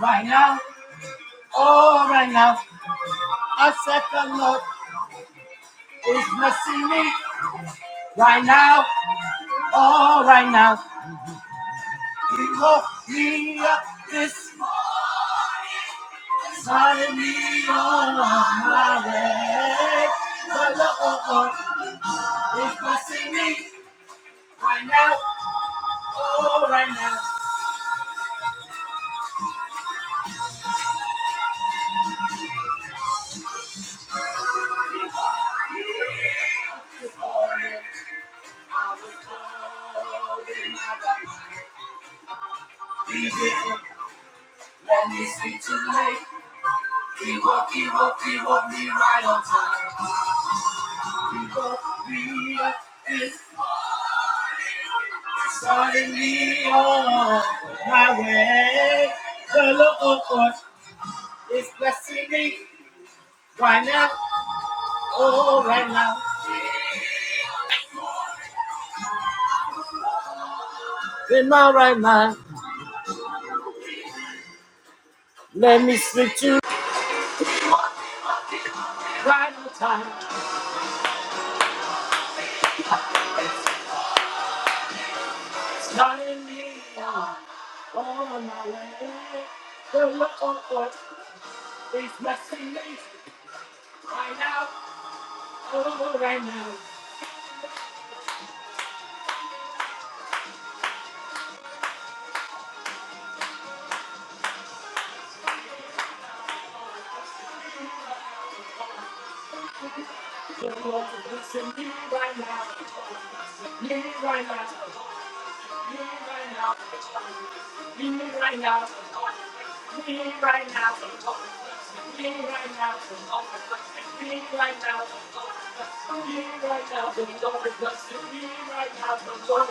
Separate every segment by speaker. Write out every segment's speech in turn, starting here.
Speaker 1: Right now, oh, right now, I said the Lord is blessing me. Right now, oh, right now, He woke me up this morning. me on my way. The Lord is blessing me right now, oh, right now. This morning, I was told in my right mind, He didn't let me sleep too late. He woke, he woke, he woke me right on time. He woke me up this starting me on my way. The Lord is blessing me right now, oh right now. In my right mind, let me speak to you right on time. Starting me on, on my way. The Lord is blessing me right now, oh right now. Me Me Me Me Me Me Me Me Me right right right right right right right right now, now, now, now, now, now, now, now, the the the the Lord.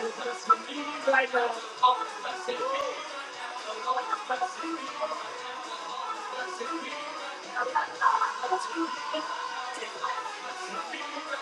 Speaker 1: Lord. Lord. Lord.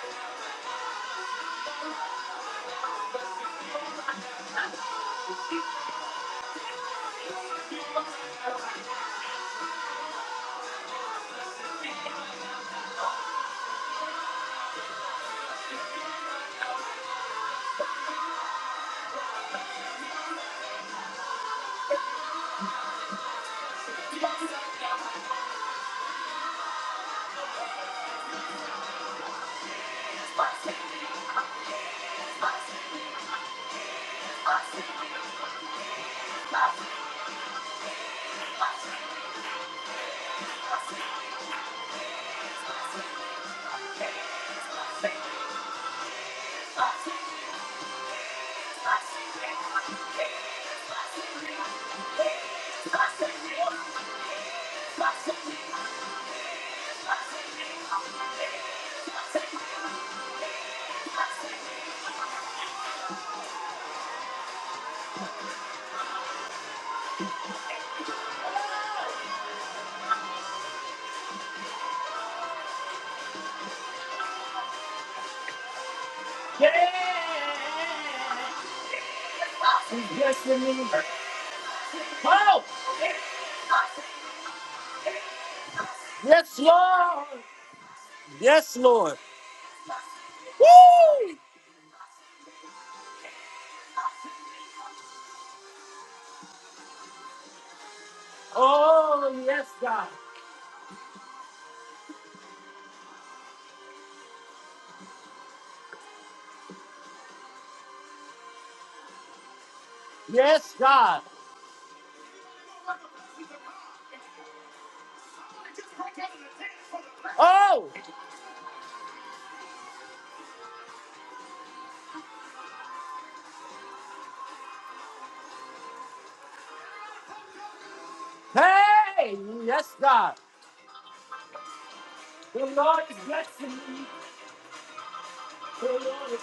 Speaker 1: Yeah! Yes, Me need. Wow! Yes, Lord. Yes, Lord. Woo! Oh, yes, God. Yes, God. Oh, hey, yes, God. The Lord is good.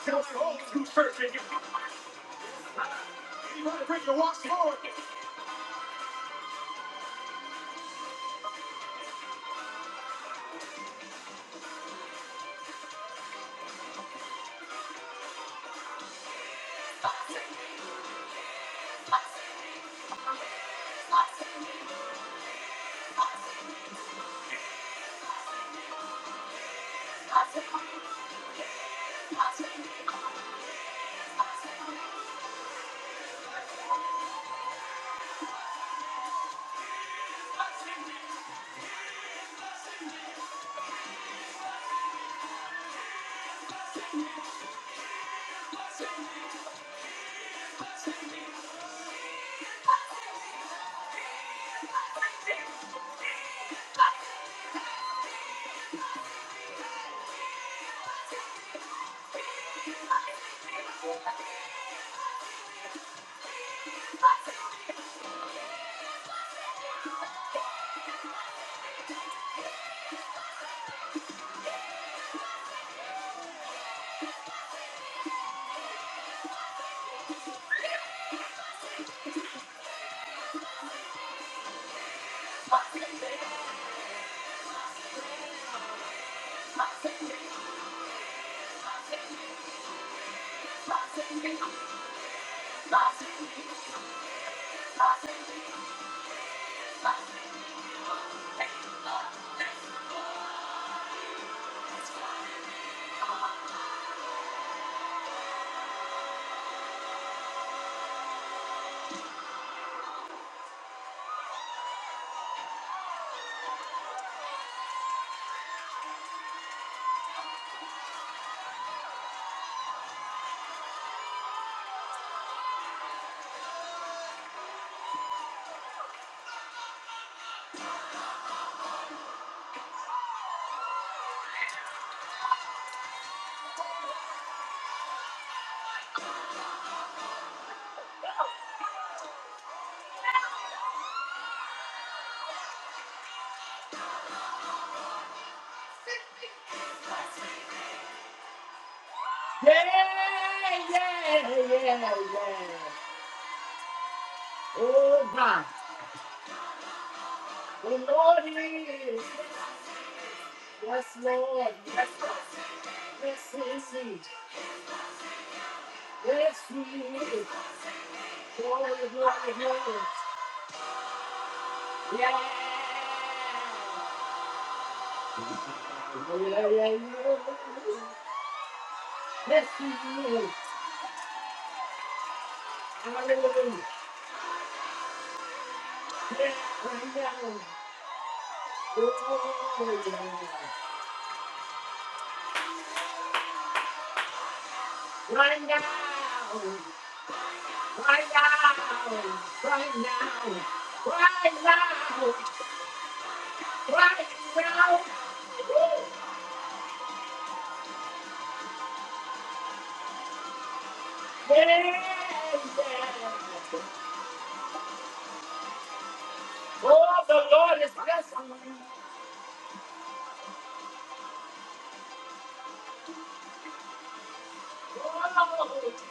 Speaker 1: Yeah, yeah, yeah, yeah. Oh, God. The Lord is. Yes, Lord. Yes, yes, yes, yes. Yes, He is. Glory, glory, glory. Yeah, yeah, yeah, yeah. Yes, He is. Hallelujah. Yeah, right now. Oh, yeah. Right now. Right now. Right now. Right now. Right now. Woo. Yeah, yeah. Oh, the Lord is blessing me. Oh, what a great day.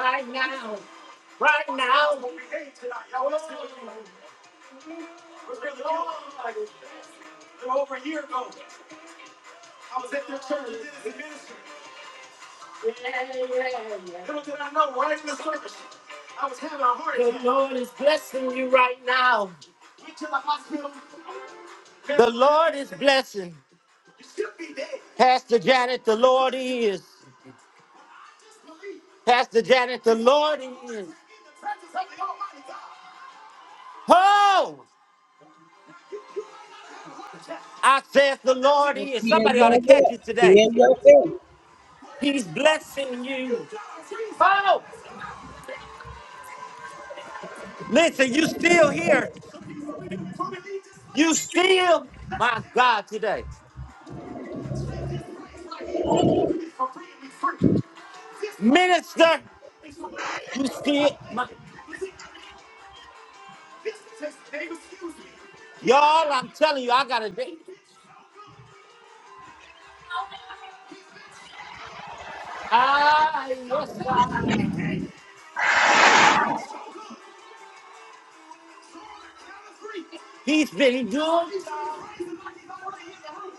Speaker 1: Right now, right now, yeah, yeah, yeah. the Lord is blessing you right now. The Lord is blessing. Pastor Janet, the Lord is. Pastor Janet, the Lord is. Oh, I said the Lord is.
Speaker 2: Be in
Speaker 1: Somebody ought to
Speaker 2: your
Speaker 1: catch
Speaker 2: will.
Speaker 1: it
Speaker 2: Be
Speaker 1: today.
Speaker 2: in your will.
Speaker 1: He's blessing you. Oh, listen, you still here. You still, my God, today. Minister, you still, my, y'all, I'm telling you, I got to be. I, yes, God. He's been good.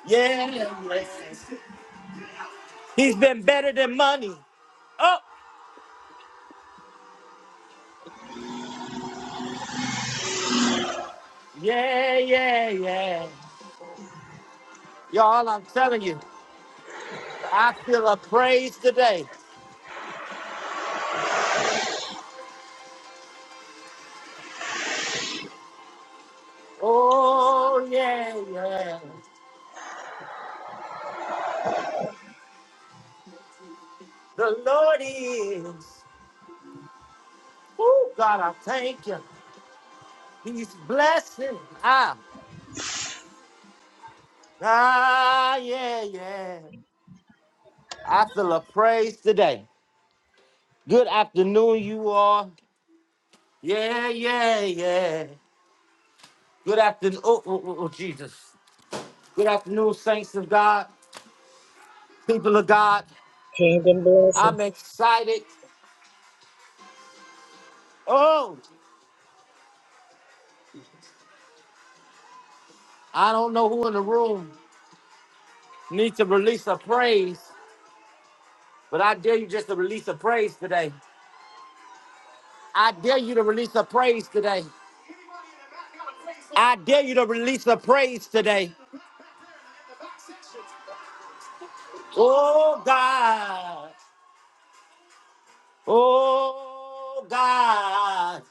Speaker 1: Yeah, yes. He's been better than money. oh. Yeah, yeah, yeah. Y'all, I'm telling you, I feel a praise today. Oh, yeah, yeah. The Lord is. Oh, God, I thank you. He's blessing. Ah, ah, yeah, yeah. I feel a praise today. Good afternoon, you all. Yeah, yeah, yeah. Good afternoon. Oh, oh, oh, oh, Jesus. Good afternoon, saints of God, people of God.
Speaker 2: Kingdom
Speaker 1: I'm
Speaker 2: blessings.
Speaker 1: excited. Oh, I don't know who in the room needs to release a praise, but I dare you just to release a praise today. I dare you to release a praise today. I dare you to release a praise today. Oh God. Oh God.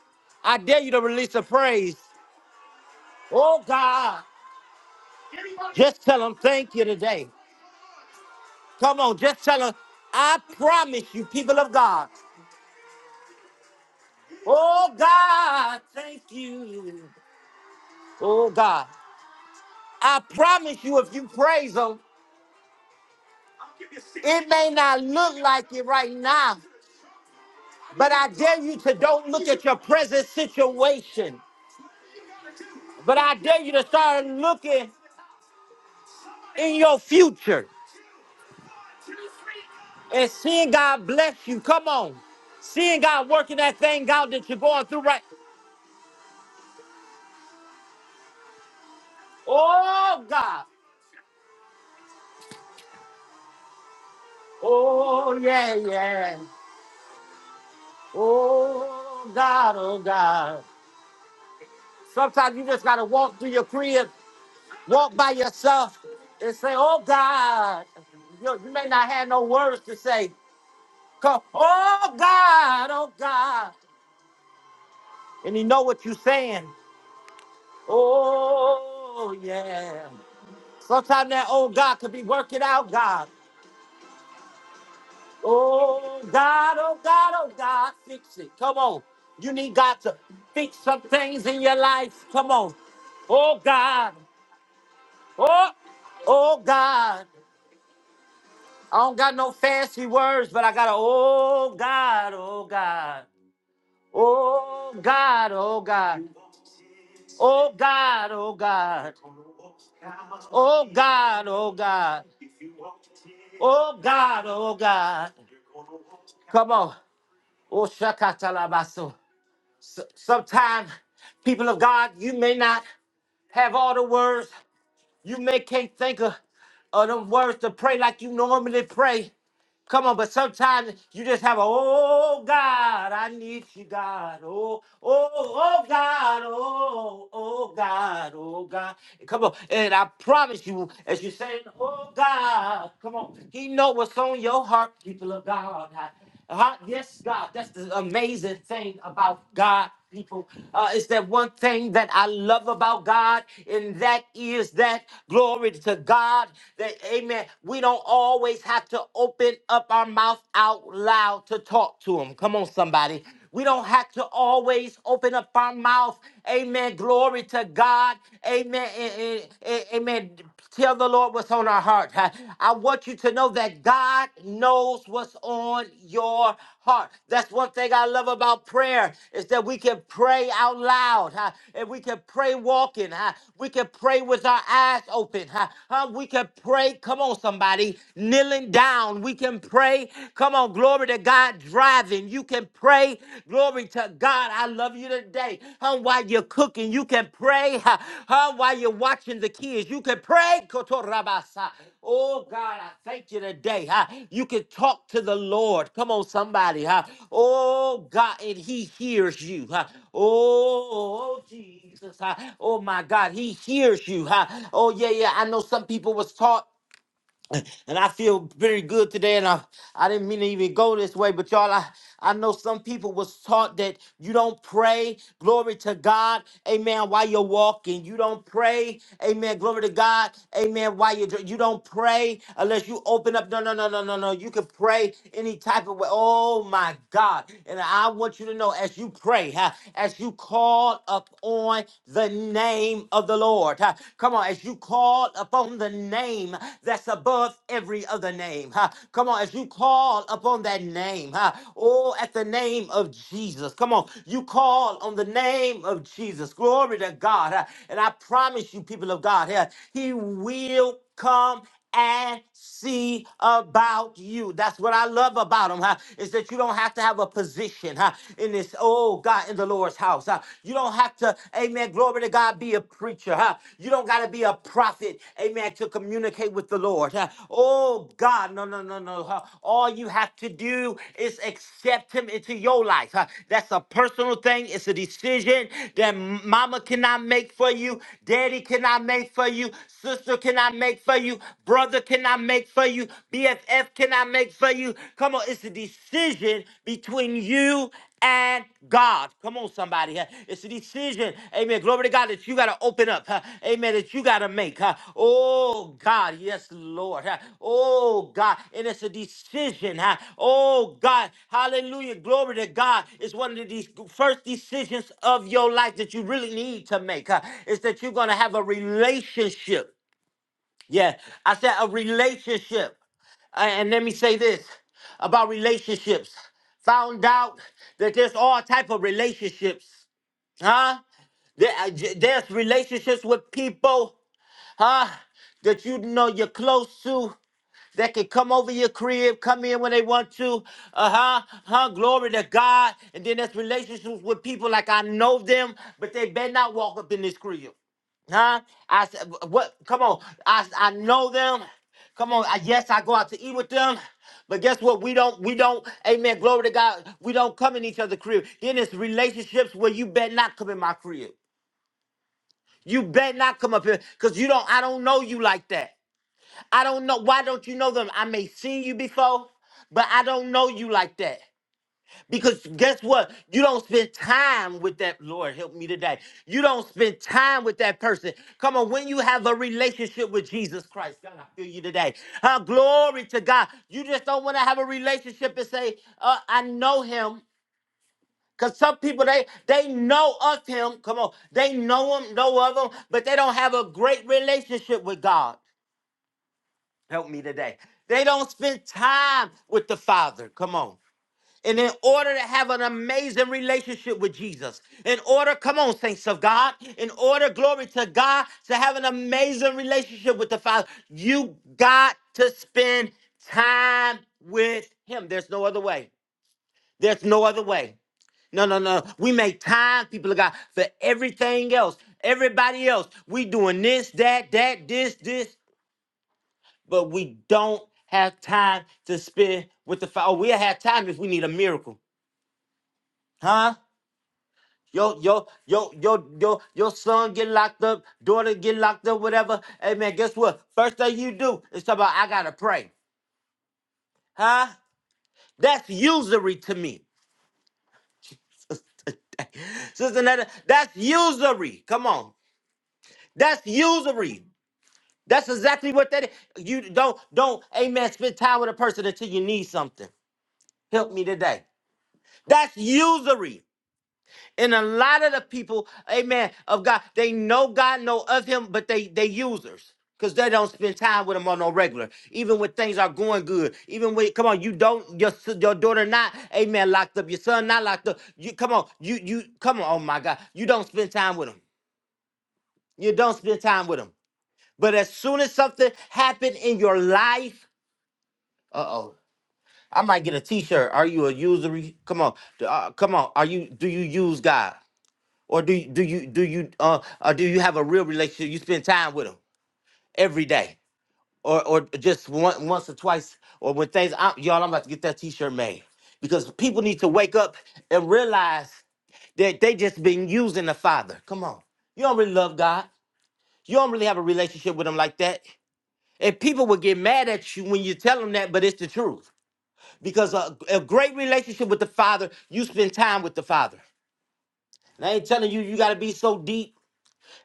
Speaker 1: I dare you to release a praise. Oh God. Just tell them thank you today. Come on, just tell them. I promise you, people of God. Oh God, thank you. Oh God. I promise you, if you praise him, it may not look like it right now, but I dare you to don't look at your present situation. But I dare you to start looking in your future and seeing God bless you. Come on. Seeing God working that thing out that you're going through right. Oh God. Oh yeah, yeah. Oh God, oh God. Sometimes you just gotta walk through your crib Walk by yourself and say, Oh God. You, you may not have no words to say. Come, oh God, oh God. And he know what you're saying. Oh yeah. Sometimes that old God could be working out, God. Oh God, oh God, oh God, fix it. Come on. You need God to fix some things in your life. Come on. Oh God. Oh, oh God. I don't got no fancy words, but I got a oh God, oh God. Oh God, oh God. Oh God, oh God. Oh God, oh God. Oh God, oh God. Come on. Oh shakatalabaso. S- Sometimes, people of God, you may not have all the words. You may can't think of, of them words to pray like you normally pray. Come on, but sometimes you just have a oh God, I need you, God. Oh, oh, oh God, oh, oh God, oh God. Come on, and I promise you, as you say, oh God, come on, He know what's on your heart, people of God. Uh, yes, God, that's the amazing thing about God, people. Uh, is that one thing that I love about God, and that is that glory to God. That Amen. We don't always have to open up our mouth out loud to talk to Him. Come on, somebody. We don't have to always open up our mouth. Amen. Glory to God. Amen. And- and- and- Amen. Tell the Lord what's on our heart. I I want you to know that God knows what's on your heart. That's one thing I love about prayer is that we can pray out loud, huh? and we can pray walking. huh? We can pray with our eyes open. huh? Huh? We can pray. Come on, somebody, kneeling down. We can pray. Come on, glory to God, driving. You can pray. glory Glory to God. I love you today. Huh, while you're cooking, you can pray. Huh, huh, while you're watching the kids, you can pray. Kotorabasa. Oh God, I thank you today. Huh? You can talk to the Lord. Come on, somebody. Huh? Oh God, and He hears you. Huh? Oh Jesus. Huh? Oh my God, He hears you. Huh? Oh yeah, yeah. I know some people was taught and I feel very good today. And I, I didn't mean to even go this way, but y'all, I, I know some people was taught that you don't pray, glory to God, amen, while you're walking. You don't pray, amen, glory to God, amen, while you're, dr- you don't pray unless you open up. No, no, no, no, no, no. You can pray any type of way. Oh my God. And I want you to know as you pray, huh, as you call up on the name of the the Lord. Uh, Come on, as you call upon the name that's above every other name. Uh, Come on, as you call upon that name. uh, Oh, at the name of Jesus. Come on, you call on the name of Jesus. Glory to God. Uh, And I promise you, people of God, uh, He will come and see about you. That's what I love about him, huh? Is that you don't have to have a position, huh? In this, oh God, in the Lord's house, huh? You don't have to, amen, glory to God, be a preacher, huh? You don't got to be a prophet, amen, to communicate with the Lord, huh? Oh God, no, no, no, no, huh? All you have to do is accept him into your life, huh? That's a personal thing. It's a decision that mama cannot make for you, daddy cannot make for you, sister cannot make make for you? Brother, can I make for you? BFF, can I make for you? Come on, it's a decision between you and God. Come on, somebody. huh? It's a decision, amen. Glory to God that you got to open up, huh? amen, that you got to make. huh? Oh, God, yes, Lord. huh? Oh, God. And it's a decision. huh? Oh, God. Hallelujah. Glory to God. It's one of these first decisions of your life that you really need to make. huh? Is that you're going to have a relationship yeah, I said a relationship. A- And let me say this about relationships. Found out that there's all type of relationships, huh? There, uh, j- there's relationships with people huh? That you know you're close to that can come over your crib, come in when they want to. Uh huh, huh, glory to God. And then there's relationships with people like I know them, but they better not walk up in this crib. Huh? I said, what? Come on. I, I know them. Come on. I, yes, I go out to eat with them. But guess what? We don't, we don't, amen, glory to God. We don't come in each other's crib. Then it's relationships where you better not come in my crib. You better not come up here because you don't I don't know you like that. I don't know why don't you know them? I may seen you before, but I don't know you like that. Because guess what? You don't spend time with that Lord help me today. You don't spend time with that person. Come on, when you have a relationship with Jesus Christ, God, I feel you today. Uh, glory to God. You just don't want to have a relationship and say, uh, I know him. Cause some people they they know of him. Come on, they know him, know of him, but they don't have a great relationship with God. Help me today. They don't spend time with the Father. Come on. And in order to have an amazing relationship with Jesus, in order, come on, saints of God, in order, glory to God, to have an amazing relationship with the Father, you got to spend time with Him. There's no other way. There's no other way. No, no, no. We make time, people of God, for everything else. Everybody else. We doing this, that, that, this, this, but we don't have time to spend with the Father. Oh, We'll have time if we need a miracle. Huh? Yo, yo, yo, yo, yo, your son get locked up, daughter get locked up, whatever. Hey man, guess what? First thing you do is talk about I gotta pray. Huh? That's usury to me. Sister Netta, that's usury. Come on. That's usury. That's exactly what that is. You don't don't amen spend time with a person until you need something. Help me today. That's usury. And a lot of the people, amen, of God, they know God, know of him, but they they users. Because they don't spend time with him on no regular. Even when things are going good. Even when come on, you don't your s- your daughter not, amen, locked up, your son not locked up. You come on, you you come on, oh my God. You don't spend time with him. You don't spend time with him. But as soon as something happened in your life, Uh oh. I might get a T-shirt. Are you a usury? Come on, D- uh, come on. Are you? Do you use God, or do you, do you do you uh, uh do you have a real relationship? You spend time with Him every day, or or just one, once or twice, or when things. i y'all, I'm about to get that T-shirt made because people need to wake up and realize that they just been using the Father. Come on, you don't really love God. You don't really have a relationship with Him like that, and people will get mad at you when you tell them that, but it's the truth. Because a, a great relationship with the Father, you spend time with the Father. And I ain't telling you, you got to be so deep.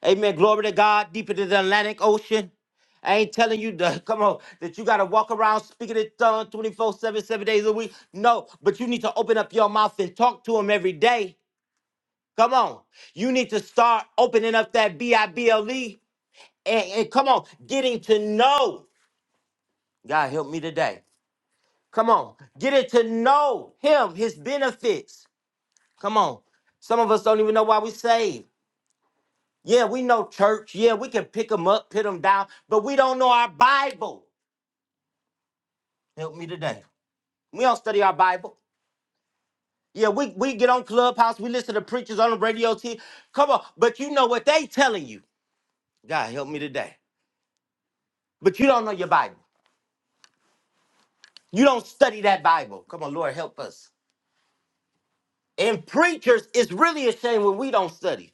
Speaker 1: Amen. Glory to God, deeper than the Atlantic Ocean. I ain't telling you, to, come on, that you got to walk around speaking in tongues 24 7, seven days a week. No, but you need to open up your mouth and talk to Him every day. Come on. You need to start opening up that B I B L E and, and come on, getting to know. God help me today. Come on, getting to know Him, His benefits. Come on. Some of us don't even know why we saved. Yeah, we know church. Yeah, we can pick them up, put them down, but we don't know our Bible. Help me today. We don't study our Bible. Yeah, we, we get on Clubhouse, we listen to preachers on the radio. T- V. Come on, but you know what they telling you. God help me today. But you don't know your Bible. You don't study that Bible. Come on, Lord, help us. And preachers, it's really a shame when we don't study.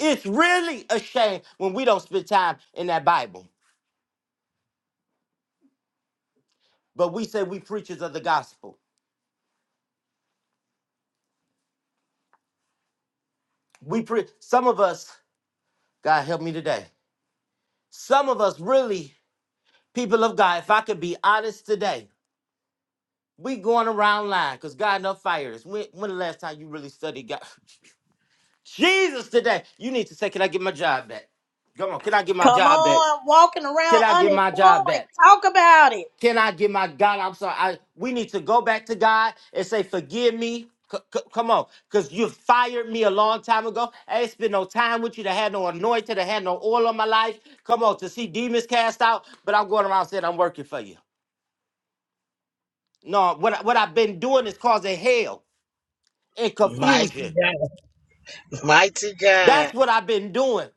Speaker 1: It's really a shame when we don't spend time in that Bible. But we say we preachers of the gospel. we pre- some of us god help me today some of us really people of god if i could be honest today we going around lying because god enough fired us when, when the last time you really studied god jesus today you need to say can i get my job back come on can i get my
Speaker 3: Come
Speaker 1: job back
Speaker 3: on, walking
Speaker 1: can
Speaker 3: around
Speaker 1: i get my job
Speaker 3: unemployed.
Speaker 1: back
Speaker 3: Talk about it.
Speaker 1: Can I get my God? I'm sorry. I, we need to go back to God and say, Forgive me. C- c- come on, because you fired me a long time ago. I ain't spent no time with you That had no anointing, That had no oil on my life. Come on, to see demons cast out, but I'm going around saying I'm working for you. No, what, I- what I've been doing is causing hell and
Speaker 2: Mighty
Speaker 1: confusion.
Speaker 2: God. Mighty
Speaker 1: That's
Speaker 2: God.
Speaker 1: what I've been doing.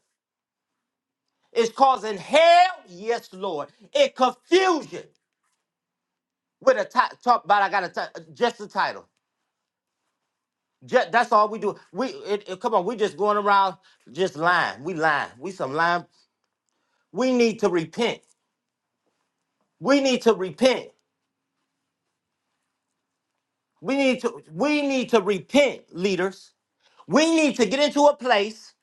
Speaker 1: It's causing hell, yes, Lord, and confusion with a ti- talk about I got a ti- just the title. Ju- that's all we do. We it, it- come on. We just going around just lying. We lying. We some lying. We need to repent. We need to repent. We need to we need to repent, leaders. We need to get into a place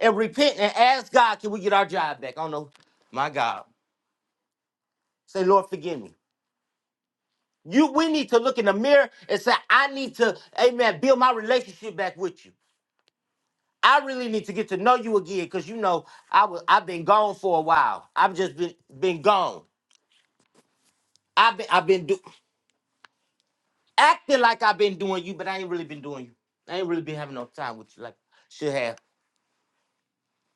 Speaker 1: and repent and ask God, can we get our job back? I don't know. My God. Say, Lord, forgive me. You we need to look in the mirror and say, I need to, amen, build my relationship back with you. I really need to get to know you again because you know I was I've been gone for a while. I've just been been gone. I've been I've been do, acting like I've been doing you, but I ain't really been doing you. I ain't really been having no time with you like I should have.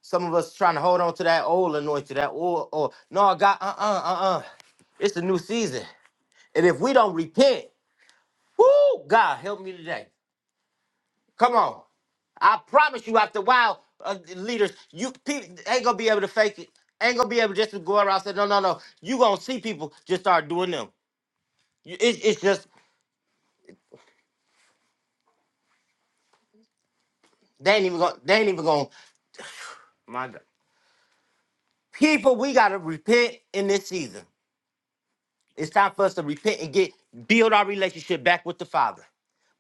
Speaker 1: Some of us trying to hold on to that old anointing, that old or no, God, uh uh uh uh. It's a new season, and if we don't repent, whoo, God help me today. Come on, I promise you. After a while, uh, leaders, you people ain't gonna be able to fake it. Ain't gonna be able just to go around and say no, no, no. You gonna see people just start doing them. You- It's it's just they ain't even gonna they ain't even gonna. My God. People, we gotta repent in this season. It's time for us to repent and get build our relationship back with the Father.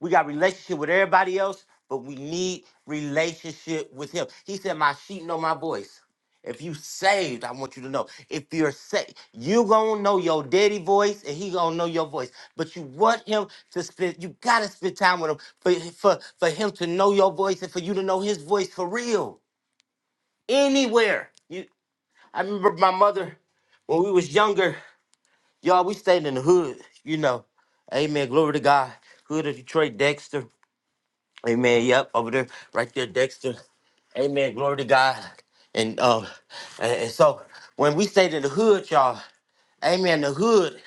Speaker 1: We got relationship with everybody else, but we need relationship with Him. He said, "My sheep know my voice." If you saved, I want you to know. If you're saved, you gonna know your daddy voice, and he gonna know your voice. But you want him to spend. You gotta spend time with him for for for him to know your voice and for you to know his voice for real. Anywhere. you." I remember my mother when we was younger, y'all. We stayed in the hood, you know. Amen. Glory to God. Hood of Detroit, Dexter. Amen. Yep, over there, right there, Dexter. Amen. Glory to God. And um, and, and so when we say to the hood, y'all, Amen. The hood,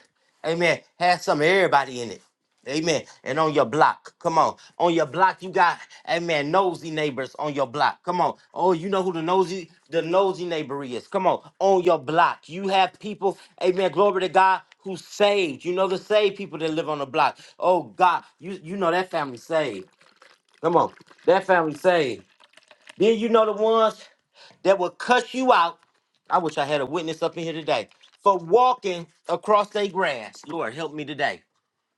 Speaker 1: Amen, has some of everybody in it. Amen. And on your block, come on. On your block, you got, amen, nosy neighbors on your block. Come on. Oh, you know who the nosy, the nosy neighbor is. Come on. On your block. You have people, amen, glory to God, who saved. You know the saved people that live on the block. Oh God, you you know that family saved. Come on. That family saved. Then you know the ones that will cuss you out. I wish I had a witness up in here today for walking across their grass. Lord, help me today.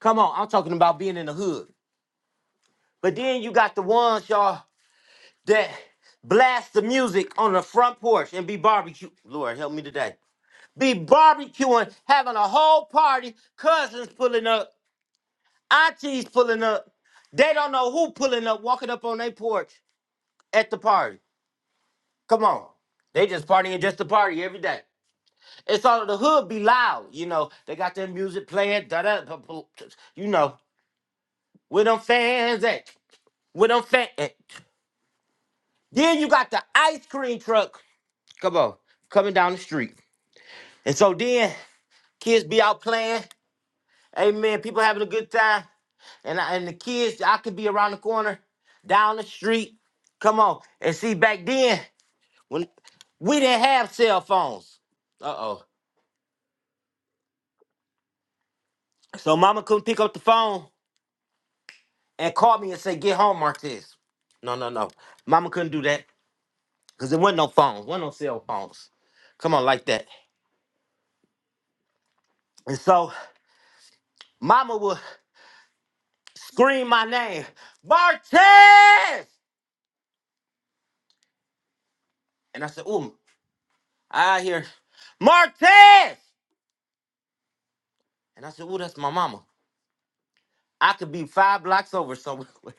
Speaker 1: Come on, I'm talking about being in the hood. But then you got the ones, y'all, that blast the music on the front porch and be barbecue. Lord, help me today. Be barbecuing, having a whole party, cousins pulling up, aunties pulling up. They don't know who pulling up, walking up on their porch at the party. Come on. They just partying just to party every day. It's all the hood be loud, you know. They got their music playing, da da, you know. Where them fans at? Where them fans at? Then you got the ice cream truck. Come on, coming down the street. And so then kids be out playing. Amen. People having a good time. And I, and the kids, I could be around the corner, down the street. Come on. And see, back then, when we didn't have cell phones. Uh oh. So mama couldn't pick up the phone and call me and say, get home, Martez. No, no, no. Mama couldn't do that because there wasn't no phones, Wasn't no cell phones. Come on, like that. And so mama would scream my name, Martez! And I said, ooh, I hear, Martez! And I said, ooh, that's my mama. I could be five blocks over somewhere.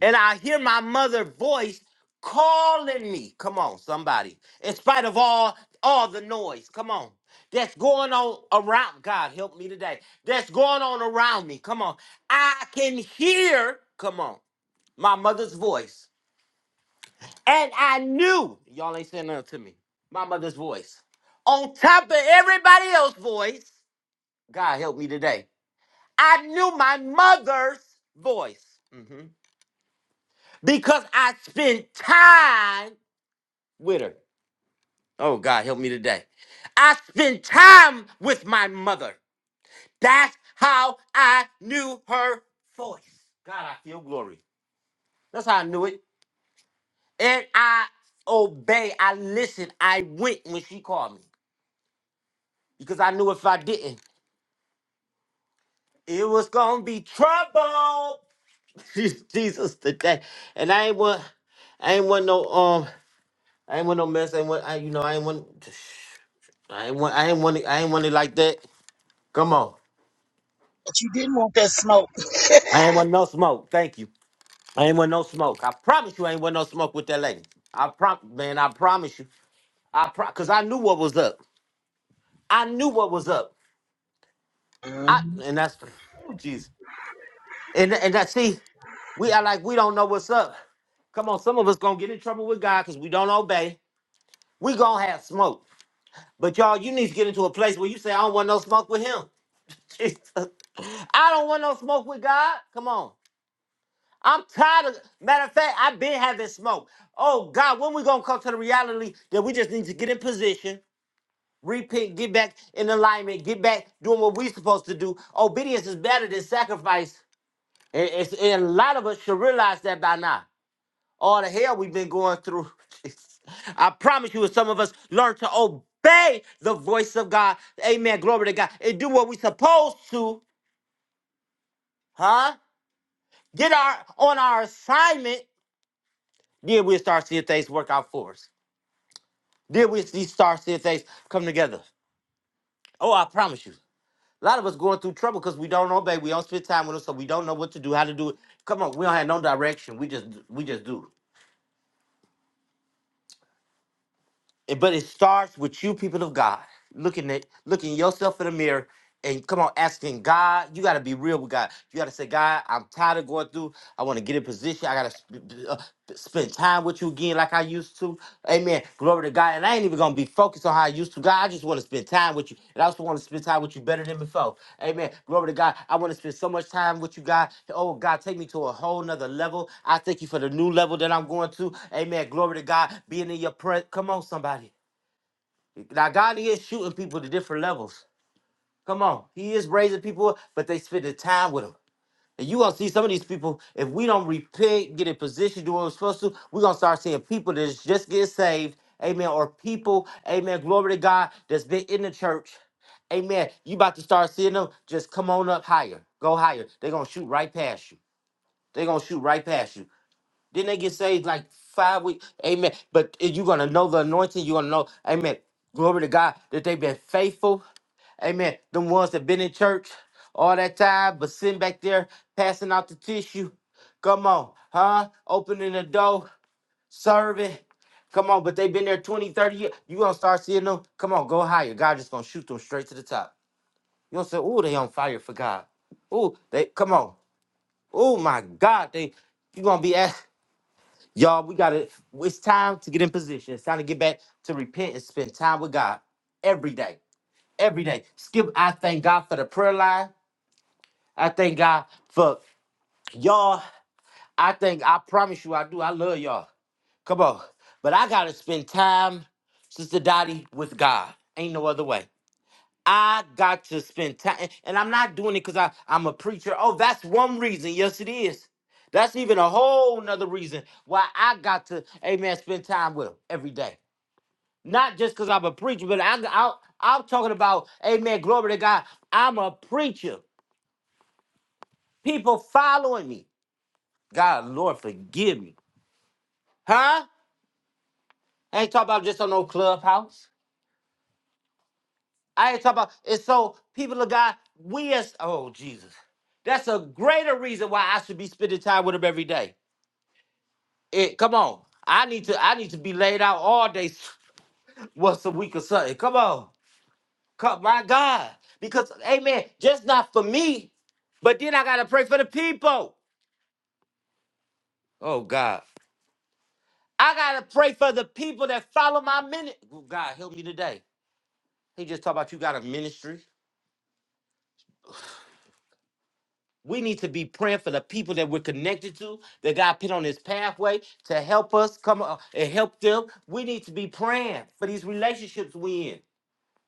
Speaker 1: and I hear my mother's voice calling me. Come on, somebody. In spite of all all the noise, come on. That's going on around. God help me today. That's going on around me. Come on. I can hear, come on, my mother's voice. And I knew, y'all ain't saying nothing to me. My mother's voice. On top of everybody else's voice, God help me today. I knew my mother's voice. Mhm because I spent time with her. Oh God, help me today. I spent time with my mother. That's how I knew her voice. God, I feel glory. That's how I knew it. And I obey. I listened. I went when she called me because I knew if I didn't, it was gonna be trouble. Jesus today. And I ain't want, I ain't want no um, I ain't want no mess. I ain't want, I, you know, I ain't want, I ain't want, I ain't want it, I ain't want it like that. Come on.
Speaker 2: But you didn't want that smoke.
Speaker 1: I ain't want no smoke. Thank you. I ain't want no smoke. I promise you, I ain't want no smoke with that lady. I prom, man. I promise you. I pro, cause I knew what was up. I knew what was up. I
Speaker 2: Mhm.
Speaker 1: and that's, oh jeez. And and that see, we are like we don't know what's up. Come on, some of us gonna get in trouble with God because we don't obey. We gonna have smoke. But y'all, you need to get into a place where you say, I don't want no smoke with him. Jesus. I don't want no smoke with God. Come on. I'm tired of matter of fact, I've been having smoke. Oh God, when we gonna come to the reality that we just need to get in position, repent, get back in alignment, get back doing what we supposed to do. Obedience is better than sacrifice. And, it's, and a lot of us should realize that by now. All the hell we've been going through. I promise you, if some of us learn to obey the voice of God, amen, glory to God, and do what we supposed to, huh? Get our on our assignment, then we'll start seeing things work out for us. Deal with these star CSAs come together. Oh, I promise you. A lot of us going through trouble because we don't obey. We don't spend time with them, so we don't know what to do, how to do it. Come on, we don't have no direction. We just we just do. And- But it starts with you, people of God, looking at looking yourself in the mirror and come on, asking God. You got to be real with God. You got to say, God, I'm tired of going through. I want to get in position. I got to sp- uh, spend time with you again, like I used to. Amen. Glory to God. And I ain't even gonna be focused on how I used to. God, I just want to spend time with you, and I also want to spend time with you better than before. Amen. Glory to God. I want to spend so much time with you, God. Oh, God, take me to a whole nother level. I thank you for the new level that I'm going to. Amen. Glory to God. Being in your presence. Come on, somebody. Now, God, He is shooting people to different levels. Come on. He is raising people, up, but they spending time with Him. And you gonna see some of these people, if we don't repent, get in position, do what we're supposed to, we're gonna start seeing people that's just getting saved, amen, or people, amen, glory to God, that's been in the church, amen. You about to start seeing them just come on up higher, go higher. They're gonna shoot right past you. They're gonna shoot right past you. Then they get saved like five weeks. Amen. But you're gonna know the anointing. You're gonna know, amen. Glory to God that they've been faithful. Amen. Them ones that been in church all that time, but sitting back there passing out the tissue. Come on, huh? Opening the door, serving. Come on, but they've been there 20, 30 years. you gonna start seeing them. Come on, go higher. God just gonna shoot them straight to the top. You gonna say, oh, they on fire for God. Oh, they come on. Oh my God, they you gonna be asked. Y'all, we gotta. It's time to get in position. It's time to get back to repent and spend time with God every day. Every day. Skip. I thank God for the prayer line. I thank God for y'all. I think I promise you, I do. I love y'all. Come on, but I gotta spend time, Sister Dottie, with God. Ain't no other way. I got to spend time, and I'm not doing it because I I'm a preacher. Oh, that's one reason. Yes, it is. That's even a whole nother reason why I got to, amen, spend time with him every day. Not just because I'm a preacher, but I, I, I'm talking about, amen, glory to God. I'm a preacher. People following me. God, Lord, forgive me. Huh? I ain't talking about just on no clubhouse. I ain't talking about. And so, people of God, we as oh Jesus, that's a greater reason why I should be spending time with him every day. It come on, I need to I need to be laid out all day, once a week or something. Come on, come my God, because Amen. Just not for me, but then I gotta pray for the people. Oh God, I gotta pray for the people that follow my minute. God help me today. He just talked about you got a ministry. We need to be praying for the people that we're connected to, that God put on this pathway to help us come uh, and help them. We need to be praying for these relationships we in.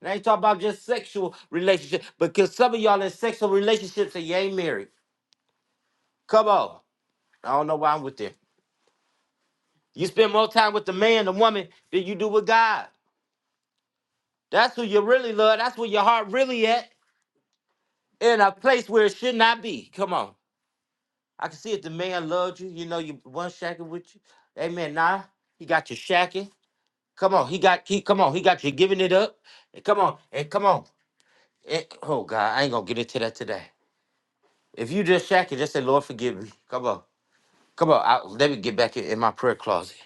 Speaker 1: And I ain't talking about just sexual relationships, because some of y'all in sexual relationships and you ain't married. Come on. I don't know why I'm with there. You spend more time with the man, the woman, than you do with God. That's who you really love. That's where your heart really at, in a place where it should not be. Come on. I can see if the man loved you, you know, you one shacking with you. Amen. Nah, he got you shacking. Come on, he got he come on, he got you giving it up. And come on, and come on. And- oh God, I ain't gonna get into that today. If you just shacking, just say, Lord, forgive me. Come on. Come on. I, let me get back in, in my prayer closet.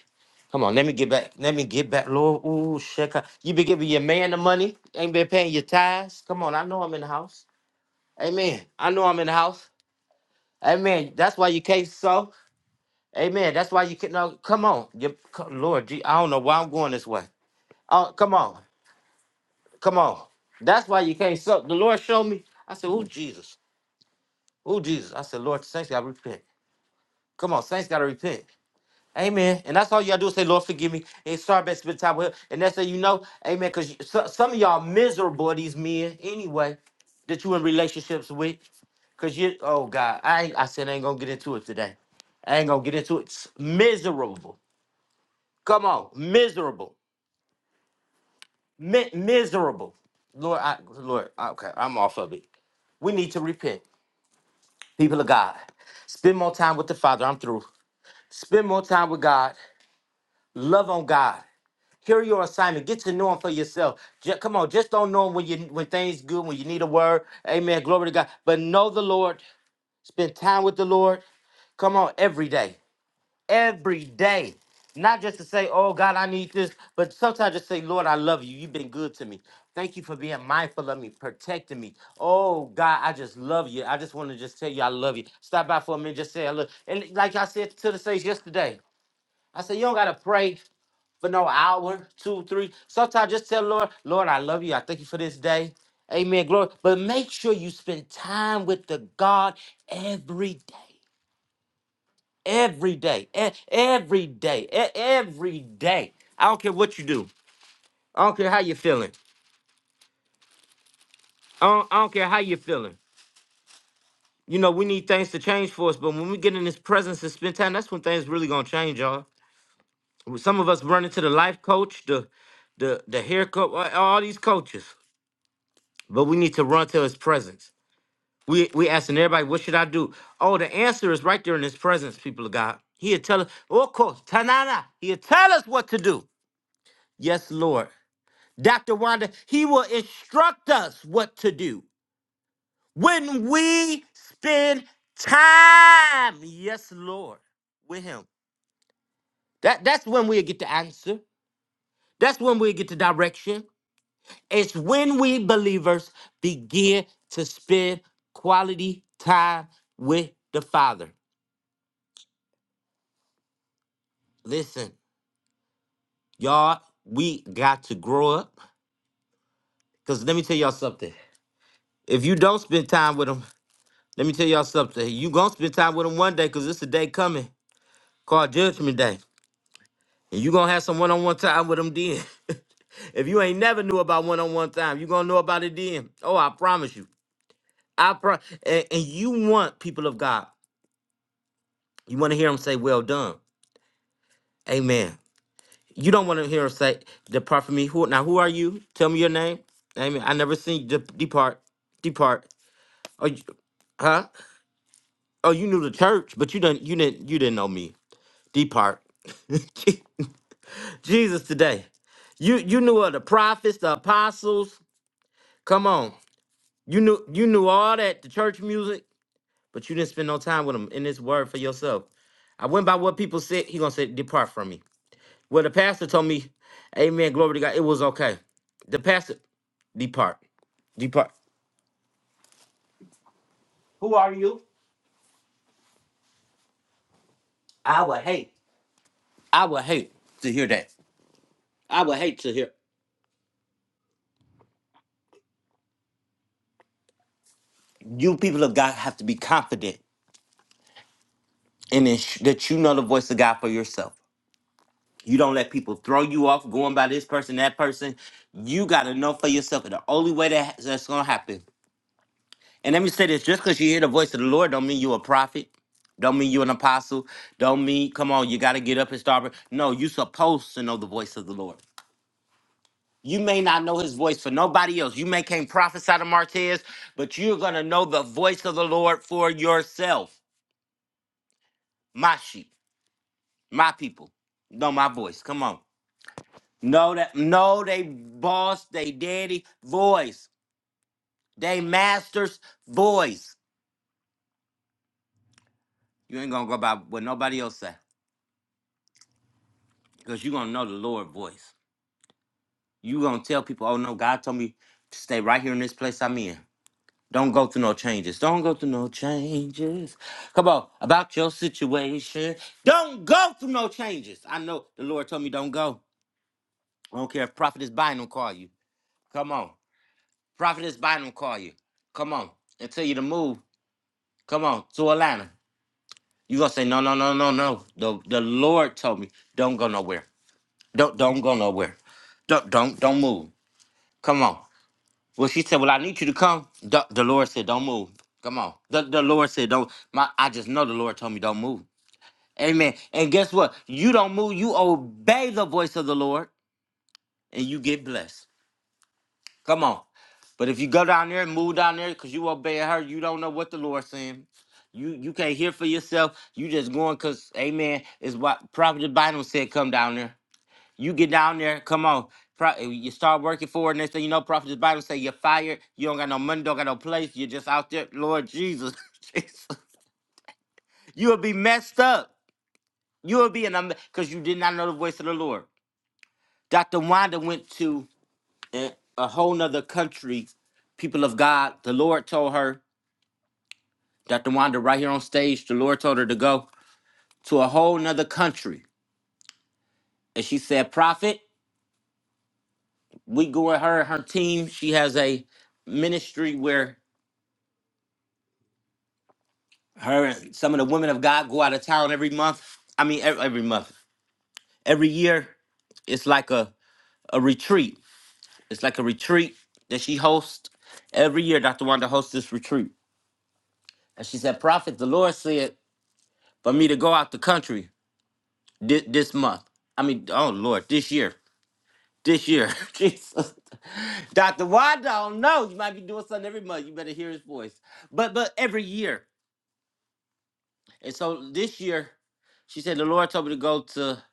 Speaker 1: Come on, let me get back. Let me get back, Lord. Ooh, shaka. You been giving your man the money. Ain't been paying your tithes. Come on, I know I'm in the house. Amen. I know I'm in the house. Amen. That's why you can't sow. Amen. That's why you can no, come on. You, co- Lord, gee, I don't know why I'm going this way. Oh, come on. Come on. That's why you can't suck. The Lord showed me. I said, Oh, Jesus. Oh, Jesus. I said, Lord, the saints gotta repent. Come on, saints gotta repent. Amen. And that's all you gotta do is say, Lord, forgive me. And start back spend time with him. And that's how you know, amen. Because some of y'all miserable, these men, anyway, that you in relationships with. Cause you, oh God, I ain't, I said I ain't gonna get into it today. I ain't gonna get into it. It's miserable. Come on, miserable, Mi- miserable. Lord, I, Lord, okay, I'm off of it. We need to repent, people of God. Spend more time with the Father. I'm through. Spend more time with God. Love on God. Hear your assignment. Get to know Him for yourself. Ju- come on, just don't know Him when you when things good, when you need a word. Amen. Glory to God. But know the Lord. Spend time with the Lord. Come on, every day. every day. Not just to say, oh God, I need this, but sometimes just say, Lord, I love you. You've been good to me. Thank you for being mindful of me, protecting me. Oh God, I just love you. I just want to just tell you I love you. Stop by for a minute, just say I love. And like I said to the saints yesterday, I said, you don't gotta pray for no hour, two, three. Sometimes just tell Lord, Lord, I love you. I thank you for this day. Amen. Glory. But make sure you spend time with the God every day. Every day. E- Every day. E- Every day. I don't care what you do. I don't care how you're feeling. I don't, I don't care how you're feeling. You know, we need things to change for us, but when we get in his presence and spend time, that's when things really gonna change, y'all. Some of us run into the life coach, the the the hair coach, all all these coaches. But we need to run to his presence. We we asking everybody, what should I do? Oh, the answer is right there in his presence, people of God. He'll tell us, oh, of course, Tanana, he'll tell us what to do. Yes, Lord. Dr. Wanda, he will instruct us what to do when we spend time, yes, Lord, with him. That, that's when we get the answer. That's when we get the direction. It's when we believers begin to spend quality time with the Father. Listen, y'all, we got to grow up. Because let me tell y'all something. If you don't spend time with him, let me tell y'all something. You gonna spend time with him one day because it's a day coming. called Judgment Day. And you gonna have some one-on-one time with them then. if you ain't never knew about one-on-one time, you gonna know about it then. Oh, I promise you. I pro and, and you want people of God, you want to hear them say, Well done. Amen. You don't want to hear them say, Depart from me. Who now who are you? Tell me your name. Amen. I never seen you dep- depart. Depart. Oh you, huh? Oh, you knew the church, but you didn't you didn't you didn't know me. Depart. Jesus today. You you knew of the prophets, the apostles. Come on. You knew you knew all that, the church music, but you didn't spend no time with them in this word for yourself. I went by what people said, he gonna say, depart from me. Well, the pastor told me, Amen, glory to God, it was okay. The pastor, depart. Depart. Who are you? I would hate. I would hate to hear that. I would hate to hear. You people of God have to be confident in this, that you know the voice of God for yourself. You don't let people throw you off going by this person, that person. You got to know for yourself. And the only way that that's going to happen. And let me say this just because you hear the voice of the Lord, don't mean you're a prophet. Don't mean you're an apostle. Don't mean, come on, you got to get up and start. No, you supposed to know the voice of the Lord. You may not know his voice for nobody else. You may can't prophesy to Martez, but you're going to know the voice of the Lord for yourself. My sheep, my people, know my voice. Come on. Know that know they boss, they daddy voice, they master's voice. You ain't gonna go by what nobody else say, cause you gonna know the Lord voice. You gonna tell people, oh no, God told me to stay right here in this place I'm in. Don't go through no changes. Don't go through no changes. Come on, about your situation. Don't go through no changes. I know the Lord told me don't go. I don't care if Prophet is buying will call you. Come on, Prophet is buying will call you. Come on, and tell you to move. Come on, to Atlanta. You gonna say no, no, no, no, no. The the Lord told me don't go nowhere. Don't don't go nowhere. Don't don't don't move. Come on. Well, she said, well, I need you to come. The, the Lord said, don't move. Come on. The, the Lord said, don't. My, I just know the Lord told me don't move. Amen. And guess what? You don't move. You obey the voice of the Lord, and you get blessed. Come on. But if you go down there and move down there because you obeying her, you don't know what the Lord's saying. You you can't hear for yourself. You just going because, amen, is what Prophet Bynum said, come down there. You get down there, come on. Pro- eh, you start working for it. Next thing you know, Prophet Bynum say you're fired. You don't got no money, don't got no place. You're just out there. Lord Jesus. Jesus. You'll be messed up. You'll be in a because you did not know the voice of the Lord. Dr. Wanda went to in a whole nother country, people of God, the Lord told her, Dr. Wanda, right here on stage, the Lord told her to go to a whole nother country. And she said, Prophet, we go with her and her team. She has a ministry where her and some of the women of God go out of town every month. I mean, every, every month, every year. It's like a, a retreat. It's like a retreat that she hosts every year. Dr. Wanda hosts this retreat. And she said, Prophet, the Lord said for me to go out the country. this, this month. I mean, oh Lord, this year, this year, Jesus, Doctor Wanda, I don't know. You might be doing something every month. You better hear his voice, but but every year. And so this year, she said the Lord told me to go to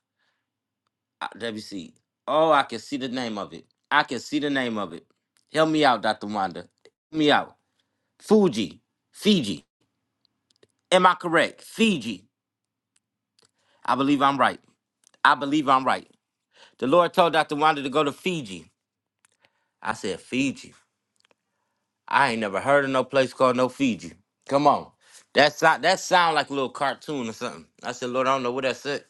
Speaker 1: uh, WC. Oh, I can see the name of it. I can see the name of it. Help me out, Doctor Wanda. Help me out. Fuji, Fiji. Am I correct? Fiji. I believe I'm right. I believe I'm right. The Lord told Dr. Wanda to go to Fiji. I said, Fiji. I ain't never heard of no place called No Fiji. Come on. That sound that sound like a little cartoon or something. I said, Lord, I don't know what that said.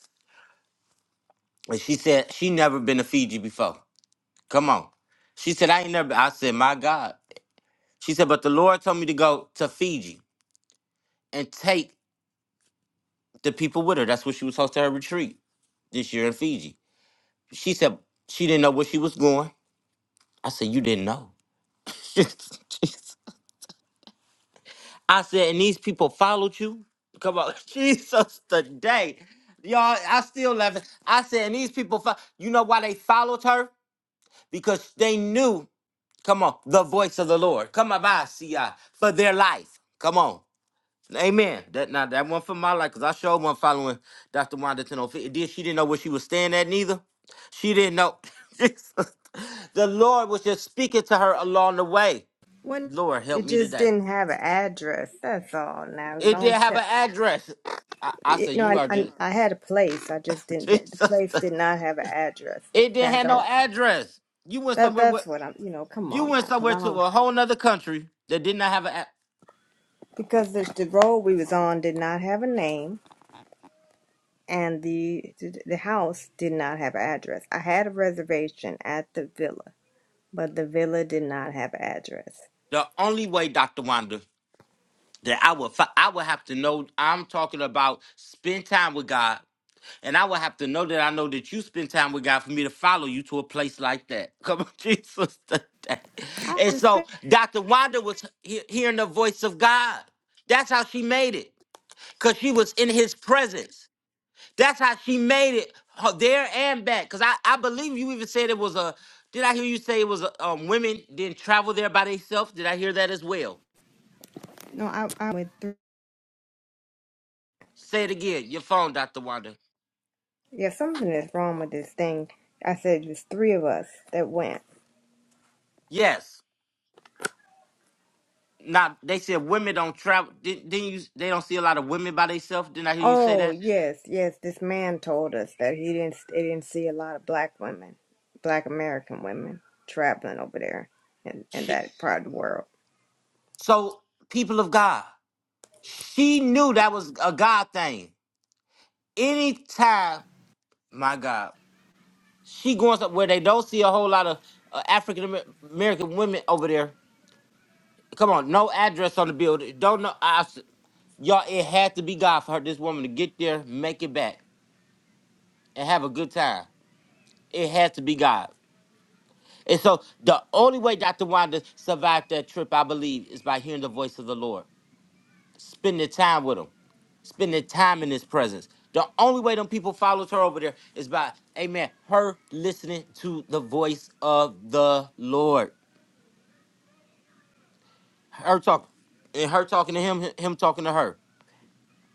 Speaker 1: And she said she never been to Fiji before. Come on. She said, I ain't never I said, My God. She said, but the Lord told me to go to Fiji and take the people with her. That's what she was supposed to her retreat this year in Fiji. She said she didn't know where she was going. I said, You didn't know. I said, and these people followed you. Come on, Jesus today. Y'all, I still laughing. I said, and these people, fo- you know why they followed her? Because they knew, come on, the voice of the Lord. Come on, by see ya for their life. Come on. Amen. That now that one for my life, because I showed one following Dr. Wanda Tenofi. Did she didn't know where she was staying at neither? She didn't know. Jesus. the Lord was just speaking to her along the way.
Speaker 4: When
Speaker 1: Lord, help
Speaker 4: it
Speaker 1: me
Speaker 4: just
Speaker 1: today.
Speaker 4: didn't have an address. That's all. Now
Speaker 1: It
Speaker 4: don't
Speaker 1: didn't have
Speaker 4: tell.
Speaker 1: an address. I, I
Speaker 4: It,
Speaker 1: said,
Speaker 4: no,
Speaker 1: you
Speaker 4: I,
Speaker 1: are
Speaker 4: I
Speaker 1: just
Speaker 4: I had a place. I just didn't. The the
Speaker 1: Jesus.
Speaker 4: place did not have an address.
Speaker 1: It didn't
Speaker 4: Now
Speaker 1: have no
Speaker 4: don't.
Speaker 1: address. You went
Speaker 4: That
Speaker 1: somewhere with
Speaker 4: that's what I'm. You know, come
Speaker 1: you
Speaker 4: on
Speaker 1: went
Speaker 4: now, because
Speaker 1: somewhere
Speaker 4: I
Speaker 1: to
Speaker 4: don't.
Speaker 1: a whole nother country that did not have an. a-
Speaker 4: Because the, the road we was on did not have a name, and the, the the house did not have an address. I had a reservation at the villa, but the villa did not have an address.
Speaker 1: The only way, Doctor Wanda, that I would fi- I would have to know. I'm talking about spend time with God, and I would have to know that I know that you spend time with God for me to follow you to a place like that. Come on, Jesus.
Speaker 4: I
Speaker 1: And
Speaker 4: just
Speaker 1: so Dr. Wanda was he- hearing the voice of God. That's how she made it. because she was in his presence. That's how she made it her, there and back. Because I, I believe you even said it was a. Did I hear you say it was a, um, women didn't travel there by themselves? Did I hear that as well?
Speaker 4: no. I I went through.
Speaker 1: Say it again. Your phone, Doctor Wanda.
Speaker 4: Yeah, something is wrong with this thing. I said there's three of us that went.
Speaker 1: Yes. Now they said women don't travel. Didn't, didn't you? They don't see a lot of women by themselves. Didn't I hear you say
Speaker 4: Oh
Speaker 1: that?
Speaker 4: yes, yes. This man told us that he didn't he didn't see a lot of black women, black American women traveling over there in, in
Speaker 1: She,
Speaker 4: that part of the world.
Speaker 1: so people of God, she knew that was a God thing. Anytime, my God. She going some where they don't see a whole lot of uh, African Amer- American women over there. Come on, no address on the building. Don't know. I, s- y'all, it had to be God for her, this woman to get there, make it back, and have a good time. It had to be God. And so the only way Dr. Wanda survived that trip, I believe, is by hearing the voice of the Lord, spending time with him, spending time in his presence. The only way them people followed her over there is by, amen, her listening to the voice of the Lord. her talk and her talking to him, him talking to her.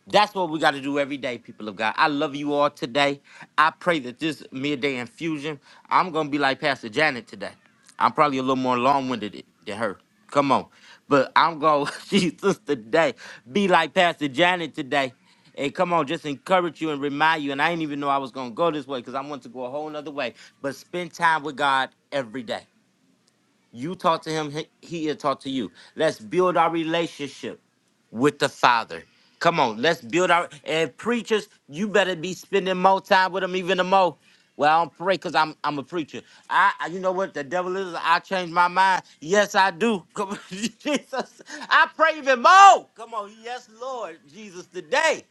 Speaker 1: That's what we got to do every day, people of God. I love you all today. I pray that this midday infusion, I'm gonna be like Pastor Janet today. I'm probably a little more long-winded than her. Come on, but I'm gonna Jesus today be like Pastor Janet today. And come on, just encourage you and remind you. And I didn't even know I was gonna go this way because I want to go a whole nother way. But spend time with God every day. You talk to him, he- he'll talk to you. Let's build our relationship with the Father. Come on, let's build our and preachers. You better be spending more time with him, even the more. Well, I don't pray because I'm I'm a preacher. I, I you know what the devil is. I change my mind. Yes, I do. Come on, Jesus. I pray even more. Come on, yes, Lord Jesus, today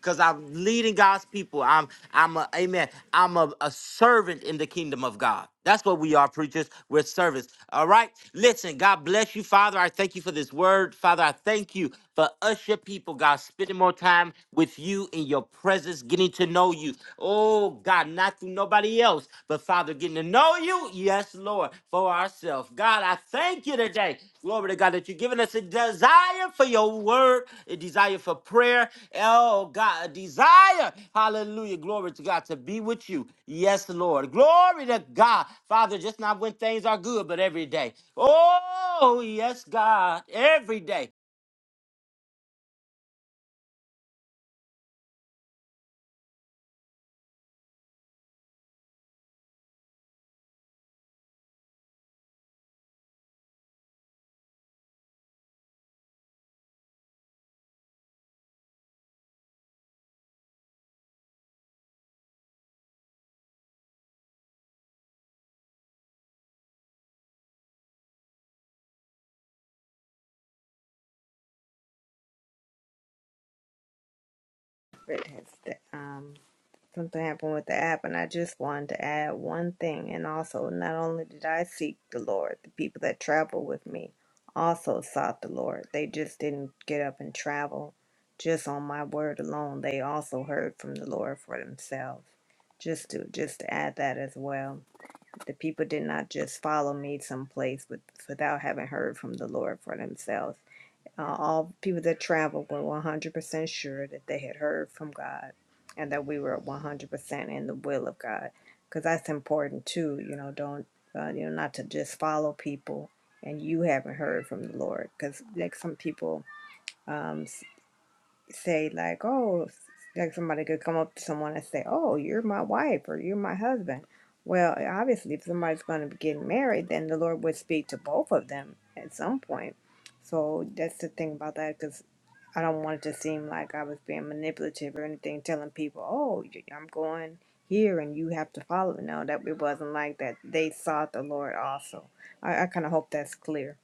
Speaker 1: because I'm leading God's people. I'm I'm a amen. I'm a, a servant in the kingdom of God. That's what we are, preachers. We're servants. All right. Listen, God bless you, Father. I thank you for this word. Father, I thank you for us, your people, God, spending more time with you in your presence, getting to know you. Oh, God, not through nobody else, but Father, getting to know you. Yes, Lord, for ourselves. God, I thank you today. Glory to God that you're giving us a desire for your word, a desire for prayer. Oh, God, a desire. Hallelujah. Glory to God to be with you. Yes, Lord. Glory to God. Father, just not when things are good, but every day. Oh, yes, God, every day.
Speaker 4: It has, um, Something happened with the app, and I just wanted to add one thing. And also, not only did I seek the Lord, the people that traveled with me also sought the Lord. They just didn't get up and travel just on my word alone. They also heard from the Lord for themselves. Just to just to add that as well, the people did not just follow me someplace with, without having heard from the Lord for themselves. Uh, all people that traveled were 100% sure that they had heard from God and that we were 100% in the will of God. Because that's important too, you know, don't, uh, you know, not to just follow people and you haven't heard from the Lord. Because, like, some people um, s- say, like, oh, like somebody could come up to someone and say, oh, you're my wife or you're my husband. Well, eh, obviously, if somebody's going to be getting married, then the Lord would speak to both of them at some point. So that's the thing about that, 'cause I don't want it to seem like I was being manipulative or anything, telling people, oh, y- I'm going here and you have to follow. No, that it wasn't like that. They sought the Lord also. I, I kind of hope that's clear.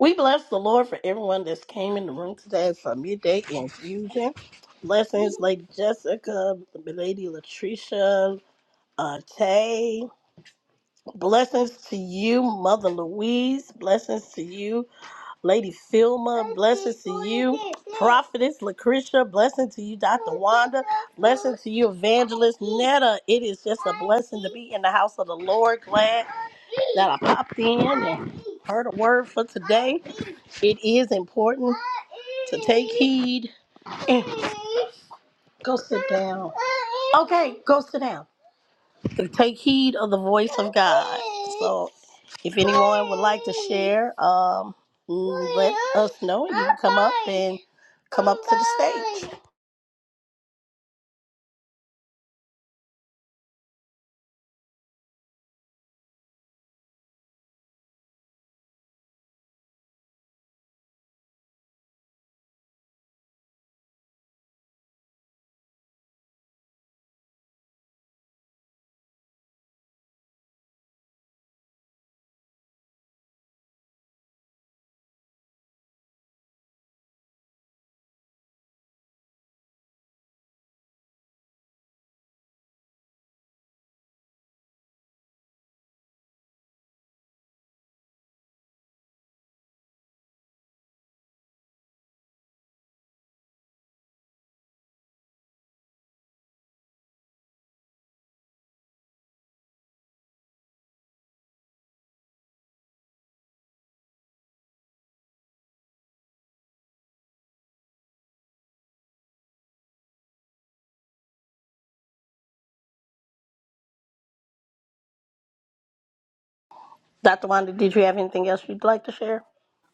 Speaker 3: We bless the Lord for everyone that's came in the room today for midday infusion. Blessings, Lady Jessica, Lady Latricia, uh, Tay. Blessings to you, Mother Louise. Blessings to you, Lady Filma. Blessings to you, Prophetess Lucretia. Blessing to you, Dr. Wanda. Blessing to you, Evangelist Netta. It is just a blessing to be in the house of the Lord. Glad that I popped in and heard a word for today. It is important to take heed and go sit down. Okay, go sit down. To take heed of the voice of God. So if you're there, um, know it. Come on, Dr. Wanda, did you have anything else you'd like to share?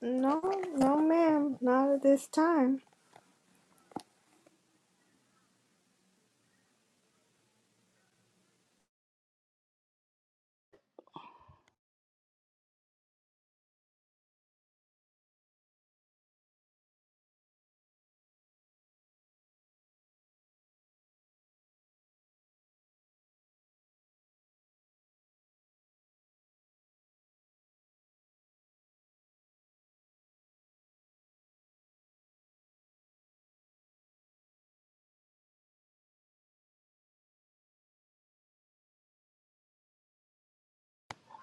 Speaker 4: No, no, ma'am, not at this time.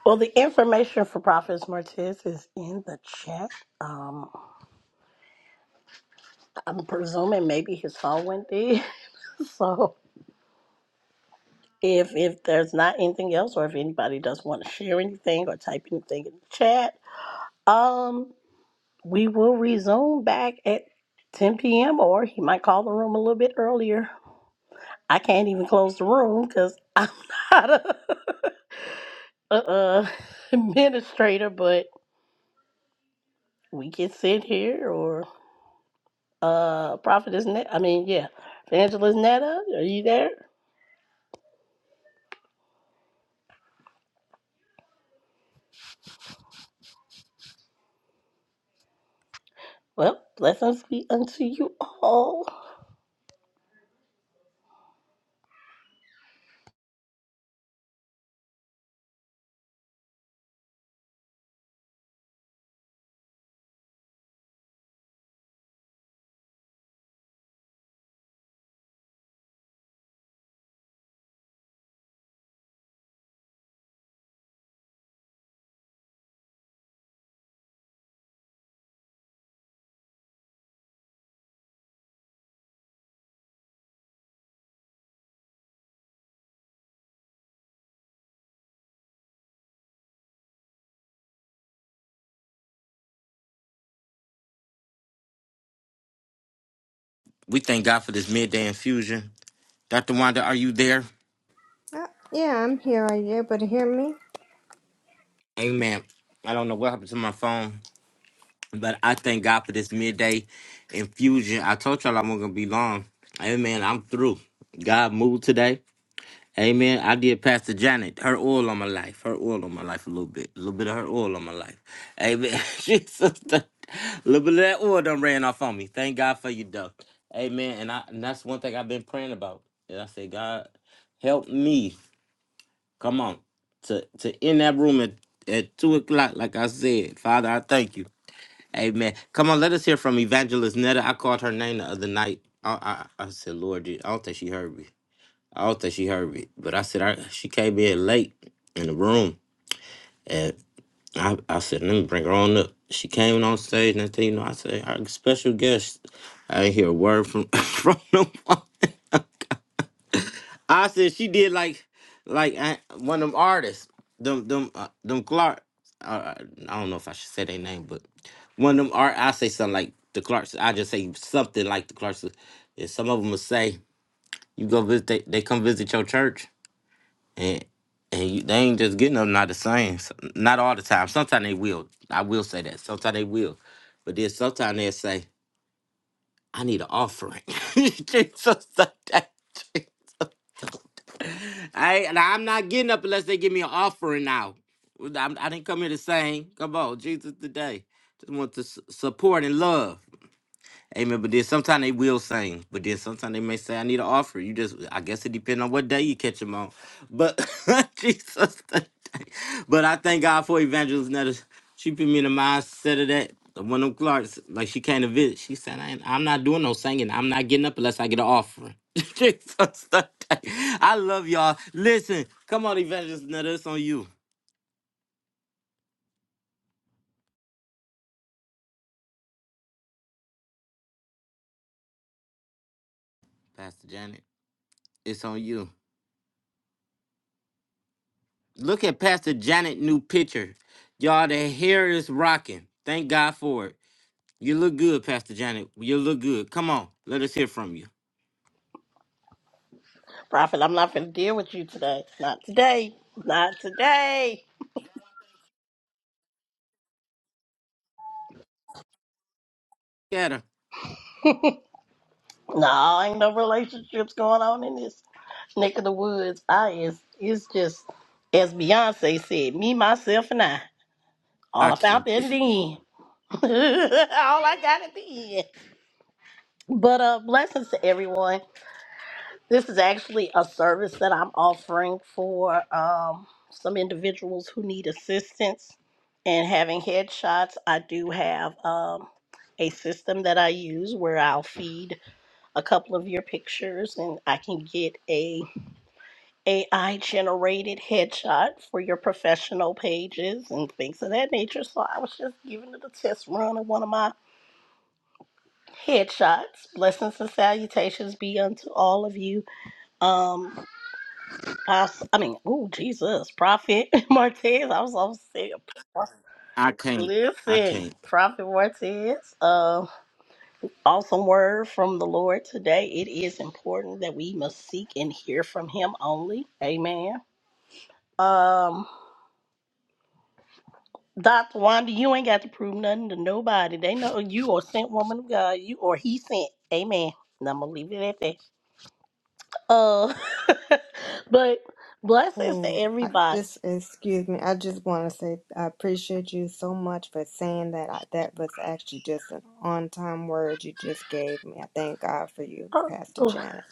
Speaker 3: Well, the information for Prophet Martez is in the chat. Um, I'm presuming maybe his phone went dead, so If if there's not anything else, or if anybody does want to share anything or type anything in the chat, um, we will resume back at 10 p.m. Or he might call the room a little bit earlier. I can't even close the room because I'm not a, a, administrator, but we can sit here or uh, Prophet is Net. I mean, yeah, evangelist Netta, are you there? Well, blessings be unto you all.
Speaker 1: We thank God for this midday infusion. Dr. Wanda, are you there?
Speaker 4: Uh, yeah, I'm here. Are you able to hear me?
Speaker 1: Amen. I don't know what happened to my phone. But I thank God for this midday infusion. I told y'all i was not gonna be long. Amen. I'm through. God moved today. Amen. I did Pastor Janet, her oil on my life, her oil on my life a little bit, a little bit of her oil on my life. Amen. Jesus, a little bit of that oil done ran off on me. Thank God for you, though. Amen. And I, and that's one thing I've been praying about. And I say, God, help me. Come on, to to in that room at, at two o'clock, like I said, Father, I thank you. Amen. Come on, let us hear from Evangelist Netta. I called her name the other night. I I, I said, Lord, I don't think she heard me. I don't think she heard me. But I said, I, she came in late in the room. And I, I said, let me bring her on up. She came on stage, and I tell you, know, I said, our special guest. I didn't hear a word from, from no one. I said she did like like uh, one of them artists, them them uh, them Clark. Uh, uh, I don't know if I should say their name, but one of them art. I say something like the Clarks. I just say something like the Clarks. And some of them will say, "You go visit. They, they come visit your church, and and you, they ain't just getting them. Not the same. S- Not all the time. Sometimes they will. I will say that. Sometimes they will, but then sometimes they'll say, "I need an offering." Jesus, I and I'm not getting up unless they give me an offering now. I'm, I didn't come here to sing. Come on, Jesus today. Just want to s- support and love. Amen. But then sometimes they will sing. But then sometimes they may say, I need an offer. You just I guess it depends on what day you catch them on. But Jesus. thank- But I thank God for Evangelist Netta. She put me in the mindset of that. One of them Clarks, like she came to visit. She said, I ain't, I'm not doing no singing. I'm not getting up unless I get an offering. Jesus. thank- I love y'all. Listen, come on, Evangelist Netta. It's on you. Pastor Janet. It's on you. Look at Pastor Janet new picture. Y'all, the hair is rocking. Thank God for it. You look good, Pastor Janet. You look good. Come on, let us hear from you.
Speaker 3: Prophet, I'm not finna deal with you today. Not today. Not today.
Speaker 1: Get her.
Speaker 3: No, ain't no relationships going on in this neck of the woods. I is it's just as Beyonce said, me, myself, and I. All
Speaker 1: I
Speaker 3: I
Speaker 1: can't.
Speaker 3: found at the end. All I got at the end. But uh blessings to everyone. This is actually a service that I'm offering for um, some individuals who need assistance in having headshots. I do have um, a system that I use where I'll feed a couple of your pictures and I can get a AI generated headshot for your professional pages and things of that nature. So I was just giving it a test run of one of my headshots. Blessings and salutations be unto all of you. Um, I, s- I mean, oh Jesus, Prophet Martez. I was on sick.
Speaker 1: I can't. I
Speaker 3: Listen,
Speaker 1: can't.
Speaker 3: Prophet Martez. Uh, awesome word from the Lord today. It is important that we must seek and hear from Him only. Amen. Um, Doctor Wanda, you ain't got to prove nothing to nobody. They know you are sent woman of God. You or He sent. Amen. And I'm gonna leave it at that. Uh, but blessings to
Speaker 4: Oh, I
Speaker 3: everybody.
Speaker 4: just excuse me. I just want to say I appreciate you so much for saying that. I, that was actually just an on-time word you just gave me. I thank God for you, Pastor
Speaker 3: Huh?
Speaker 4: Janet.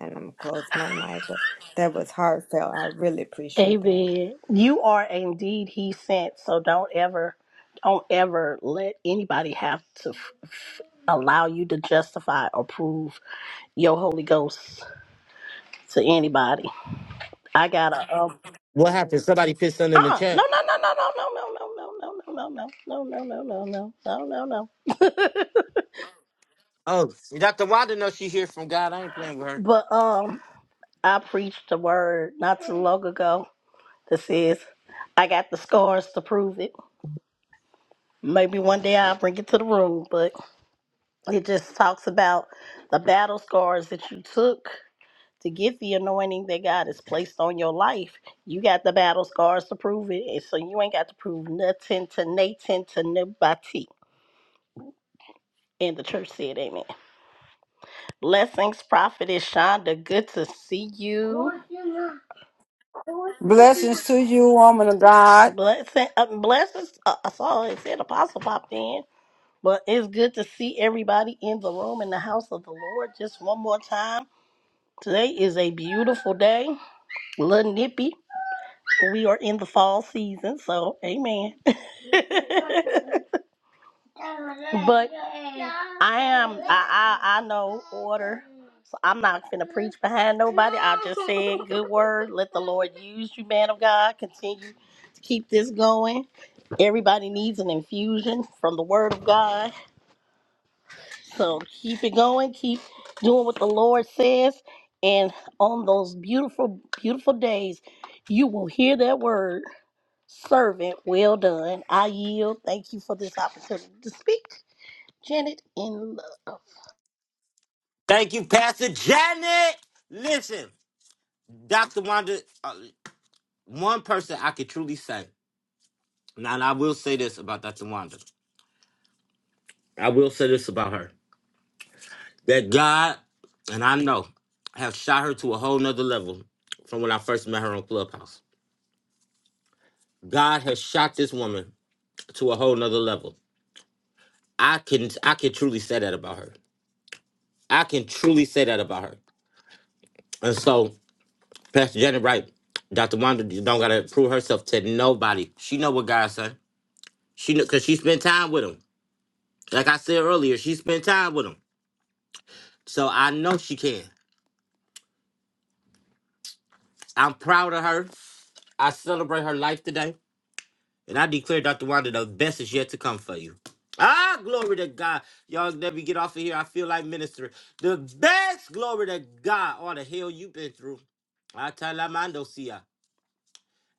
Speaker 4: And I'm gonna close my mic, but that was heartfelt. I really appreciate that.
Speaker 3: Amen. You are indeed he sent, so don't ever, don't ever let anybody have to f- f- allow you to justify or prove your Holy Ghost to anybody. I got a um.
Speaker 1: What happened? Somebody put something
Speaker 3: Uh
Speaker 1: in the
Speaker 3: uh no
Speaker 1: chat.
Speaker 3: no no no no no no no no no no no no no no no no no no no no.
Speaker 1: Oh, Dr. Wanda knows she hears from God. I ain't playing with her.
Speaker 3: But um, I preached a word not too long ago that says, "I got the scars to prove it." Maybe one day I'll bring it to the room, but. It just talks about the battle scars that you took to get the anointing that God has placed on your life. You got the battle scars to prove it. And so you ain't got to prove nothing to Nathan to nobody. And the church said, Amen. Blessings, Prophetess Shonda. Good to see you.
Speaker 5: Blessings to you, woman of God.
Speaker 3: Blessing, uh, blessings. Uh, I saw it said Apostle popped in, but it's good to see everybody in the room in the house of the Lord. Just one more time. Today is a beautiful day. Little nippy. We are in the fall season, so amen. I know. So I'm not going to behind no good word. Let the Lord use you, man of God. Continue to keep this going. Everybody needs an infusion from the word of God. So keep it going. Keep doing what the Lord says. And on those beautiful, beautiful days, you will hear that word servant, well done. I yield. Thank you for this opportunity to speak. Janet in love.
Speaker 1: Thank you, Pastor Janet. Listen, Dr. Wanda, uh, one person I could truly say, now and I will say this about Dr. Wanda. I will say this about her. that God and I know have shot her to a whole nother level from when I first met her on Clubhouse. God has shot this woman to a whole nother level. I can I can truly say that about her. I can truly say that about her. And so, Pastor Janet Wright, Dr. Wanda don't gotta prove herself to nobody. She know what God said. She know cause she spent time with him. Like I said earlier, she spent time with him. So I know she can. I'm proud of her. I celebrate her life today. And I declare, Dr. Wanda, the best is yet to come for you. Ah, glory to God. Y'all let me get off of here. I feel like minister. The best glory to God. All the hell you've been through. I tell see ya.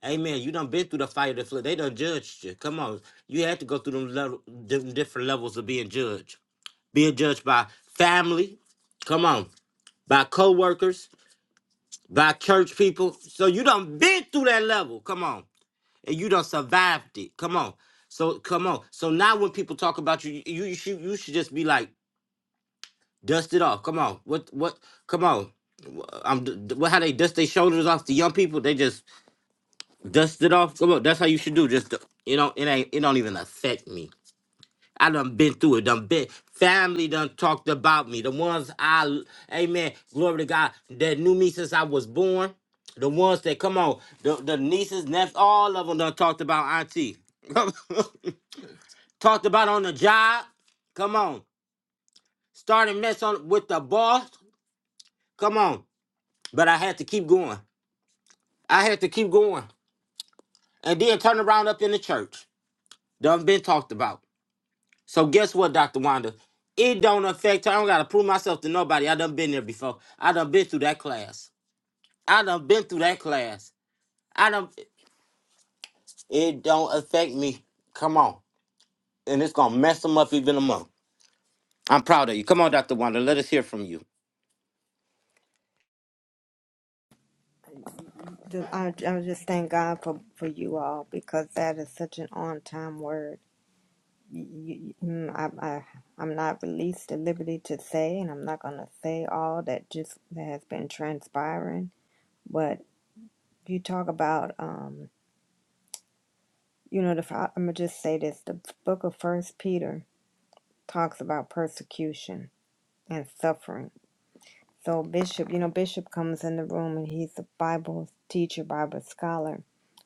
Speaker 1: Amen. You done been through the fire, the flood. They done judged you. Come on. You had to go through them, level, them different levels of being judged. Being judged by family. Come on. By co-workers. By church people. So you done been through that level. Come on and you done survived it. Come on. So come on. So now when people talk about you, you, you should you should just be like, dust it off. Come on. What what? Come on. Wh- I'm d- d- what? How they dust their shoulders off the young people? They just dust it off. Come on. That's how you should do. Just d- you know, it ain't it don't even affect me. I done been through it. Done been family done talked about me. The ones I, l- amen, glory to God that knew me since I was born. The ones that come on, the, the nieces, nephews, all of them done talked about auntie. talked about on the job. Come on. started messing on with the boss. Come on. But I had to keep going. I had to keep going. And then turn around up in the church. Done been talked about. So guess what, Dr. Wanda? It don't affect her. I don't gotta prove myself to nobody. I done been there before. I done been through that class. I done been through that class. I done it don't affect me. Come on. And it's gonna mess them up even a month. I'm proud of you. Come on, Dr. Wanda. Let us hear from you.
Speaker 4: Ju- I, I just thank God for, for you all because that is such an on-time word. You, you, you- mm, I, I, I'm not released to liberty to say, and I'm not gonna say all that just that has been transpiring. you talk about um you know the i'm gonna just say this the book of first peter talks about persecution and suffering so bishop you know bishop comes in the room and he's a bible teacher bible scholar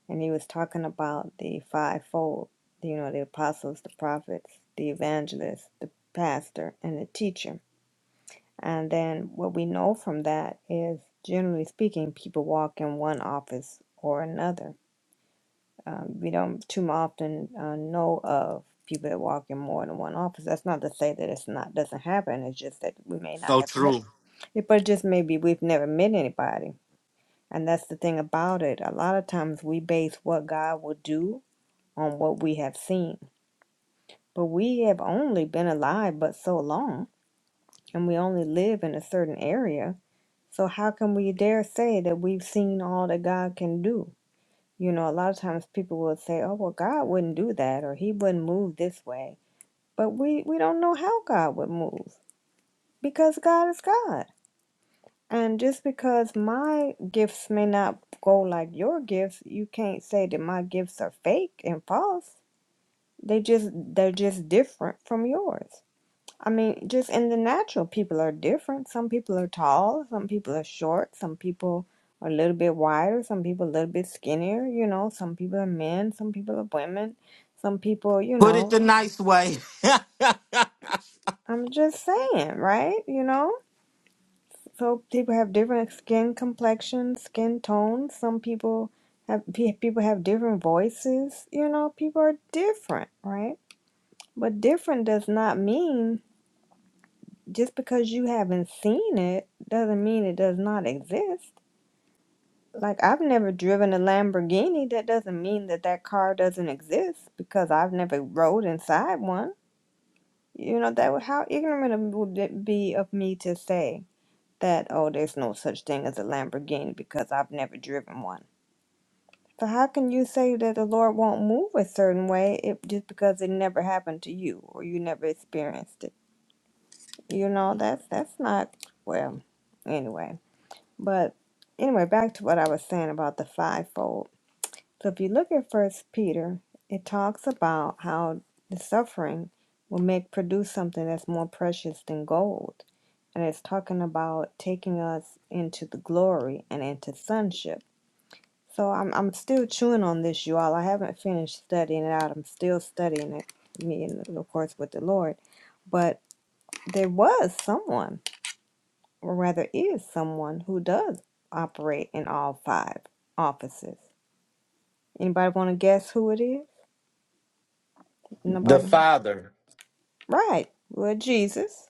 Speaker 4: and he was talking about the fivefold you know the apostles the prophets the evangelists the pastor and the teacher and then what we know from that is generally speaking people walk in one office or another Um, we don't too often uh, know of people that walk in more than one office. That's not to say that it's not doesn't happen. It's just that we may not
Speaker 1: So
Speaker 4: have met,
Speaker 1: true.
Speaker 4: it, but just maybe we've never met anybody. And that's the thing about it. A lot of times we base what God will do on what we have seen, but we have only been alive but so long, and we only live in a certain area. So how can we dare say that we've seen all that God can do? You know, a lot of times people will say, "Oh, well, God wouldn't do that or he wouldn't move this way." But we we don't know how God would move because God is God. And just because my gifts may not go like your gifts, you can't say that my gifts are fake and false. They just they're just different from yours. I mean, just in the natural, people are different. Some people are tall, some people are short, some people are a little bit wider, some people a little bit skinnier, you know, some people are men, some people are women, some people, you
Speaker 1: Put it
Speaker 4: know,
Speaker 1: the nice way.
Speaker 4: I'm just saying, right? You know, so people have different skin complexions, skin tones. Some people have pe- people have different voices, you know, people are different, right? But different does not mean just because you haven't seen it doesn't mean it does not exist. Like I've never driven a Lamborghini. That doesn't mean that that car doesn't exist because I've never rode inside one. You know that would how ignorant it would it be of me to say that oh there's no such thing as a Lamborghini because I've never driven one. So how can you say that the Lord won't move a certain way if, just because it never happened to you or you never experienced it? You know that's that's not well. Anyway. But anyway, back to what I was saying about the fivefold. So if you look at First Peter, it talks about how the suffering will make produce something that's more precious than gold. And it's talking about taking us into the glory and into sonship. So I'm I'm still chewing on this, you all. I haven't finished studying it out. I'm still studying it, me and of course with the Lord. But there was someone or rather is someone who does operate in all five offices. Anybody want to guess who it is?
Speaker 1: The
Speaker 4: Nobody.
Speaker 1: father.
Speaker 4: Right. Well, Jesus.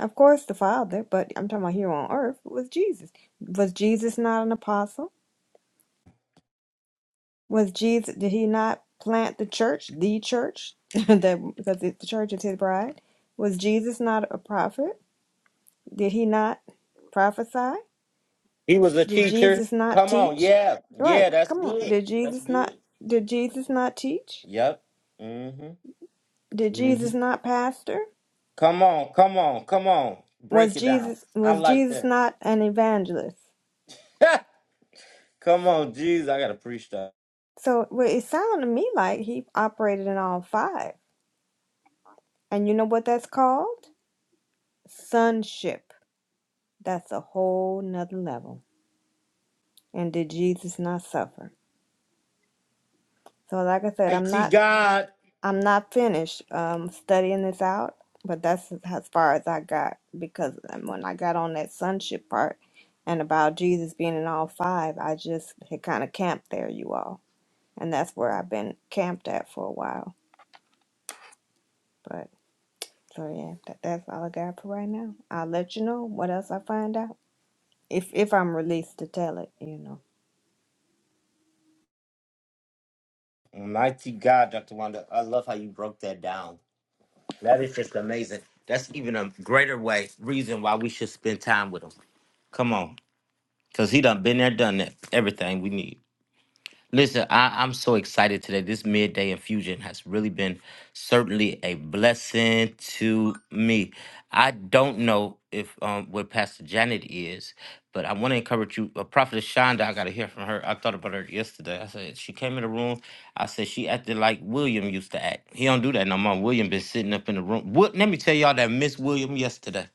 Speaker 4: Of course, the Father, but I'm talking about here on earth it was Jesus. Was Jesus not an apostle? Was Jesus, did he not plant the church, the church, that because the church is his bride? Was Jesus not a prophet? Did he not prophesy?
Speaker 1: He was a
Speaker 4: Did
Speaker 1: teacher.
Speaker 4: Jesus not
Speaker 1: Come on,
Speaker 4: teach?
Speaker 1: yeah,
Speaker 4: Right,
Speaker 1: yeah, that's
Speaker 4: come on.
Speaker 1: good.
Speaker 4: Did
Speaker 1: That's
Speaker 4: Jesus not
Speaker 1: good.
Speaker 4: did Jesus not teach?
Speaker 1: Yep. Mm-hmm.
Speaker 4: Did
Speaker 1: hmm
Speaker 4: Jesus not pastor?
Speaker 1: Come on, come on, come on. Break
Speaker 4: Was
Speaker 1: it down.
Speaker 4: Jesus
Speaker 1: I
Speaker 4: was
Speaker 1: like
Speaker 4: Jesus
Speaker 1: that.
Speaker 4: not an evangelist?
Speaker 1: come on, Jesus, I gotta preach that.
Speaker 4: So well, it sounded to me like he operated in all five. And you know what that's called? Sonship. That's a whole nother level. And did Jesus not suffer? So like I said, I'm
Speaker 1: Mighty
Speaker 4: not
Speaker 1: God.
Speaker 4: I'm not finished um, studying this out, but that's as far as I got because um, when I got on that sonship part and about Jesus being in all five, I just had kind of camped there, you all. And that's where I've been camped at for a while. But so yeah, that, that's all I got for right now. I'll let you know what else I find out if if I'm released to tell it, you know.
Speaker 1: Mighty God, Dr. Wanda. I love how you broke that down. That is just amazing. That's even a greater way, reason why we should spend time with him. Come on. Cause he done been there, done that. Everything we need. Listen, I, I'm so excited today. This midday infusion has really been certainly a blessing to me. I don't know if um where Pastor Janet is, but I want to encourage you. Uh, Prophetess Shonda, I got to hear from her. I thought about her yesterday. I said she came in the room. I said she acted like William used to act. He don't do that no more. William been sitting up in the room. What? Let me tell y'all that Miss William yesterday.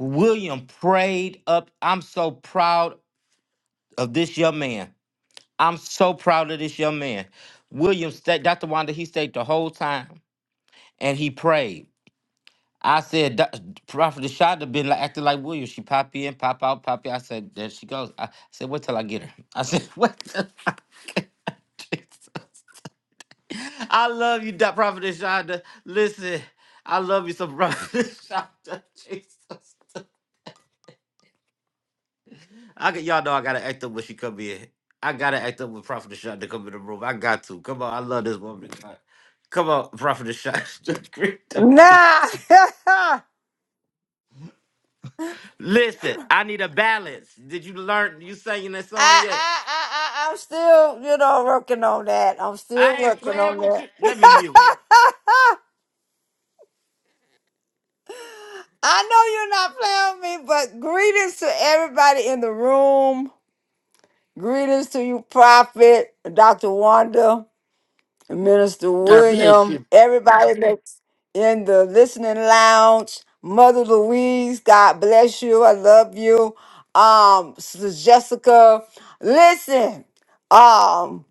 Speaker 1: William prayed up. I'm so proud of this young man. I'm so proud of this young man. William stayed, Dr. Wanda, he stayed the whole time and he prayed. I said, "Doc- Prophet Shonda been like, acting like William. She pop in, pop out, pop in. I said, there she goes. I said, wait till I get her. I said, "What?" till I get her. Jesus. I love you, Doc- Prophet Shonda. Listen, I love you so, Prophet Shonda. Jesus. I got y'all know I gotta act up when she come in. I gotta act up when Prophet Shot to come in the room. I got to. Come on, I love this woman. God. Come on, Prophet Shot. Greet the
Speaker 5: Nah,
Speaker 1: people.
Speaker 5: I,
Speaker 1: Listen, I need a balance. Did you learn you singing that song yet?
Speaker 5: I, I, I'm still, you know, working on that. I'm still
Speaker 1: I ain't
Speaker 5: working
Speaker 1: playing
Speaker 5: on
Speaker 1: with
Speaker 5: that.
Speaker 1: you. Let me mute.
Speaker 5: I know you're not playing with me, but greetings to everybody in the room. Greetings to you, Prophet, Dr. Wanda, Minister
Speaker 6: God bless
Speaker 5: William,
Speaker 6: you.
Speaker 5: everybody. in the listening lounge. Mother Louise, God bless you. I love you. Um, Sister Jessica, listen. Um,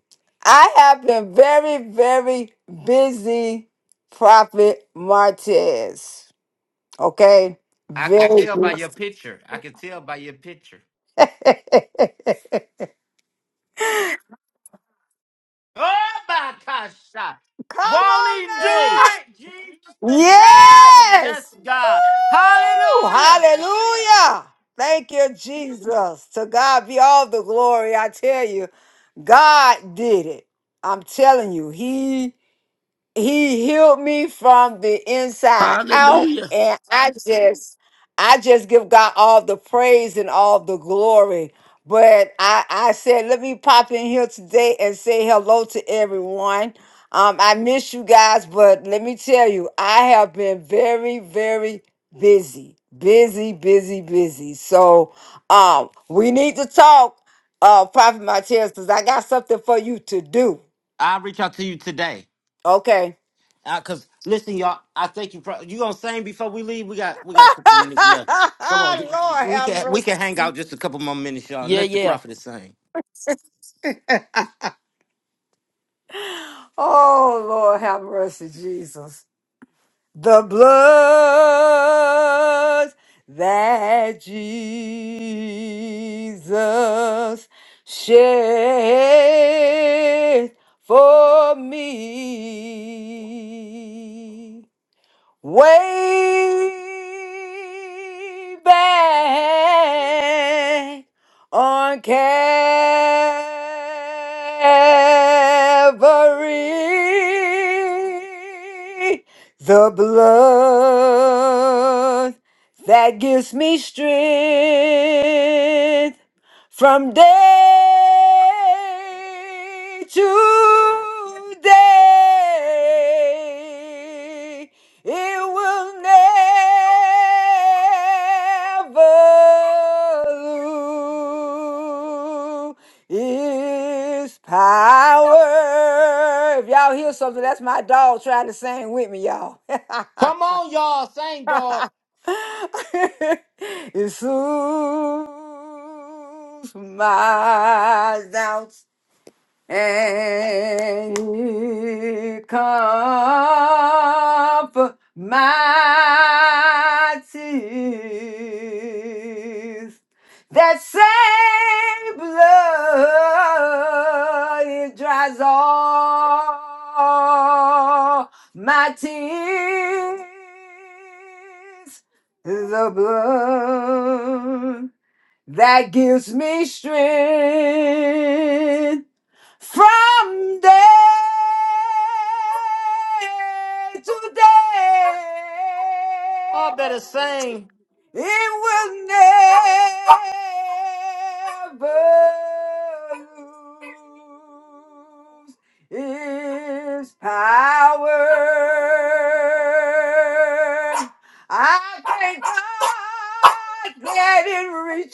Speaker 5: I have been very, very busy, Prophet Martez. Okay,
Speaker 1: I can
Speaker 5: very.
Speaker 1: tell by your picture. I can tell by your picture.
Speaker 5: Come
Speaker 1: Oh my gosh. Shot. Won't
Speaker 5: on
Speaker 1: he do
Speaker 6: Hey,
Speaker 5: now.
Speaker 1: it? Jesus today. Yes,
Speaker 5: yes.
Speaker 1: God.
Speaker 5: Woo,
Speaker 1: Hallelujah.
Speaker 5: hallelujah. Thank you, Jesus. To God be all the glory. I tell you. God did it. I'm telling you, He he healed me from the inside out
Speaker 6: hallelujah.
Speaker 5: and i just i just give god all the praise and all the glory but i i said let me pop in here today and say hello to everyone um i miss you guys but let me tell you i have been very very busy busy busy busy so um we need to talk uh prophet Martez, because i got something for you to do
Speaker 1: I'll reach out to you today.
Speaker 5: okay
Speaker 1: Because listen, y'all, I think you probably you gonna sing before we leave. We got we got a couple minutes left. Come on,
Speaker 5: Lord
Speaker 1: we
Speaker 5: have
Speaker 1: can we can hang
Speaker 5: mercy.
Speaker 1: out just a couple more minutes, y'all.
Speaker 6: Yeah,
Speaker 1: Let the
Speaker 6: yeah,
Speaker 1: prophet sing.
Speaker 5: Oh, Lord have mercy, Jesus. The blood that Jesus shed for me. way back on Calvary, the blood that gives me strength from day to day it will never lose its power. If y'all hear something, that's my dog trying to sing with me, y'all.
Speaker 1: Come on, y'all, sing, dog.
Speaker 5: it soothes my doubts. and you comfort my tears. That same blood it dries all my tears. The blood that gives me strength from day to day.
Speaker 1: Y'all better sing.
Speaker 5: It will never lose its power. I thank God that it reaches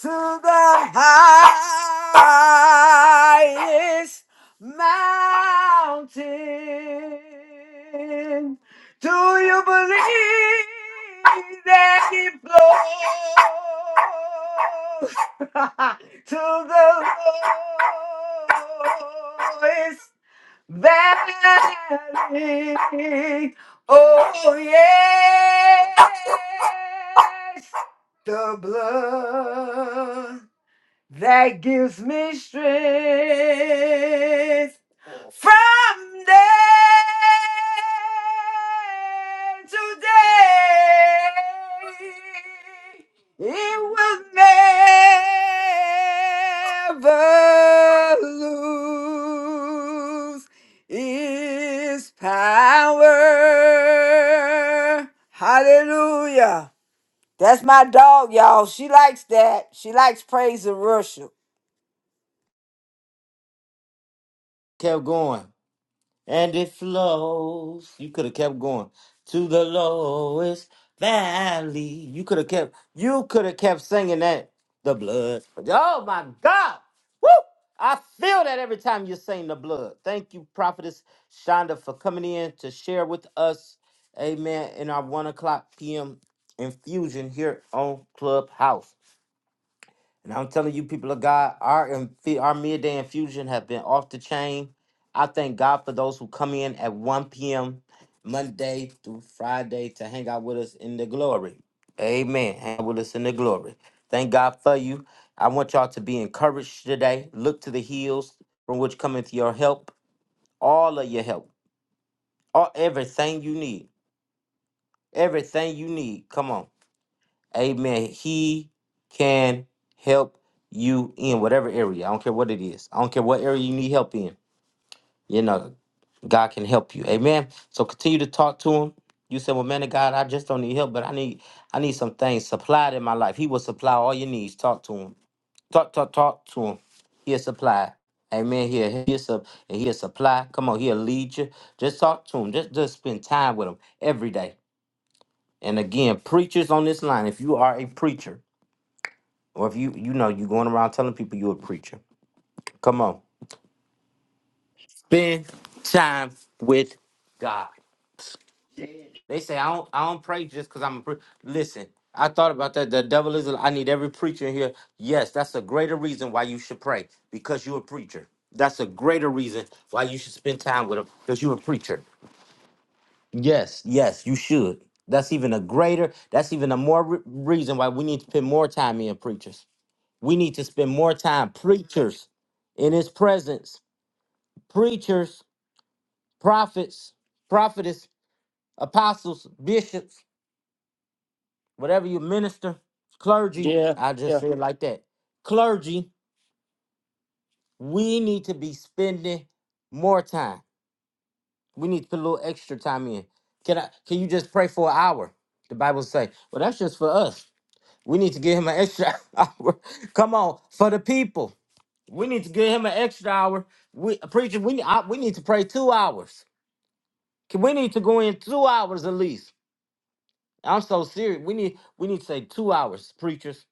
Speaker 5: to the highest mountain do you believe that it blows to the lowest valley? Oh yes, the blood that gives me strength from day to day, it will never lose its power. Hallelujah. That's my dog, y'all. She likes that. She likes praise and worship.
Speaker 1: Kept going. and it flows. You could have kept going to the lowest valley. You could have kept. You could have kept singing that. The blood. Oh my God! Woo! I feel that every time you sing the blood. Thank you, Prophetess Shonda, for coming in to share with us. Amen. In our one o'clock p.m. infusion here on Clubhouse. And I'm telling you, people of God, our infu- our midday infusion have been off the chain. I thank God for those who come in at 1 p.m. Monday through Friday to hang out with us in the glory. Amen. Hang out with us in the glory. Thank God for you. I want y'all to be encouraged today. Look to the hills from which cometh your help. All of your help. All everything you need. Everything you need. Come on. Amen. He can help you in whatever area. I don't care what it is. I don't care what area you need help in. You know, God can help you. Amen. So continue to talk to him. You say, Well, man of God, I just don't need help, but I need I need some things supplied in my life. He will supply all your needs. Talk to him. Talk, talk, talk to him. He'll supply. Amen. He'll he'll, sup- and he'll supply. Come on, he'll lead you. Just talk to him. Just just spend time with him every day. And again, preachers on this line, if you are a preacher, or if you you know you going around telling people you a preacher. Come on. Spend time with God. They say I don't I don't pray just because I'm a preacher. Listen, I thought about that. The devil is a- I need every preacher in here. Yes, that's a greater reason why you should pray. Because you're a preacher. That's a greater reason why you should spend time with him. Because you're a preacher. Yes, yes, you should. That's even a greater, that's even a more re- reason why we need to spend more time in preachers. We need to spend more time preachers in his presence preachers, prophets, prophetess, apostles, bishops, whatever you minister, clergy.
Speaker 6: yeah,
Speaker 1: I just
Speaker 6: yeah.
Speaker 1: say it like that. Clergy, we need to be spending more time. We need to put a little extra time in. Can I can you just pray for an hour? The Bible say, well, that's just for us. We need to give him an extra hour. Come on, for the people. We need to give him an extra hour. We preacher, we I, we need to pray two hours. Can- We need to go in two hours at least I'm so serious. We need we need to say two hours, preachers.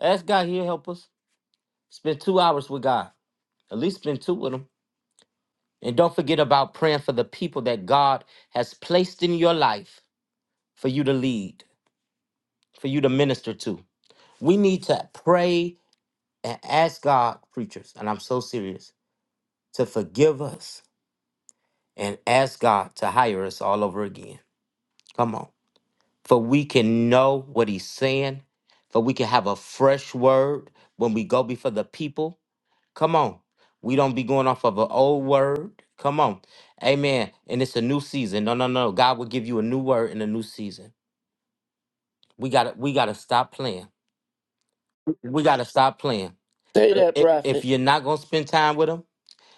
Speaker 1: Ask God here help us. Spend two hours with God. At least spend two with him. And don't forget about praying for the people that God has placed in your life for you to lead, for you to minister to. We need to pray and ask God, preachers, and I'm so serious, to forgive us and ask God to hire us all over again. Come on. For we can know what he's saying, for we can have a fresh word when we go before the people Come on. We don't be going off of an old word. Come on. Amen. And it's a new season. No, no, no. God will give you a new word in a new season. We gotta we gotta stop playing. We gotta stop playing.
Speaker 6: Say that,
Speaker 1: If, if
Speaker 6: prophet.
Speaker 1: you're not gonna spend time with him,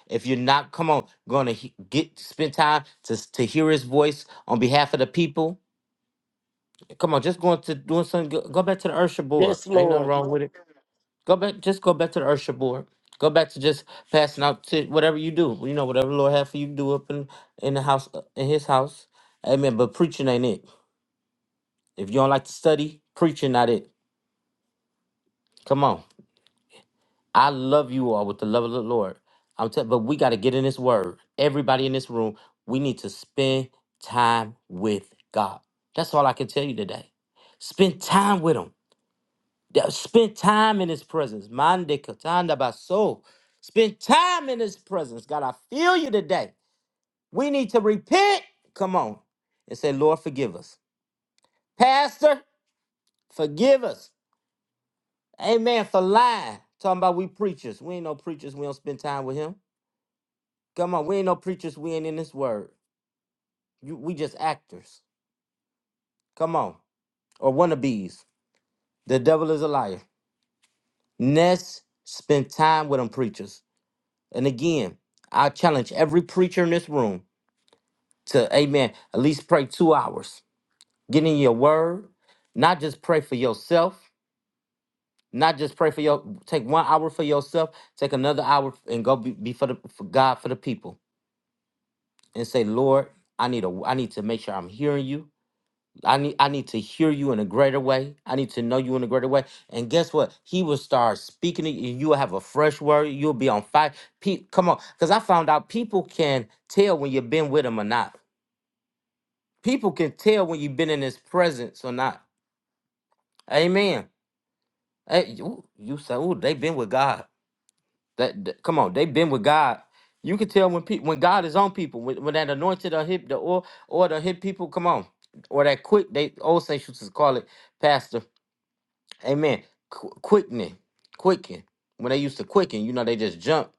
Speaker 1: if you're not, come on, gonna he- get spend time to to hear his voice on behalf of the people. Come on, just going to doing something. Go, go back to the Ursha board.
Speaker 6: Yes,
Speaker 1: Ain't nothing
Speaker 6: Lord.
Speaker 1: wrong with it. Go back, just go back to the Ursha board. Go back to just passing out to whatever you do. You know, whatever the Lord have for you to do up in in the house, uh, in His house. Amen. But preaching ain't it. If you don't like to study, preaching not it. Come on. I love you all with the love of the Lord. I'm telling, but we got to get in this Word. Everybody in this room, we need to spend time with God. That's all I can tell you today. Spend time with Him. that spent time in his presence. Mande katanda baso. Spent time in his presence. God, I feel you today. We need to repent. Come on. And say, Lord, forgive us. Pastor, forgive us. Amen. For lying. Talking about we preachers. We ain't no preachers. We don't spend time with him. Come on. We ain't no preachers. We ain't in this word. You, we just actors. Come on. Or wannabes. The devil is a liar. Next, spend time with them preachers. And again, I challenge every preacher in this room to, amen, at least pray two hours. Get in your word, not just pray for yourself, not just pray for your, take one hour for yourself, take another hour and go be, be for, the, for God, for the people. And say, Lord, I need a, I need to make sure I'm hearing you. I need I need to hear you in a greater way. I need to know you in a greater way. And guess what? He will start speaking to you. You will have a fresh word. You'll be on fire. Pe- come on, because I found out people can tell when you've been with him or not. People can tell when you've been in his presence or not. Amen. Hey, you, you say, oh, they've been with God. That, that- come on, they've been with God. You can tell when people when God is on people when, when that anointed or hit the or or the hit people. Come on, or that quick. They old saints used to call it, Pastor. Amen. Qu- quickening, quicken. When they used to quicken, you know, they just jump.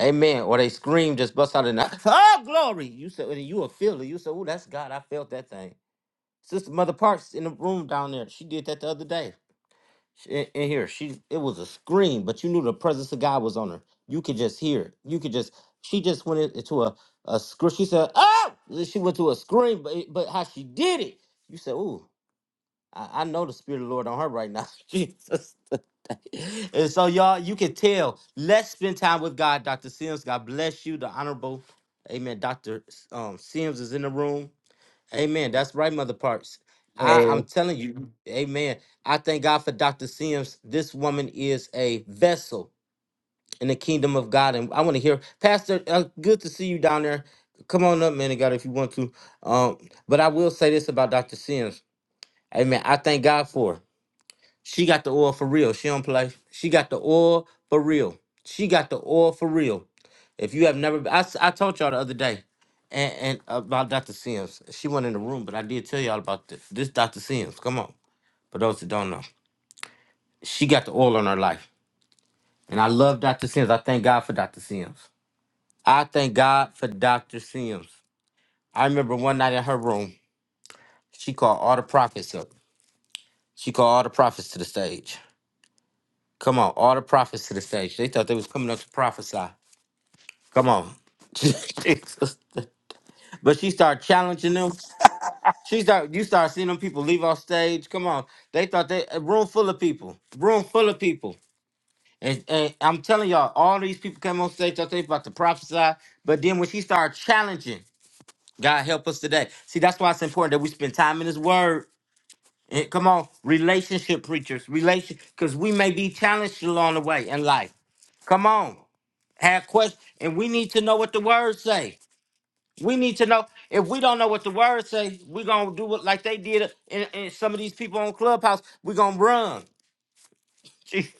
Speaker 1: Amen. Or they scream, just bust out in the oh glory. You said and you a feeler. You said, oh, that's God. I felt that thing. Sister Mother Parks in the room down there. She did that the other day. She- In, in here, she it was a scream, but you knew the presence of God was on her. You could just hear it. You could just. She just went in- into a a scream. She said, oh, she went to a scream, but it- but how she did it. You said, ooh. I, I know the spirit of the Lord on her right now. Jesus. and so y'all, you can tell. Let's spend time with God, Dr. Sims. God bless you. The honorable Amen. Dr. Um Sims is in the room. Amen. That's right, Mother Parks. I,
Speaker 7: Hey,
Speaker 1: I'm telling you, Amen. I thank God for Dr. Sims. This woman is a vessel in the kingdom of God. And I want to hear, Pastor, uh, good to see you down there. Come on up, man of God, if you want to. Um, but I will say this about Dr. Sims. Amen. I thank God for her. She got the oil for real. She don't play. She got the oil for real. She got the oil for real. If you have never, I, s- I told y'all the other day, and, and uh, about Dr. Sims. She wasn't in the room, but I did tell y'all about this. This Dr. Sims. Come on, for those that don't know, she got the oil on her life, and I love Dr. Sims. I thank God for Dr. Sims. I thank God for Dr. Sims. I remember one night in her room, she called all the prophets up. She called all the prophets to the stage. Come on, all the prophets to the stage. They thought they was coming up to prophesy. Come on. Jesus. But she started challenging them. She start you start seeing them people leave off stage. Come on. They thought they a room full of people. Room full of people. And, and I'm telling y'all, all these people came on stage, thought they about to prophesy. But then when she started challenging, God help us today. See, that's why it's important that we spend time in his word. And come on, relationship preachers, relation, because we may be challenged along the way in life. Come on, have questions, and we need to know what the words say. We need to know if we don't know what the word say, we're gonna do it like they did in, in some of these people on Clubhouse. We're gonna run. Jesus.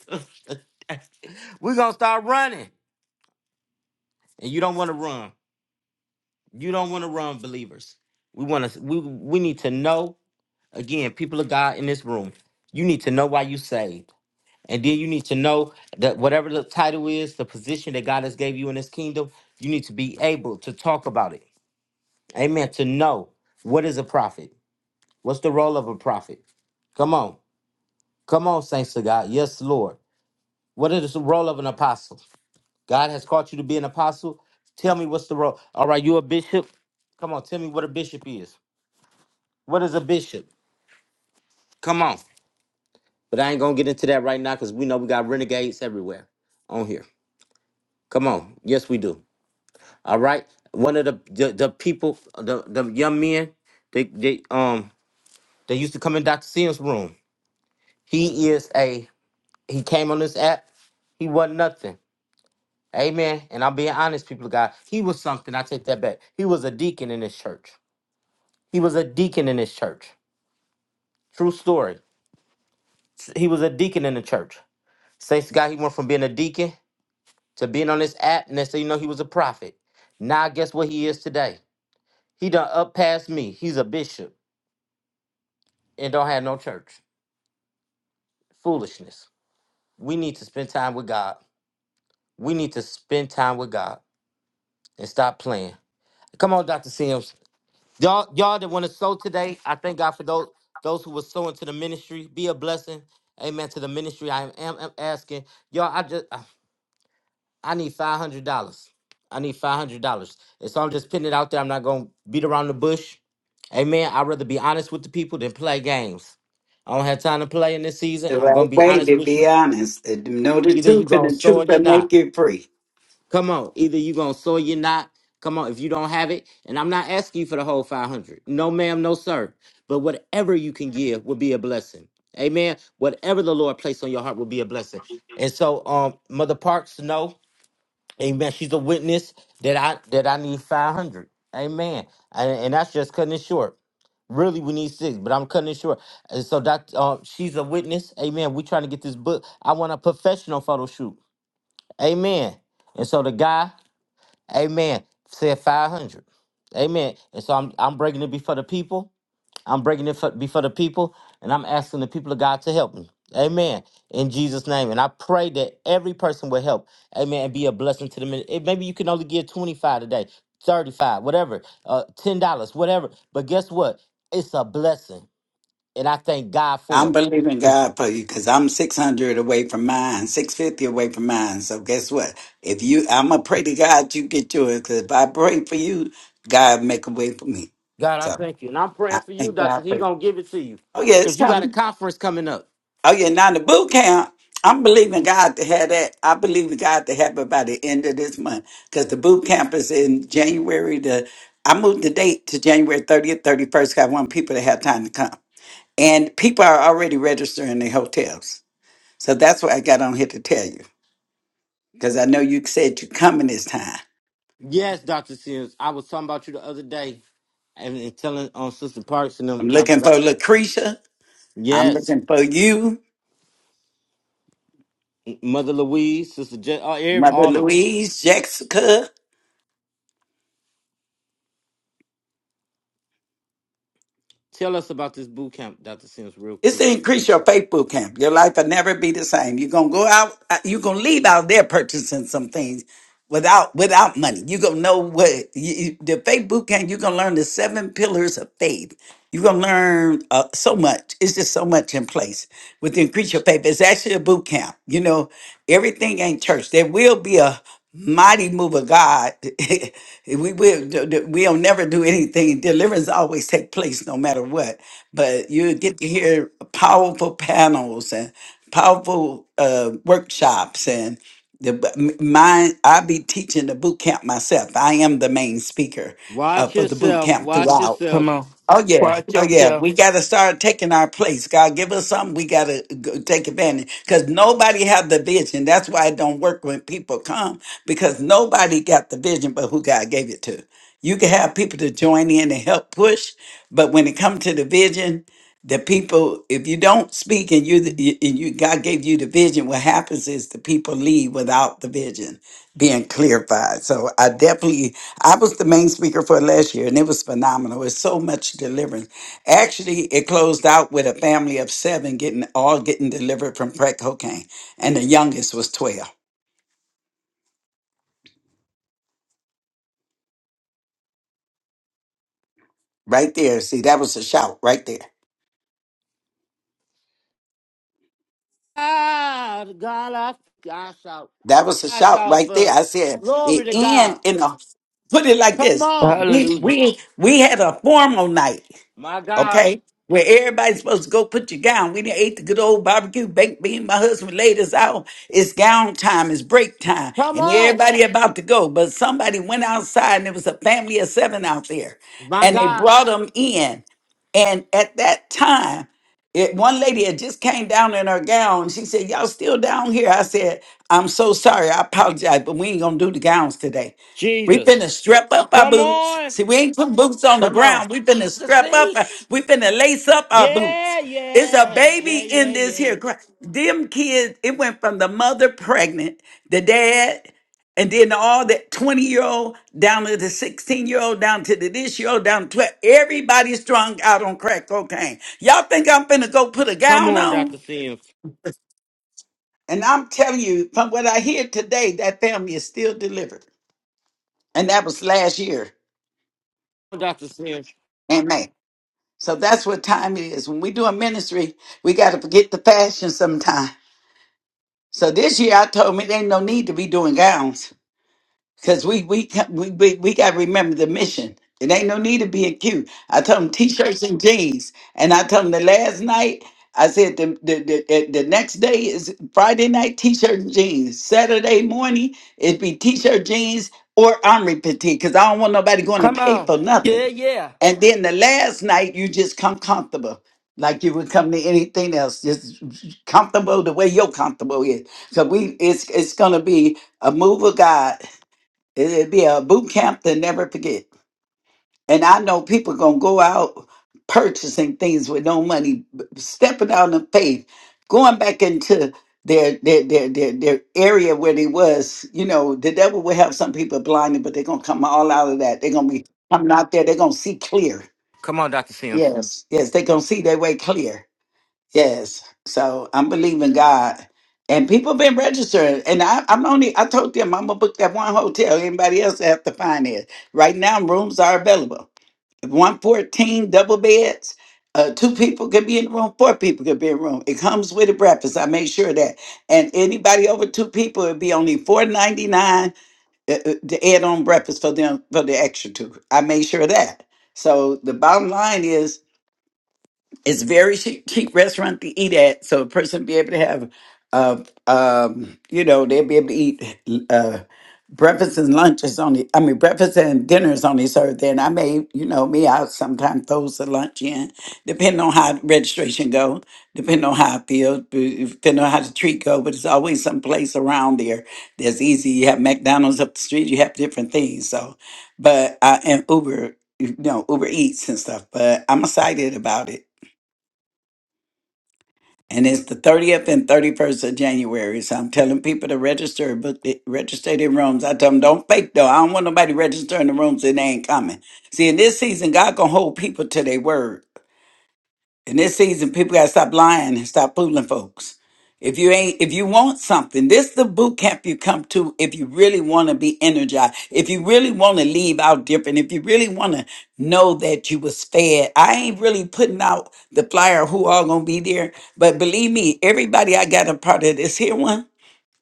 Speaker 1: we're gonna start running. And you don't wanna run. You don't wanna run, believers. We wanna we we need to know again, people of God in this room, you need to know why you saved. And then you need to know that whatever the title is, the position that God has gave you in this kingdom, you need to be able to talk about it. Amen. To know what is a prophet. What's the role of a prophet? Come on. Come on, saints of God. Yes, Lord. What is the role of an apostle? God has called you to be an apostle. Tell me what's the role. All right, you a bishop? Come on, tell me what a bishop is. What is a bishop? Come on. But I ain't gonna get into that right now because we know we got renegades everywhere on here. Come on. Yes, we do. All right. One of the the, the people, the, the young men, they they um they used to come in Dr. Sin's room. He is a he came on this app, he wasn't nothing. Amen. And I'm being honest, people of God. He was something. I take that back. He was a deacon in this church. He was a deacon in this church. True story. He was a deacon in the church. Saints to God, he went from being a deacon to being on this app. And they say, you know, he was a prophet. Now guess what he is today? He done up past me. He's a bishop and don't have no church. Foolishness. We need to spend time with God. We need to spend time with God and stop playing. Come on, Dr. Sims. Y'all, y'all that want to sow today, I thank God for those those who were sowing to the ministry. Be a blessing, amen. To the ministry, I am, am, am asking y'all. I just I I need five hundred dollars. I need five hundred dollars, and so I'm just putting it out there. I'm not gonna beat around the bush, amen. I'd rather be honest with the people than play games. I don't have time to play in this
Speaker 7: it's
Speaker 1: season.
Speaker 7: the
Speaker 1: I'm gonna
Speaker 7: right
Speaker 1: be
Speaker 7: way
Speaker 1: honest
Speaker 7: to
Speaker 1: with
Speaker 7: be
Speaker 1: you.
Speaker 7: honest. Uh, Know the
Speaker 1: Either you
Speaker 7: truth and
Speaker 1: gonna
Speaker 7: the
Speaker 1: sow or
Speaker 7: truth will
Speaker 1: you're not.
Speaker 7: make you free.
Speaker 1: Come on, either you gonna sow, you not. Come on, if you don't have it, and I'm not asking you for the whole 500. No, ma'am, no, sir. But whatever you can give will be a blessing. Amen. Whatever the Lord placed on your heart will be a blessing. And so, um, Mother Parks, no, Amen. She's a witness that I that I need 500. Amen. And, and that's just cutting it short. Really, we need six, but I'm cutting it short. And so, that um, she's a witness. Amen. We trying to get this book. I want a professional photo shoot. Amen. And so the guy Amen. Said 500. Amen. And so I'm I'm breaking it before the people. I'm breaking it for, before the people, and I'm asking the people of God to help me. Amen. In Jesus' name. And I pray that every person will help. Amen. And be a blessing to the And maybe you can only give 25 today, 35, whatever, uh, $10, whatever. But guess what? It's a blessing. And I thank God
Speaker 7: I'm
Speaker 1: for it.
Speaker 7: believing
Speaker 1: Because
Speaker 7: God for you because I'm 600 away from mine, 650 away from mine. So guess what? If you, I'm gonna pray to God you get yours because if I pray for you, God make a way for me.
Speaker 1: God, I
Speaker 7: So
Speaker 1: thank you. And I'm
Speaker 7: I
Speaker 1: praying for you,
Speaker 7: thank God
Speaker 1: Doctor. He
Speaker 7: for you.
Speaker 1: gonna give it to you.
Speaker 7: Oh yeah, it's
Speaker 1: Because you got
Speaker 7: coming.
Speaker 1: a conference coming up.
Speaker 7: Oh yeah, now the boot camp. I'm believing God to have that. I believe in God to have it by the end of this month because the boot camp is in January. The I moved the date to January 30th, 31st. 'cause I want people to have time to come, and people are already registering their hotels. So that's what I got on here to tell you because I know you said you are coming this time.
Speaker 1: Yes, Dr. Sears. I was talking about you the other day and, and telling on Sister Parks and
Speaker 7: I'm
Speaker 1: them. I
Speaker 7: looking
Speaker 1: said, I-
Speaker 7: for Lucretia. I'm
Speaker 1: yes,
Speaker 7: looking for you,
Speaker 1: Mother Louise, Sister J, all, every-
Speaker 7: Mother
Speaker 1: all of us.
Speaker 7: Louise, Jessica.
Speaker 1: Tell us about this boot camp, Dr. Sims, real
Speaker 7: It's
Speaker 1: quick.
Speaker 7: to increase your faith boot camp. Your life will never be the same. You're gonna go out. uh, You're gonna leave out there purchasing some things without without money. You're gonna know what you, you- the faith boot camp. You're gonna learn the seven pillars of faith. You're gonna learn uh, so much. It's just so much in place with the increase your faith. It's actually a boot camp. You know, everything ain't church. There will be a mighty move of God. we will We don't never do anything. Deliverance always take place no matter what. But you get to hear powerful panels and powerful uh, workshops and the b- m- mine I be teaching the boot camp myself. I am the main speaker uh,
Speaker 1: Watch
Speaker 7: for the boot
Speaker 1: yourself.
Speaker 7: camp
Speaker 1: Watch
Speaker 7: throughout.
Speaker 6: Come
Speaker 1: yourself.
Speaker 6: on.
Speaker 7: Oh yeah,
Speaker 6: Watch
Speaker 7: oh yeah. We
Speaker 6: yourself.
Speaker 7: got to start taking our place. God give us something. We got to go take advantage because nobody have the vision. That's why it don't work when people come because nobody got the vision, but who God gave it to. You can have people to join in and help push, but when it comes to the vision, the people. If you don't speak and you and you God gave you the vision, what happens is the people leave without the vision being clarified. So I definitely, I was the main speaker for last year, and it was phenomenal. It's so much deliverance. Actually, it closed out with a family of seven getting all getting delivered from crack cocaine, and the youngest was twelve. Right there, see, that was a shout right there.
Speaker 1: Ah, God, I, I shout.
Speaker 7: That was a
Speaker 1: I
Speaker 7: shout
Speaker 1: shout
Speaker 7: right there. I
Speaker 1: first.
Speaker 7: said
Speaker 1: Glory
Speaker 7: it
Speaker 1: to
Speaker 7: end
Speaker 1: God.
Speaker 7: in a put it like
Speaker 1: Come
Speaker 7: this.
Speaker 1: on.
Speaker 7: We
Speaker 6: Hallelujah.
Speaker 7: we we had a formal night.
Speaker 1: My God.
Speaker 7: okay? Where everybody's supposed to go put your gown. We did ate the good old barbecue baked bean. My husband laid us out. It's gown time. It's break time,
Speaker 1: Come
Speaker 7: and
Speaker 1: on.
Speaker 7: everybody about to go. But somebody went outside, and there was a family of seven out there,
Speaker 1: My
Speaker 7: and they
Speaker 1: God.
Speaker 7: brought them in. And at that time, it, one lady had just came down in her gown. She said, "Y'all still down here?" I said, "I'm so sorry. I apologize, but we ain't gonna do the gowns today." We
Speaker 1: Jesus.
Speaker 7: finna strap up our
Speaker 1: Come
Speaker 7: boots.
Speaker 1: on.
Speaker 7: See, we ain't putting boots on the
Speaker 6: Come on.
Speaker 7: ground. We finna
Speaker 6: To
Speaker 7: strap up.
Speaker 6: see.
Speaker 7: our- We finna lace up our boots.
Speaker 1: Yeah,
Speaker 7: It's a
Speaker 1: yeah, yeah,
Speaker 7: baby in
Speaker 1: yeah,
Speaker 7: this
Speaker 1: yeah.
Speaker 7: here. cra- Them kids, it went from the mother pregnant, the dad, and then all that 20 year old down to the 16 year old, down to the this year old, down to 12. Everybody strung out on crack cocaine. Y'all think I'm finna go put a
Speaker 1: Come
Speaker 7: gown
Speaker 1: on, Dr.
Speaker 7: on?
Speaker 1: Sims.
Speaker 7: And I'm telling you, from what I hear today, that family is still delivered. And that was last year.
Speaker 1: Come on, Dr. Sims.
Speaker 7: Amen. So that's what time it is. When we do a ministry, we got to forget the fashion sometime. So this year I told me there ain't no need to be doing gowns. Because we we ca- we we, we got to remember the mission. It ain't no need to be cute. I told them t-shirts and jeans, and I told them the last night. I said the the, the the the next day is Friday night t-shirt and jeans. Saturday morning it'd be t-shirt jeans or omri petite because I don't want nobody going to
Speaker 6: Come
Speaker 7: pay
Speaker 6: on.
Speaker 7: for
Speaker 6: Yeah,
Speaker 7: nothing.
Speaker 6: yeah.
Speaker 7: And then the last night you just come comfortable, like you would come to anything else, just comfortable the way you're comfortable is. So we it's it's gonna be a move of God It'd be a boot camp to never forget. And I know people gonna go out purchasing things with no money, b- stepping out in faith, going back into their their their their, their area where they was. You know, the devil will have some people blinded, but they're gonna come all out of that. They're gonna be coming out there. They're gonna see clear.
Speaker 1: Come on, Dr. Sims.
Speaker 7: Yes, yes, they're gonna see their way clear. Yes. So I'm believing God. And people been registering. And I, I'm only, I told them I'm going to book that one hotel. Anybody else have to find it. Right now, rooms are available. 114 double beds. Uh, two people can be in the room. Four people can be in the room. It comes with a breakfast. I made sure of that. And anybody over two people, it'd be only four ninety nine uh, uh, to add on breakfast for them for the extra two. I made sure of that. So the bottom line is it's very cheap, cheap restaurant to eat at, so a person be able to have, uh, um, you know, they'll be able to eat uh, breakfast and lunch is only, I mean, breakfast and dinner is only served there. And I may, you know, me, I sometimes throw some lunch in, depending on how registration go, depending on how I feel, depending on how the treat go. But it's always some place around there that's easy. You have McDonald's up the street, you have different things. So, but I and Uber, you know, Uber Eats and stuff. But I'm excited about it and it's the 30th and 31st of January. So I'm telling people to register, book the, register their rooms. I tell them, don't fake though. I don't want nobody registering the rooms and they ain't coming. See, in this season, God gonna hold people to their word. In this season, people gotta stop lying and stop fooling folks. If you ain't, if you want something, this the boot camp you come to if you really want to be energized, if you really want to leave out different, if you really want to know that you was fed. I ain't really putting out the flyer who all gonna be there, but believe me, everybody I got a part of this here one,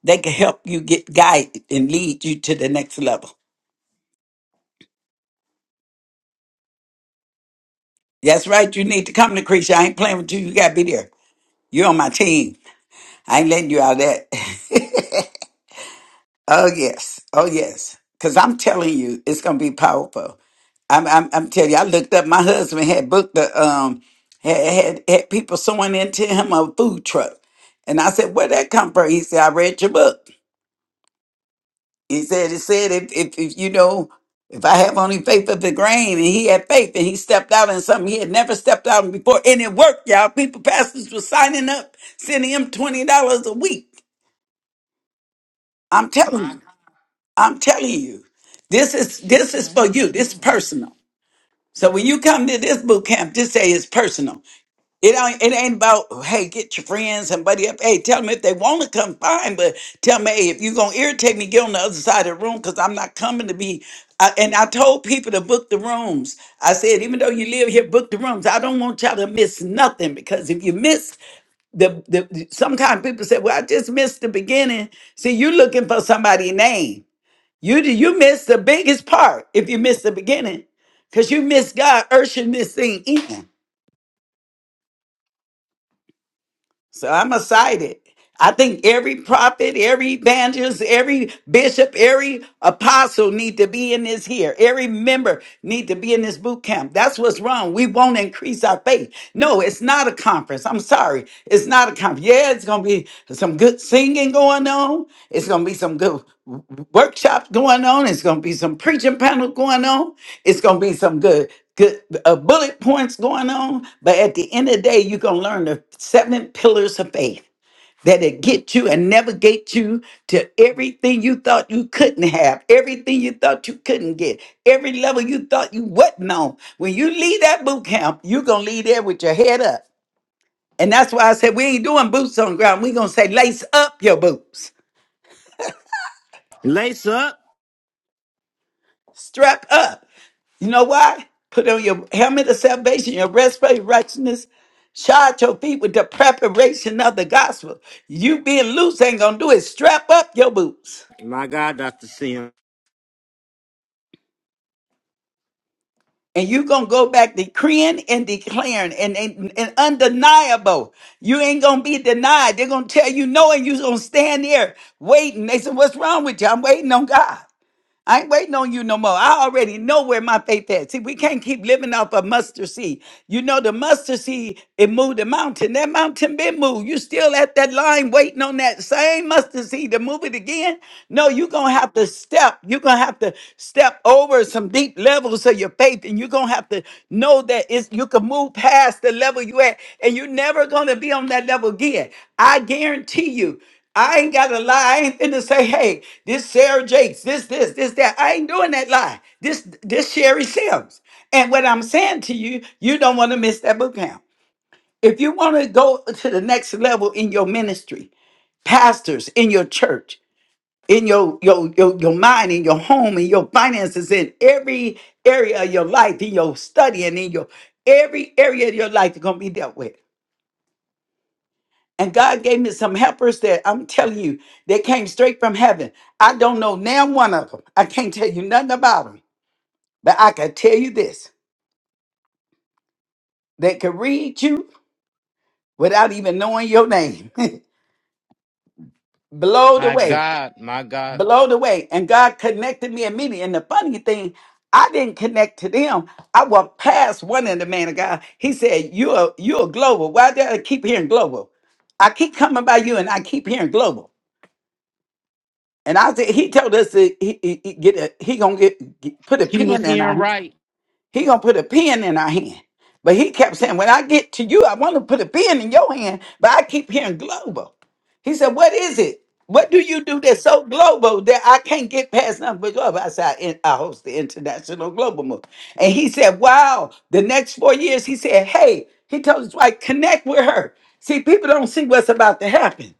Speaker 7: they can help you get guide and lead you to the next level. That's right, you need to come to Creature. I ain't playing with you, you gotta be there. You're on my team. I ain't letting you out of that. Oh yes, oh yes, because I'm telling you, it's gonna be powerful. I'm, I'm, I'm telling you, I looked up. My husband had booked the um had had, had people sewing into him a food truck, and I said, "Where'd that come from?" He said, "I read your book." He said, "It said if if, if you know." If I have only faith of the grain, and he had faith, and he stepped out in something he had never stepped out in before, and it worked, y'all. People, pastors were signing up, sending him twenty dollars a week. I'm telling you. I'm telling you, this is this is for you. This is personal. So when you come to this boot camp, just say it's personal. It ain't it ain't about hey, get your friends and buddy up. Hey, tell them if they want to come, fine. But tell me hey, if you're gonna irritate me, get on the other side of the room because I'm not coming to be. I, and I told people to book the rooms. I said, even though you live here, book the rooms. I don't want y'all to miss nothing because if you miss the the, the sometimes people say, well, I just missed the beginning. See, you're looking for somebody's name. You you miss the biggest part if you miss the beginning, because you miss God ushering this thing in. So I'm excited. I think every prophet, every evangelist, every bishop, every apostle need to be in this here. Every member need to be in this boot camp. That's what's wrong. We won't increase our faith. No, it's not a conference. I'm sorry. It's not a conference. Yeah, it's going to be some good singing going on. It's going to be some good workshops going on. It's going to be some preaching panel going on. It's going to be some good good uh, bullet points going on but at the end of the day you're going to learn the seven pillars of faith that'll get you and navigate you to everything you thought you couldn't have everything you thought you couldn't get every level you thought you wasn't on when you leave that boot camp you're going to leave there with your head up and that's why i said we ain't doing boots on the ground we're going to say lace up your boots
Speaker 1: Lace up.
Speaker 7: strap up You know why? Put on your helmet of salvation, your breastplate of righteousness. Shod your feet with the preparation of the gospel. You being loose ain't gonna do it. Strap up your boots.
Speaker 1: My God, Dr. Sims.
Speaker 7: And you gonna go back decreeing and declaring and, and, and undeniable. You ain't gonna be denied. They're gonna tell you no, and you gonna stand there waiting. They said, What's wrong with you? I'm waiting on God. I ain't waiting on you no more. I already know where my faith at. See, we can't keep living off of mustard seed. You know, the mustard seed, it moved the mountain. That mountain been moved. You still at that line waiting on that same mustard seed to move it again? No, you're going to have to step. You're going to have to step over some deep levels of your faith. And you're going to have to know that it's, you can move past the level you at. And you're never going to be on that level again. I guarantee you. I ain't got to lie. I ain't finna say, hey, this Sarah Jakes, this, this, this, that. I ain't doing that lie. This, this Sherry Sims. And what I'm saying to you, you don't want to miss that boot camp. If you want to go to the next level in your ministry, pastors, in your church, in your, your, your, your mind, in your home, in your finances, in every area of your life, in your study, and in your every area of your life, you're going to be dealt with. And God gave me some helpers that I'm telling you, they came straight from heaven. I don't know now one of them. I can't tell you nothing about them. But I can tell you this they can read you without even knowing your name. Blow
Speaker 1: My
Speaker 7: away,
Speaker 1: God, my God.
Speaker 7: blow away. And God connected me immediately. And the funny thing, I didn't connect to them. I walked past one of the man of God. He said, You're you're global. Why do I keep hearing global? I keep coming by you and I keep hearing global. And I said, he told us that he, he, he get a, he gonna get, get- put a
Speaker 1: He was
Speaker 7: pen in our
Speaker 1: hearing
Speaker 7: hand.
Speaker 1: right.
Speaker 7: he gonna put a pen in our hand. But he kept saying, when I get to you, I want to put a pen in your hand, but I keep hearing global. He said, what is it? What do you do that's so global that I can't get past nothing but global? I said, I, in- I host the international global move. And he said, wow, the next four years, he said, hey, he told his wife, connect with her. See, people don't see what's about to happen.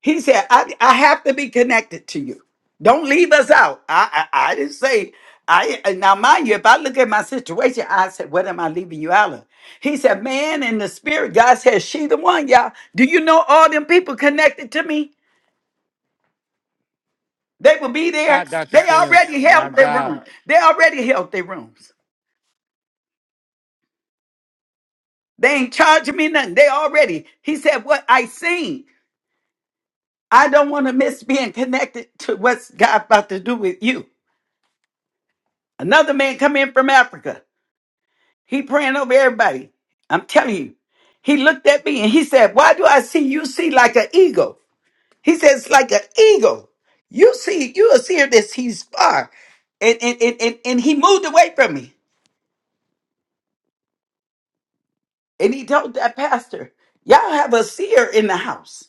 Speaker 7: He said, I, I have to be connected to you. Don't leave us out. I, I, I didn't say, I and now mind you, if I look at my situation, I said, What am I leaving you out of? He said, Man, in the spirit, God said, She the one, y'all. Do you know all them people connected to me? They will be
Speaker 1: My
Speaker 7: there.
Speaker 1: God, Dr.
Speaker 7: They
Speaker 1: Sims.
Speaker 7: already
Speaker 1: My
Speaker 7: held their
Speaker 1: God.
Speaker 7: room. They already held their rooms. They ain't charging me nothing. They already. He said, What I seen, I don't want to miss being connected to what's God about to do with you. Another man come in from Africa. He praying over everybody. I'm telling you. He looked at me and he said, Why do I see you see like an eagle? He says, like an eagle. You see, you will see this he's far. And and, and, and and he moved away from me. And he told that pastor, Y'all have a seer in the house.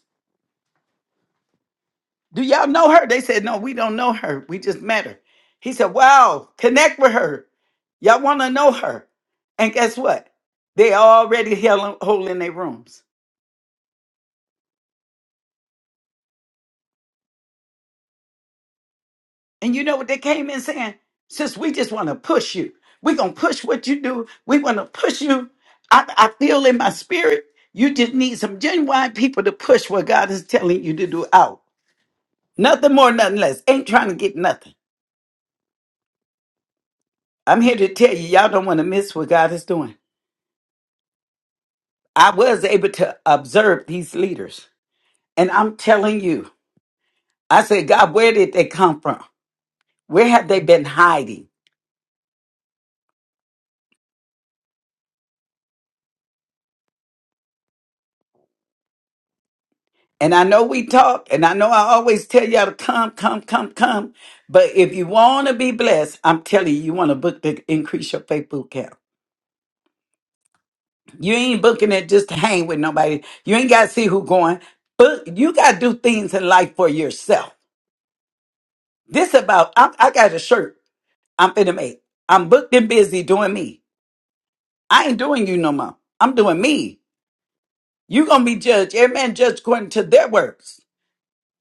Speaker 7: Do y'all know her? They said, No, we don't know her. We just met her. He said, Wow, connect with her. Y'all want to know her. And guess what? They already held a hole in their rooms. And you know what they came in saying? Sis, we just want to push you. We're going to push what you do. We want to push you. I, I feel in my spirit, you just need some genuine people to push what God is telling you to do out. Nothing more, nothing less. Ain't trying to get nothing. I'm here to tell you, y'all don't want to miss what God is doing. I was able to observe these leaders. And I'm telling you, I said, God, where did they come from? Where have they been hiding? And I know we talk, and I know I always tell y'all to come, come, come, come. But if you want to be blessed, I'm telling you, you want to book the increase your faith boot camp. You ain't booking it just to hang with nobody. You ain't got to see who going. But you got to do things in life for yourself. This about I, I got a shirt I'm finna make. I'm booked and busy doing me. I ain't doing you no more. I'm doing me. You gonna be judged. Every man judged according to their works.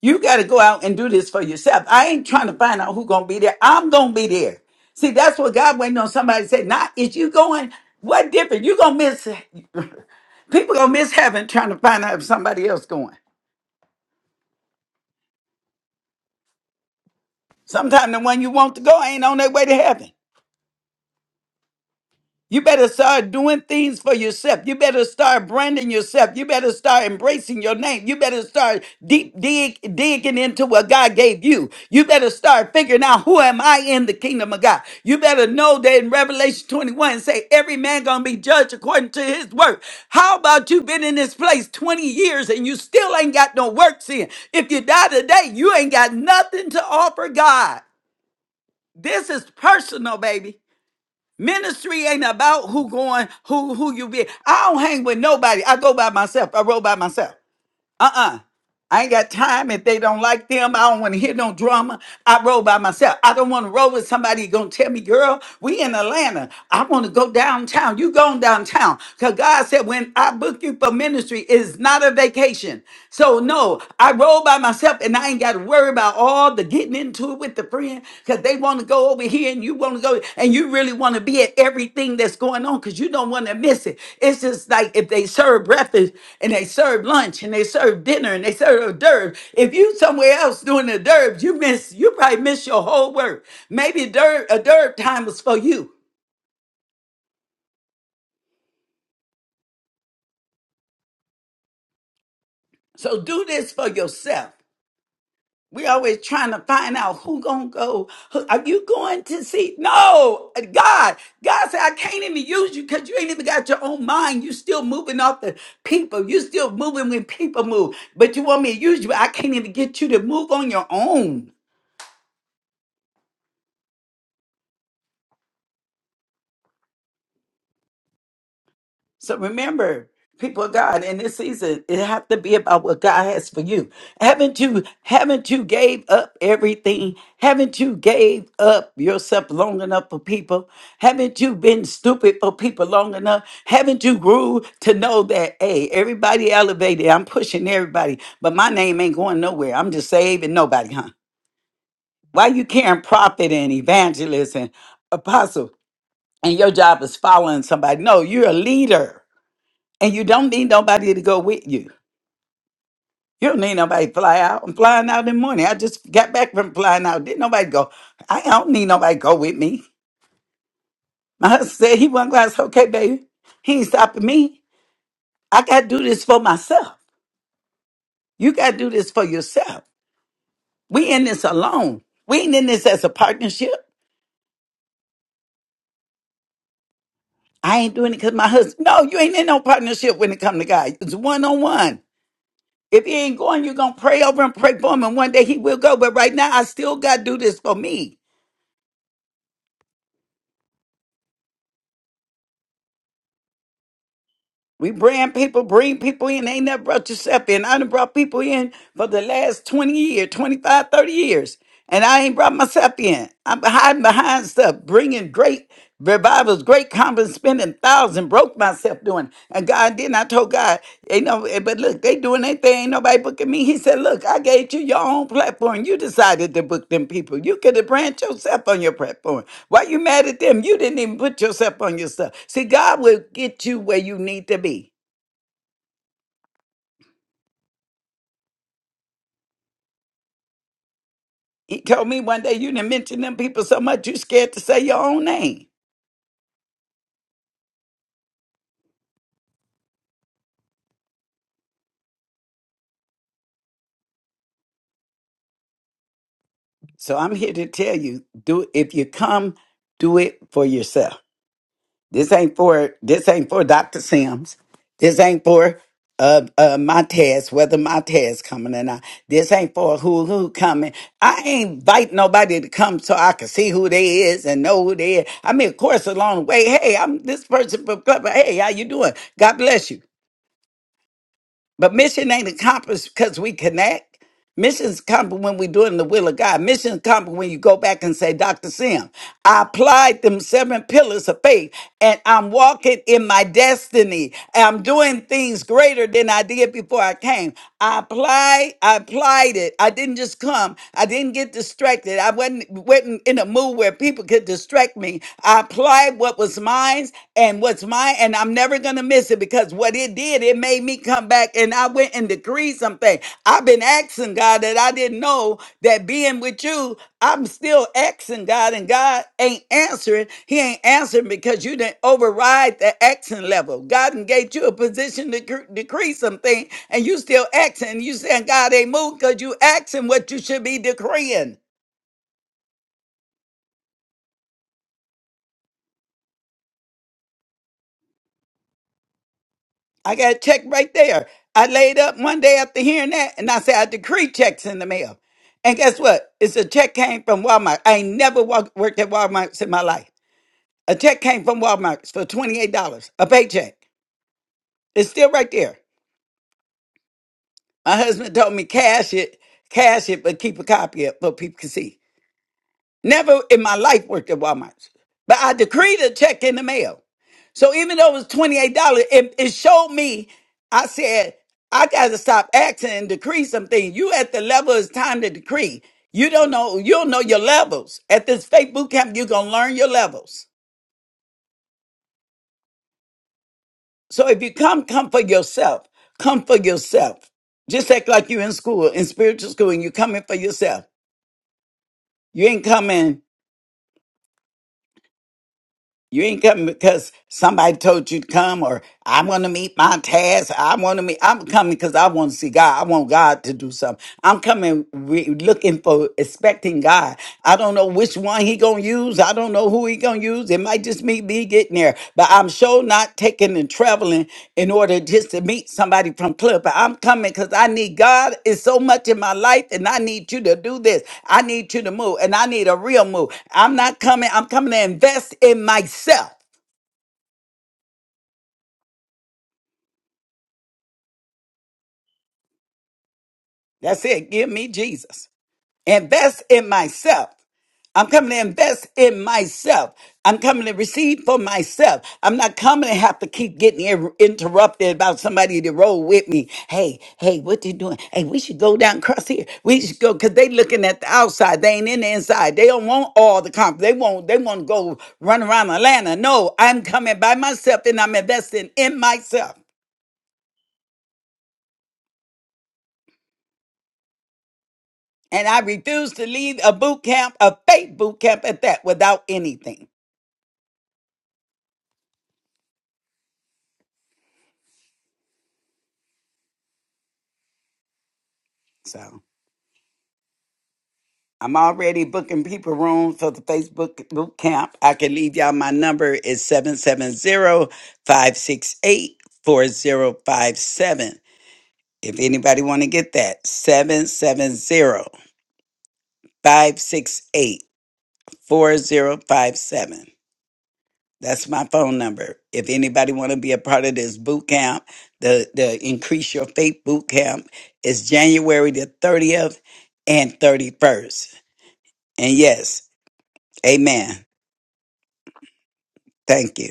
Speaker 7: You got to go out and do this for yourself. I ain't trying to find out who gonna be there. I'm gonna be there. See, that's what God waiting on somebody to say. Not is you going? What different? You gonna miss? People gonna miss heaven trying to find out if somebody else going. Sometimes the one you want to go ain't on their way to heaven. You better start doing things for yourself. You better start branding yourself. You better start embracing your name. You better start deep dig, digging into what God gave you. You better start figuring out who am I in the kingdom of God. You better know that in Revelation 21 say every man gonna be judged according to his work. How about you been in this place 20 years and you still ain't got no works in? If you die today, you ain't got nothing to offer God. This is personal, baby. Ministry ain't about who going, who who you be. I don't hang with nobody. I go by myself. I roll by myself. Uh-uh. I ain't got time. If they don't like them, I don't want to hear no drama. I roll by myself. I don't want to roll with somebody gonna tell me, girl, we in Atlanta. I want to go downtown. You going downtown. Cause God said when I book you for ministry, it's not a vacation. So no, I roll by myself and I ain't got to worry about all the getting into it with the friend because they want to go over here and you want to go and you really want to be at everything that's going on because you don't want to miss it. It's just like if they serve breakfast and they serve lunch and they serve dinner and they serve hors d'oeuvres. If you somewhere else doing the hors d'oeuvres, you miss you probably miss your whole work. Maybe d'oeuvre, hors d'oeuvre time was for you. So do this for yourself. We always trying to find out who gonna go. Who- Are you going to see? No, uh, God. God said, I can't even use you because you ain't even got your own mind. You still moving off the people. You still moving when people move. But you want me to use you. I can't even get you to move on your own. So remember, people of God, in this season, it have to be about what God has for you. Haven't you, haven't you gave up everything? Haven't you gave up yourself long enough for people? Haven't you been stupid for people long enough? Haven't you grew to know that, hey, everybody elevated, I'm pushing everybody, but my name ain't going nowhere. I'm just saving nobody, huh? Why you carrying prophet and evangelist and apostle and your job is following somebody? No, you're a leader and you don't need nobody to go with you. You don't need nobody to fly out. I'm flying out in the morning. I just got back from flying out. Didn't nobody go. I don't need nobody to go with me. My husband said he wasn't going. I said, okay, baby. He ain't stopping me. I got to do this for myself. You got to do this for yourself. We in this alone. We ain't in this as a partnership. I ain't doing it because my husband. No, you ain't in no partnership when it come to God. It's one on one. If he ain't going, you're going to pray over and pray for him. And one day he will go. But right now, I still got to do this for me. We bring people, bring people in. They ain't never brought yourself in. I done brought people in for the last 20 years, 25, 30 years. And I ain't brought myself in. I'm hiding behind stuff, bringing great revivals, great conference, spending thousands, broke myself doing. and God. I didn't. I told God, ain't no. eh, But look, they doing their thing. Ain't nobody booking me. He said, look, I gave you your own platform. You decided to book them people. You could have brand yourself on your platform. Why you mad at them? You didn't even put yourself on yourself. See, God will get you where you need to be. He told me one day, you didn't mention them people so much, you scared to say your own name. So I'm here to tell you, do if you come, do it for yourself. This ain't for this ain't for Dr. Sims. This ain't for uh, uh my test, whether my test coming or not. This ain't for who who coming. I ain't invite nobody to come so I can see who they is and know who they is. I mean, of course, along the way, hey, I'm this person but but but Hey, how you doing? God bless you. But mission ain't accomplished because we connect. Mission's accomplished when we doing the will of God. Mission's accomplished when you go back and say, Dr. Sim, I applied them seven pillars of faith and I'm walking in my destiny. I'm doing things greater than I did before I came. I applied, I applied it. I didn't just come. I didn't get distracted. I wasn't, wasn't in a mood where people could distract me. I applied what was mine and what's mine, and I'm never gonna miss it because what it did, it made me come back and I went and decreed something. I've been asking God that I didn't know that being with you, I'm still asking God, and God ain't answering. He ain't answering because you didn't override the action level. God done gave you a position to cre- decree something, and you still asking. You saying God ain't moved because you asking what you should be decreeing. I got a check right there. I laid up one day after hearing that, and I said, I decree checks in the mail. And guess what? It's a check came from Walmart. I ain't never walk, worked at Walmart in my life. A check came from Walmart for $28, a paycheck. It's still right there. My husband told me cash it, cash it, but keep a copy of it for people can see. Never in my life worked at Walmart. But I decreed a check in the mail. So even though it was $28, it, it showed me, I said, I gotta stop acting and decree something. You at the level it's time to decree. You don't know, you don't know your levels. At this faith boot camp, you're gonna learn your levels. So if you come, come for yourself. Come for yourself. Just act like you are in school, in spiritual school, and you're coming for yourself. You ain't coming. You ain't coming because somebody told you to come, or I want to meet my task. I want to meet. I'm coming because I want to see God. I want God to do something. I'm coming re- looking for, expecting God. I don't know which one He gonna use. I don't know who He gonna use. It might just be be getting there, but I'm sure not taking and traveling in order just to meet somebody from club. But I'm coming because I need God is so much in my life, and I need you to do this. I need you to move, and I need a real move. I'm not coming. I'm coming to invest in myself. That's it. Give me Jesus. Invest in myself. I'm coming to invest in myself. I'm coming to receive for myself. I'm not coming to have to keep getting in- interrupted about somebody to roll with me. Hey, hey, what you doing? Hey, we should go down across here. We should go because they looking at the outside. They ain't in the inside. They don't want all the comp. They won't. They want to go run around Atlanta. No, I'm coming by myself and I'm investing in myself. And I refuse to leave a boot camp, a fake boot camp at that, without anything. So. I'm already booking people rooms for the Facebook boot camp. I can leave y'all my number is seven seven zero five six eight four zero five seven. If anybody want to get that, seven seven zero five six eight four zero five seven. That's my phone number. If anybody want to be a part of this boot camp, the the Increase Your Faith boot camp is January the 30th and 31st. And yes, amen. Thank you.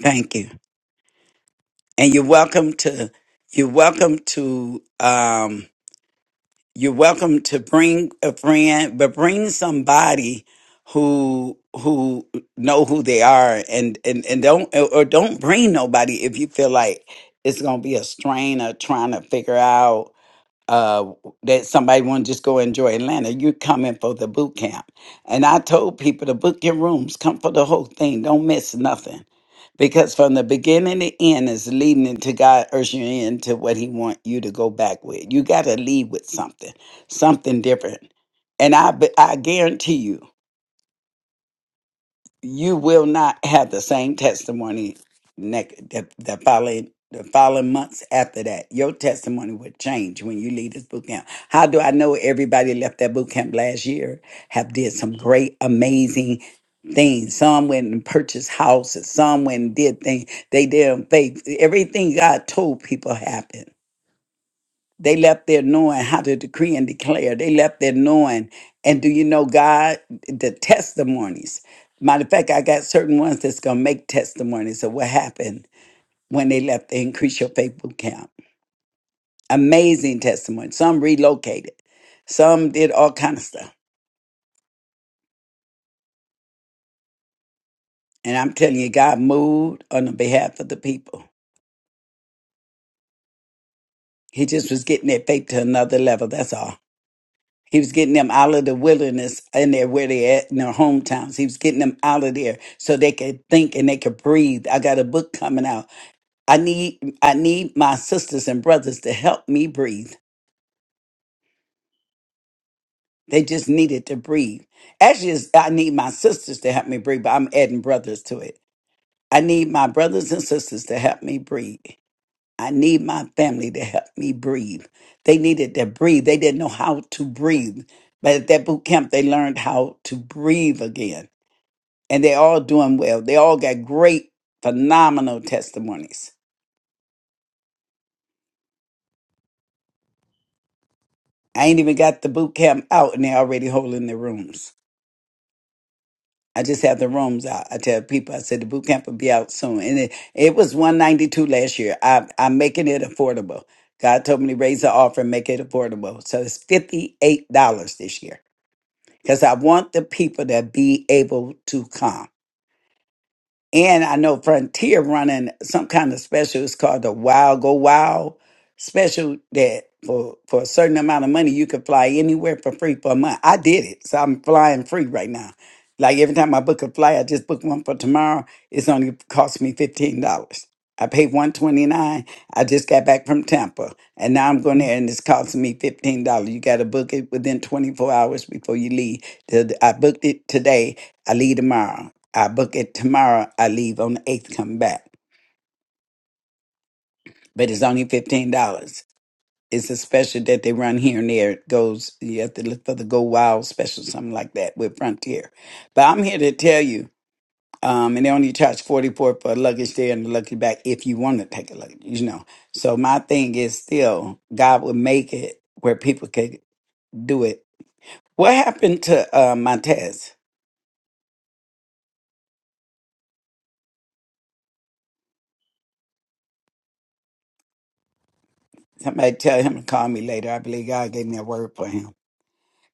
Speaker 7: Thank you. And you're welcome to you're welcome to um you're welcome to bring a friend, but bring somebody who who know who they are and and and don't or don't bring nobody if you feel like it's going to be a strain of trying to figure out uh, that somebody want to just go enjoy Atlanta, you're coming for the boot camp. And I told people to book your rooms, come for the whole thing, don't miss nothing. Because from the beginning to end is leading into God urging you into what He want you to go back with. You got to lead with something, something different. And I, be- I guarantee you, you will not have the same testimony next the, the following the following months after that. Your testimony would change when you leave this boot camp. How do I know everybody left that boot camp last year have did some great, amazing things? Some went and purchased houses, some went and did things they did in faith. Everything God told people happened. They left there knowing how to decree and declare. They left there knowing. And do you know God, the testimonies? Matter of fact, I got certain ones that's going to make testimonies of what happened when they left the Increase Your Faith Boot Camp. Amazing testimony. Some relocated, some did all kind of stuff. And I'm telling you, God moved on the behalf of the people. He just was getting their faith to another level. That's all. He was getting them out of the wilderness and there where they at in their hometowns. He was getting them out of there so they could think and they could breathe. I got a book coming out. I need I need my sisters and brothers to help me breathe. They just needed to breathe. Actually, it's- I need my sisters to help me breathe, but I'm adding brothers to it. I need my brothers and sisters to help me breathe. I need my family to help me breathe. They needed to breathe. They didn't know how to breathe. But at that boot camp, they learned how to breathe again and they're all doing well. They all got great, phenomenal testimonies. I ain't even got the boot camp out, and they're already holding their rooms. I just have the rooms out. I tell people, I said the boot camp will be out soon, and it, it was one ninety two last year. I, I'm making it affordable. God told me to raise the offer and make it affordable, so it's fifty eight dollars this year because I want the people to be able to come. And I know Frontier running some kind of special. It's called the Wild Go Wild special that for, for a certain amount of money, you can fly anywhere for free for a month. I did it. So I'm flying free right now. Like every time I book a flight, I just book one for tomorrow. It's only cost me $15. I paid 129 I just got back from Tampa. And now I'm going there and it's costing me $15. You got to book it within 24 hours before you leave. The- I booked it today. I leave tomorrow. I book it tomorrow. I leave on the 8th, come back. But it's only $15. It's a special that they run here and there. It goes, you have to look for the Go Wild special, something like that with Frontier. But I'm here to tell you, um, and they only charge 44 for a luggage there and a luggage back if you want to take a luggage, you know. So my thing is still, God will make it where people can do it. What happened to uh, Montez? Somebody tell him to call me later. I believe God gave me a word for him.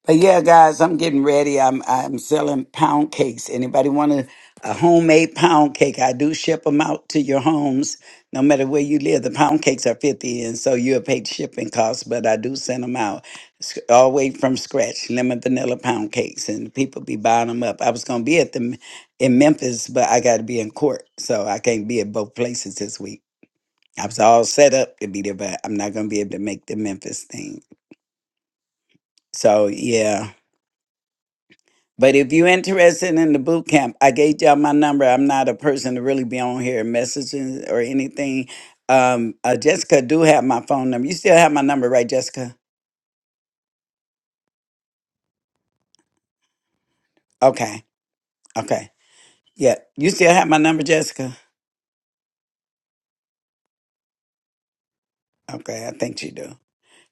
Speaker 7: But yeah, guys, I'm getting ready. I'm I'm selling pound cakes. Anybody want a, a homemade pound cake? I do ship them out to your homes, no matter where you live. The pound cakes are fifty, and so you'll pay shipping costs. But I do send them out s- all the way from scratch, lemon vanilla pound cakes, and people be buying them up. I was gonna be at the in Memphis, but I got to be in court, so I can't be at both places this week. I was all set up to be there, but I'm not gonna be able to make the Memphis thing. So yeah. But if you're interested in the boot camp, I gave y'all my number. I'm not a person to really be on here messaging or anything. Um, uh, Jessica do have my phone number. You still have my number, right, Jessica? Okay, okay, yeah. You still have my number, Jessica? Okay, I think you do.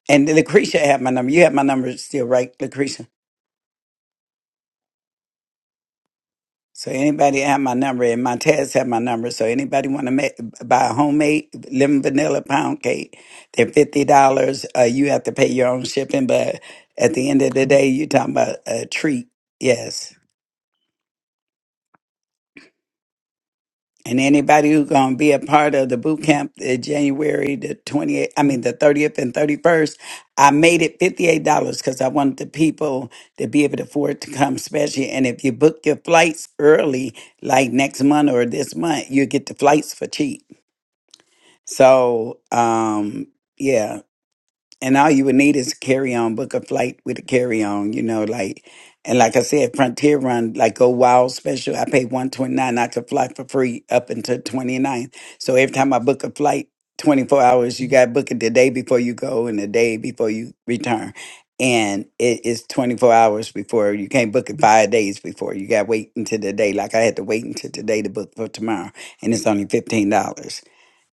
Speaker 7: And Lucretia have my number. You have my number still, right, Lucretia? So anybody have my number, and my tags have my number. So anybody want to make buy a homemade lemon vanilla pound cake, they're fifty dollars. Uh, you have to pay your own shipping, but at the end of the day, you're talking about a treat. Yes. And anybody who's going to be a part of the boot camp uh, January the 28th, I mean the 30th and 31st, I made it $58 because I wanted the people to be able to afford to come especially. And if you book your flights early, like next month or this month, you get the flights for cheap. So, um, yeah, and all you would need is a carry-on book a flight with a carry-on you know like and like i said frontier run like go wild special i paid 129 i could fly for free up until 29 so every time i book a flight 24 hours you got to book it the day before you go and the day before you return and it is 24 hours before you can't book it five days before you got to wait until the day like i had to wait until today to book for tomorrow and it's only $15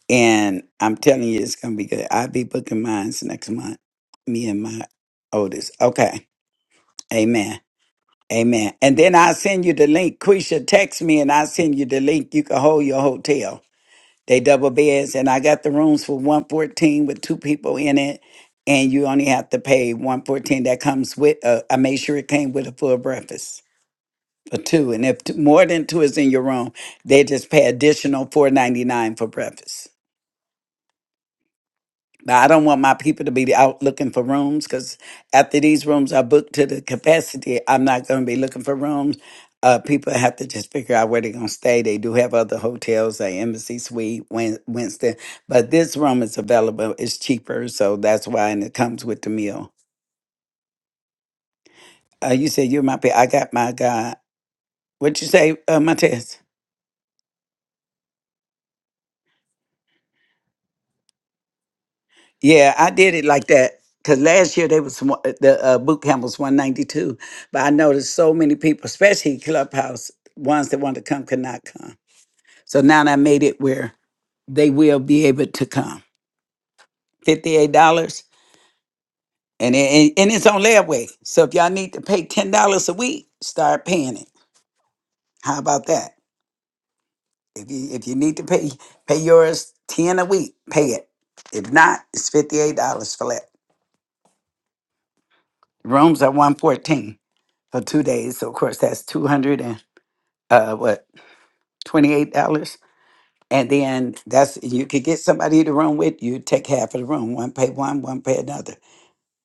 Speaker 7: And I'm telling you, it's going to be good. I'll be booking mines next month, me and my oldest. Okay. Amen. Amen. And then I'll send you the link. Quisha, text me and I'll send you the link. You can hold your hotel. They double beds. And I got the rooms for 114 with two people in it. And you only have to pay 114. That comes with, uh, I made sure it came with a full breakfast for two. And if t- more than two is in your room, they just pay additional 499 for breakfast. Now, I don't want my people to be out looking for rooms because after these rooms are booked to the capacity, I'm not going to be looking for rooms. Uh, people have to just figure out where they're going to stay. They do have other hotels, like Embassy Suite, Win- Winston, but this room is available. It's cheaper, so that's why, and it comes with the meal. Uh, you said you're my pe I got my guy. What you say, uh, Montez? Yeah, I did it like that because last year they was one- the uh, boot camp was one ninety two, but I noticed so many people, especially clubhouse ones that want to come, could not come. So now I made it where they will be able to come. Fifty eight dollars, and, it- and and it's on layaway. So if y'all need to pay ten dollars a week, start paying it. How about that? If you if you need to pay pay yours ten a week, pay it. If not, it's fifty eight dollars flat. Rooms are 114 for two days. So of course that's two hundred and uh what twenty eight dollars. And then that's you could get somebody to room with you. Take half of the room. One pay one, one pay another.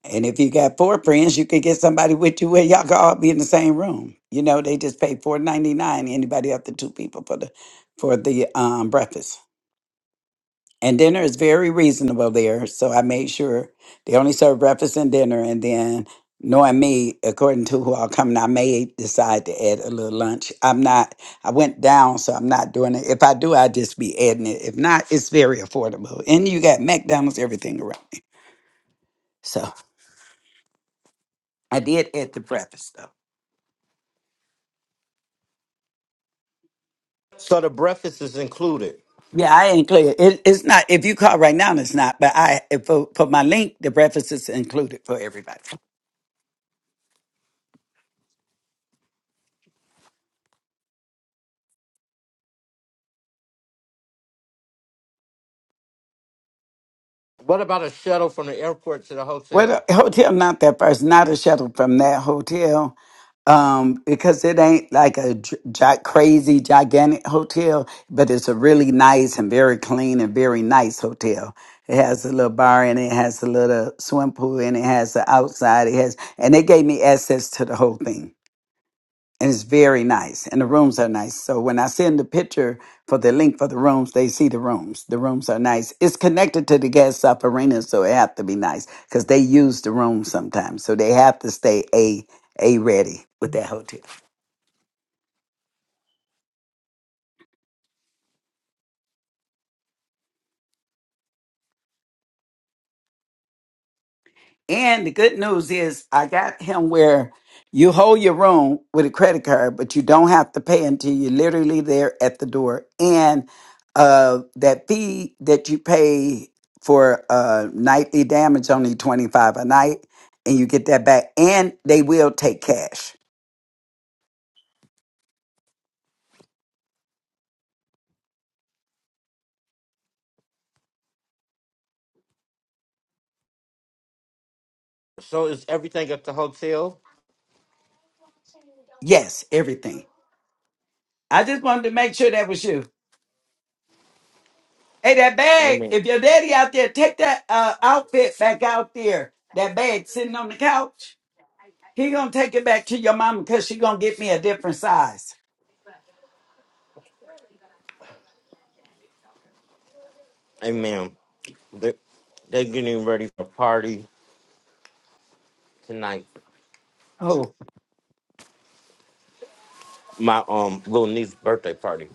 Speaker 7: And if you got four friends, you could get somebody with you where y'all could all be in the same room. You know, they just pay four ninety nine anybody up to two people for the for the um breakfast. And dinner is very reasonable there. So I made sure they only serve breakfast and dinner. And then, knowing me, according to who all coming, I may decide to add a little lunch. I'm not, I went down, so I'm not doing it. If I do, I just be adding it. If not, it's very affordable. And you got McDonald's, everything around me. So I did add the breakfast though.
Speaker 1: So the breakfast is included.
Speaker 7: Yeah, I ain't clear. It, it's not, if you call right now, it's not. But I, for, for my link, the breakfast is included for everybody.
Speaker 1: What about a shuttle from the airport to the
Speaker 7: Well,
Speaker 1: hotel?
Speaker 7: the hotel not that person, not a shuttle from that hotel, um, because it ain't like a gi- gi- crazy gigantic hotel, but it's a really nice and very clean and very nice hotel. It has a little bar and it, has a little swim pool and it has the outside, it has, and they gave me access to the whole thing and it's very nice and the rooms are nice so when i send the picture for the link for the rooms they see the rooms the rooms are nice it's connected to the gas stop arena so it have to be nice because they use the room sometimes so they have to stay a a ready with that hotel And the good news is I got him where you hold your room with a credit card, but you don't have to pay until you're literally there at the door. And uh, that fee that you pay for uh, nightly damage only 25 a night and you get that back and they will take cash.
Speaker 1: So is everything at the hotel?
Speaker 7: Yes, everything. I just wanted to make sure that was you. Hey, that bag,
Speaker 1: Amen.
Speaker 7: if your daddy out there, take that uh, outfit back out there. That bag sitting on the couch. He gonna take it back to your mama because she gonna get me a different size.
Speaker 1: Amen. They- They're getting ready for a party tonight.
Speaker 7: Oh,
Speaker 1: My um little niece's birthday party.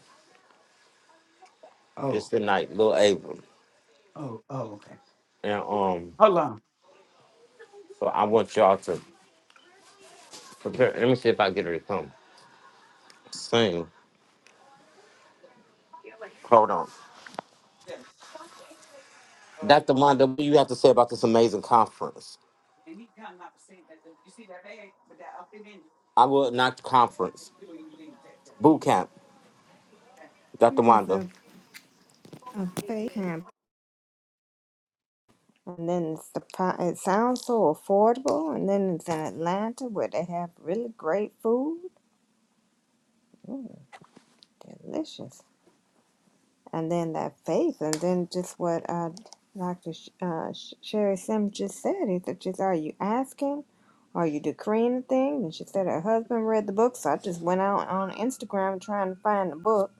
Speaker 1: It's
Speaker 7: oh,
Speaker 1: tonight, little Abram.
Speaker 7: oh, oh, okay.
Speaker 1: And um,
Speaker 7: Hold on.
Speaker 1: so I want y'all to Prepare. Let me see if I get her to come sing. Hold on.
Speaker 7: Yeah. Oh, I,
Speaker 1: Dr. Wanda, what do you have to say about this amazing conference?
Speaker 7: when he come, I was saying that. You see that bag with that up in it?
Speaker 1: I will not
Speaker 7: That's
Speaker 1: conference.
Speaker 7: where you leave that.
Speaker 1: Boot camp. Dr.
Speaker 4: There's
Speaker 1: Wanda.
Speaker 4: a, a faith. camp And then it's the, pri- it sounds so affordable. And then it's in Atlanta where they have really great food, delicious. And then that faith, and then just what uh, Dr. Sh- uh, Sh- Sherry Sim just said is that just are you asking? Are you decreeing a thing? And she said her husband read the book, so I just went out on Instagram trying to find the book.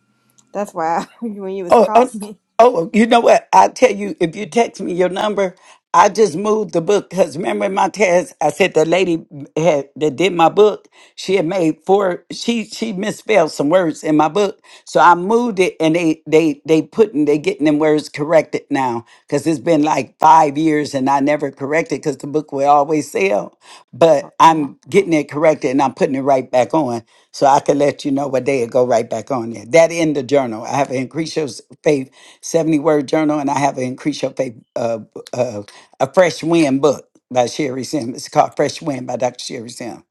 Speaker 4: That's why when you was
Speaker 7: Oh,
Speaker 4: calling
Speaker 7: oh,
Speaker 4: me.
Speaker 7: oh, you know what? I tell you, if you text me your number, I just moved the book because remember in my test, I said the lady had, that did my book, she had made four. She she misspelled some words in my book, so I moved it, and they they they putting they getting them words corrected now because it's been like five years and I never corrected because the book will always sell, but
Speaker 4: Oh,
Speaker 7: I'm getting it corrected and I'm putting it right back on. So I could let you know what day it go right back on there. That in the journal. I have an increase your faith 70 word journal and I have an increase your faith uh, uh, a fresh wind book by Sherry Sim. It's called Fresh Wind by Dr. Sherry Sim.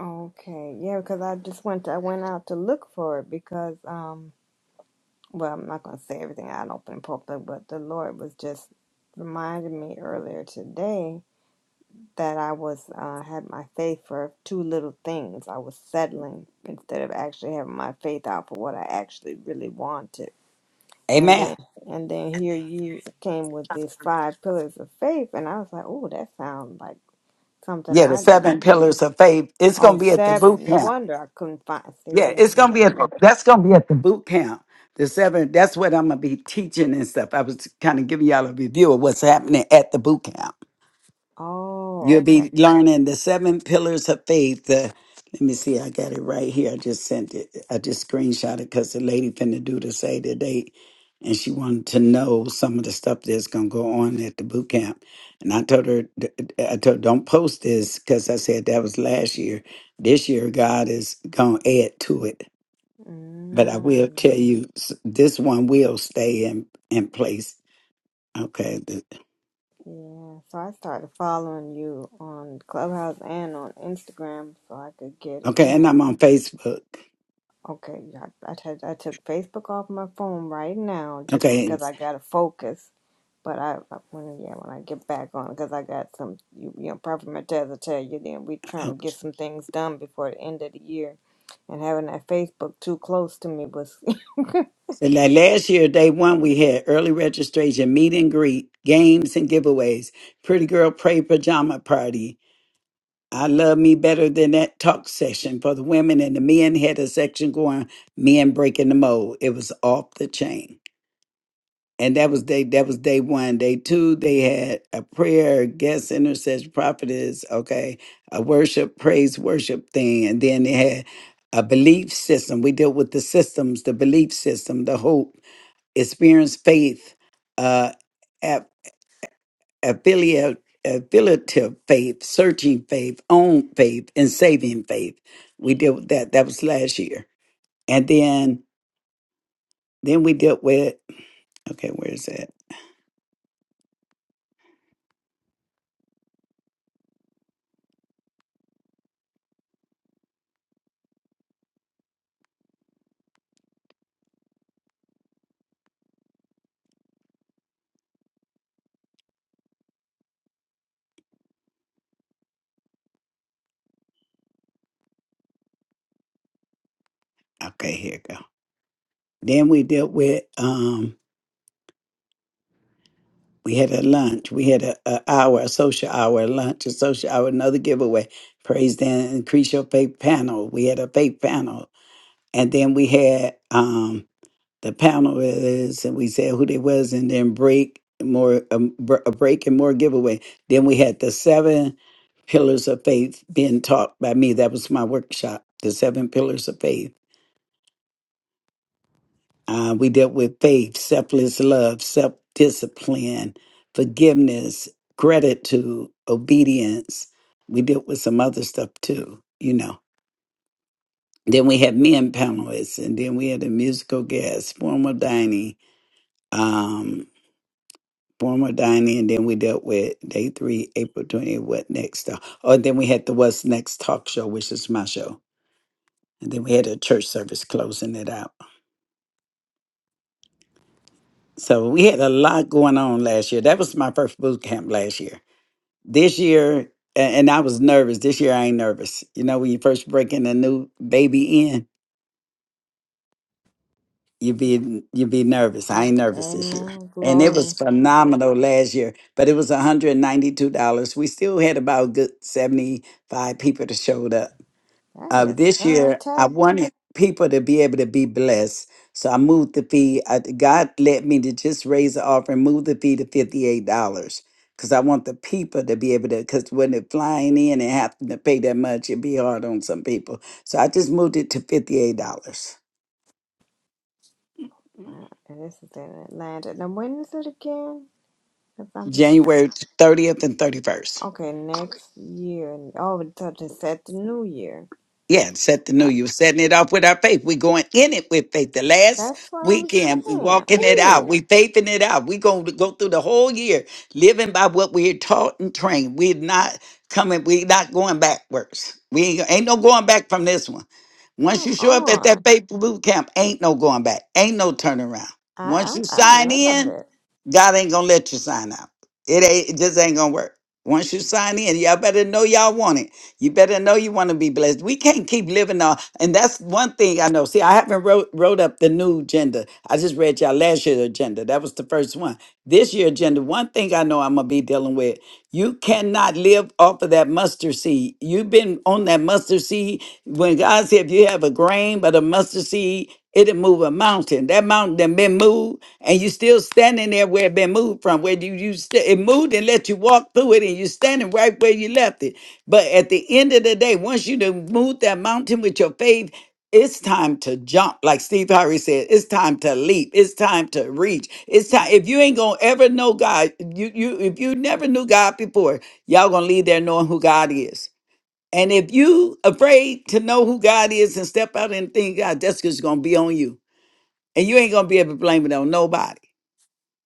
Speaker 4: okay, yeah, because I just went. to, I went out to look for it because um well, I'm not going to say everything out in open public, but the Lord was just reminded me earlier today that I was uh, had my faith for two little things. I was settling instead of actually having my faith out for what I actually really wanted. And
Speaker 7: Amen.
Speaker 4: then and then here you came with these five pillars of faith, and I was like, oh, that sounds like something
Speaker 7: Yeah, the
Speaker 4: I didn't.
Speaker 7: seven pillars of faith. It's
Speaker 4: Oh,
Speaker 7: gonna be at the boot
Speaker 4: seven. No
Speaker 7: camp.
Speaker 4: wonder I couldn't find. See,
Speaker 7: Yeah,
Speaker 4: look
Speaker 7: it's
Speaker 4: at me.
Speaker 7: gonna be at that's gonna be at the boot camp. The seven, that's what I'm gonna be teaching and stuff. I was kind of giving y'all a review of what's happening at the boot camp. You'll
Speaker 4: Oh, okay.
Speaker 7: be learning the seven pillars of faith. The, let me see, I got it right here. I just sent it. I just screenshot it because the lady finna do the say the date, and she wanted to know some of the stuff that's gonna go on at the boot camp. And I told her, I told her, don't post this because I said that was last year. This year, God is gonna add to it. But I will
Speaker 4: Mm.
Speaker 7: tell you, s- this one will stay in in place. Okay, the-
Speaker 4: Yeah, so I started following you on Clubhouse and on Instagram so I could get it,
Speaker 7: okay,
Speaker 4: you
Speaker 7: and
Speaker 4: know.
Speaker 7: I'm on Facebook.
Speaker 4: Okay, I, I, t- I took Facebook off my phone right now just
Speaker 7: Okay,
Speaker 4: because I got to focus. But I, I when yeah, when I get back on, because I got some, you, you know, Prophet Matez will tell you, then we trying to get some things done before the end of the year. And having that Facebook too close to me was,
Speaker 7: And that last year, day one, we had early registration, meet and greet, games and giveaways, pretty girl pray pajama party. I love me better than that talk session for the women and the men had a section going, men breaking the mold. It was off the chain. And that was day that was day one. Day two, they had a prayer, guest intercession prophetess, okay, a worship, praise worship thing. And then they had a belief system. We dealt with the systems, the belief system, the hope experience faith, uh, aff- affiliate, affiliative faith, searching faith, own faith, and saving faith. We dealt with that. That was last year, and then then we dealt with okay, where is that? Okay, here it go. Then we dealt with um we had a lunch. We had a, a hour, a social hour, a lunch, a social hour, another giveaway. Praise then increase your faith panel. We had a faith panel. And then we had um, the panel is, and we said who they was, and then break and more um, br- a break and more giveaway. Then we had the seven pillars of faith being taught by me. That was my workshop. The seven pillars of faith. Uh, we dealt with faith, selfless love, self discipline, forgiveness, gratitude, obedience. We dealt with some other stuff too, you know. Then we had men panelists, and then we had a musical guest, formal dining, um, former dining, and then we dealt with day three, April 20th, what next? Uh, oh, and then we had the What's Next talk show, which is my show. And then we had a church service closing it out. So we had a lot going on last year. That was my first boot camp last year. This year, a- and I was nervous. This year, I ain't nervous. You know, when you first breaking a new baby in, you be you be
Speaker 4: I,
Speaker 7: nervous. I
Speaker 4: I,
Speaker 7: ain't nervous this year.
Speaker 4: amen,
Speaker 7: And it was
Speaker 4: glory.
Speaker 7: phenomenal last year, but it was $192. We still had about good 75 people that showed up. Uh,
Speaker 4: That is
Speaker 7: this year, I
Speaker 4: fantastic.
Speaker 7: wanted people to be able to be blessed. So I moved the fee. I, God led me to just raise the offering, move the fee to $58 because I want the people to be able to, because when they're flying in and having to pay that much, it'd be hard on some people. So I just moved it to $58.
Speaker 4: Wow, And this is in Atlanta. Now, when is it again? November.
Speaker 7: January 30th and 31st.
Speaker 4: Okay, next year. and- Oh, it doesn't set the new year.
Speaker 7: Yeah, and set the new.
Speaker 4: I,
Speaker 7: You're setting it off with our faith. We're going in it with faith. The last
Speaker 4: that's what I'm
Speaker 7: weekend, we
Speaker 4: saying.
Speaker 7: walking it out.
Speaker 4: Ooh,
Speaker 7: We faithing it out. We're going to go through the whole year living by what we're taught and trained. We're not coming, we're not going backwards. We ain't, ain't no going back from this one. Once you
Speaker 4: come
Speaker 7: show up at
Speaker 4: on.
Speaker 7: that faith boot camp, ain't no going back. Ain't no turnaround. Once
Speaker 4: I,
Speaker 7: you
Speaker 4: I I
Speaker 7: sign
Speaker 4: love
Speaker 7: in,
Speaker 4: it.
Speaker 7: God ain't gonna let you sign out. It ain't it just ain't gonna work. Once you sign in, y'all better know y'all want it. You better know you want to be blessed. We can't keep living on, and that's one thing I know. See, I haven't wrote wrote up the new agenda. I just read y'all last year's agenda. That was the first one. This year agenda. One thing I know I'm gonna be dealing with. You cannot live off of that mustard seed. You've been on that mustard seed. When God said, if you have a grain but a mustard seed, it'll move a mountain. That mountain done been moved, and you still standing there where it been moved from. Where you, you st- it moved and let you walk through it, and you standing right where you left it. But at the end of the day, once you done moved that mountain with your faith, it's time to jump like steve harvey said it's time to leap it's time to reach it's time if you ain't gonna ever know god you you if you never knew god before y'all gonna leave there knowing who god is and if you afraid to know who god is and step out and think god that's just gonna be on you and you ain't gonna be able to blame it on nobody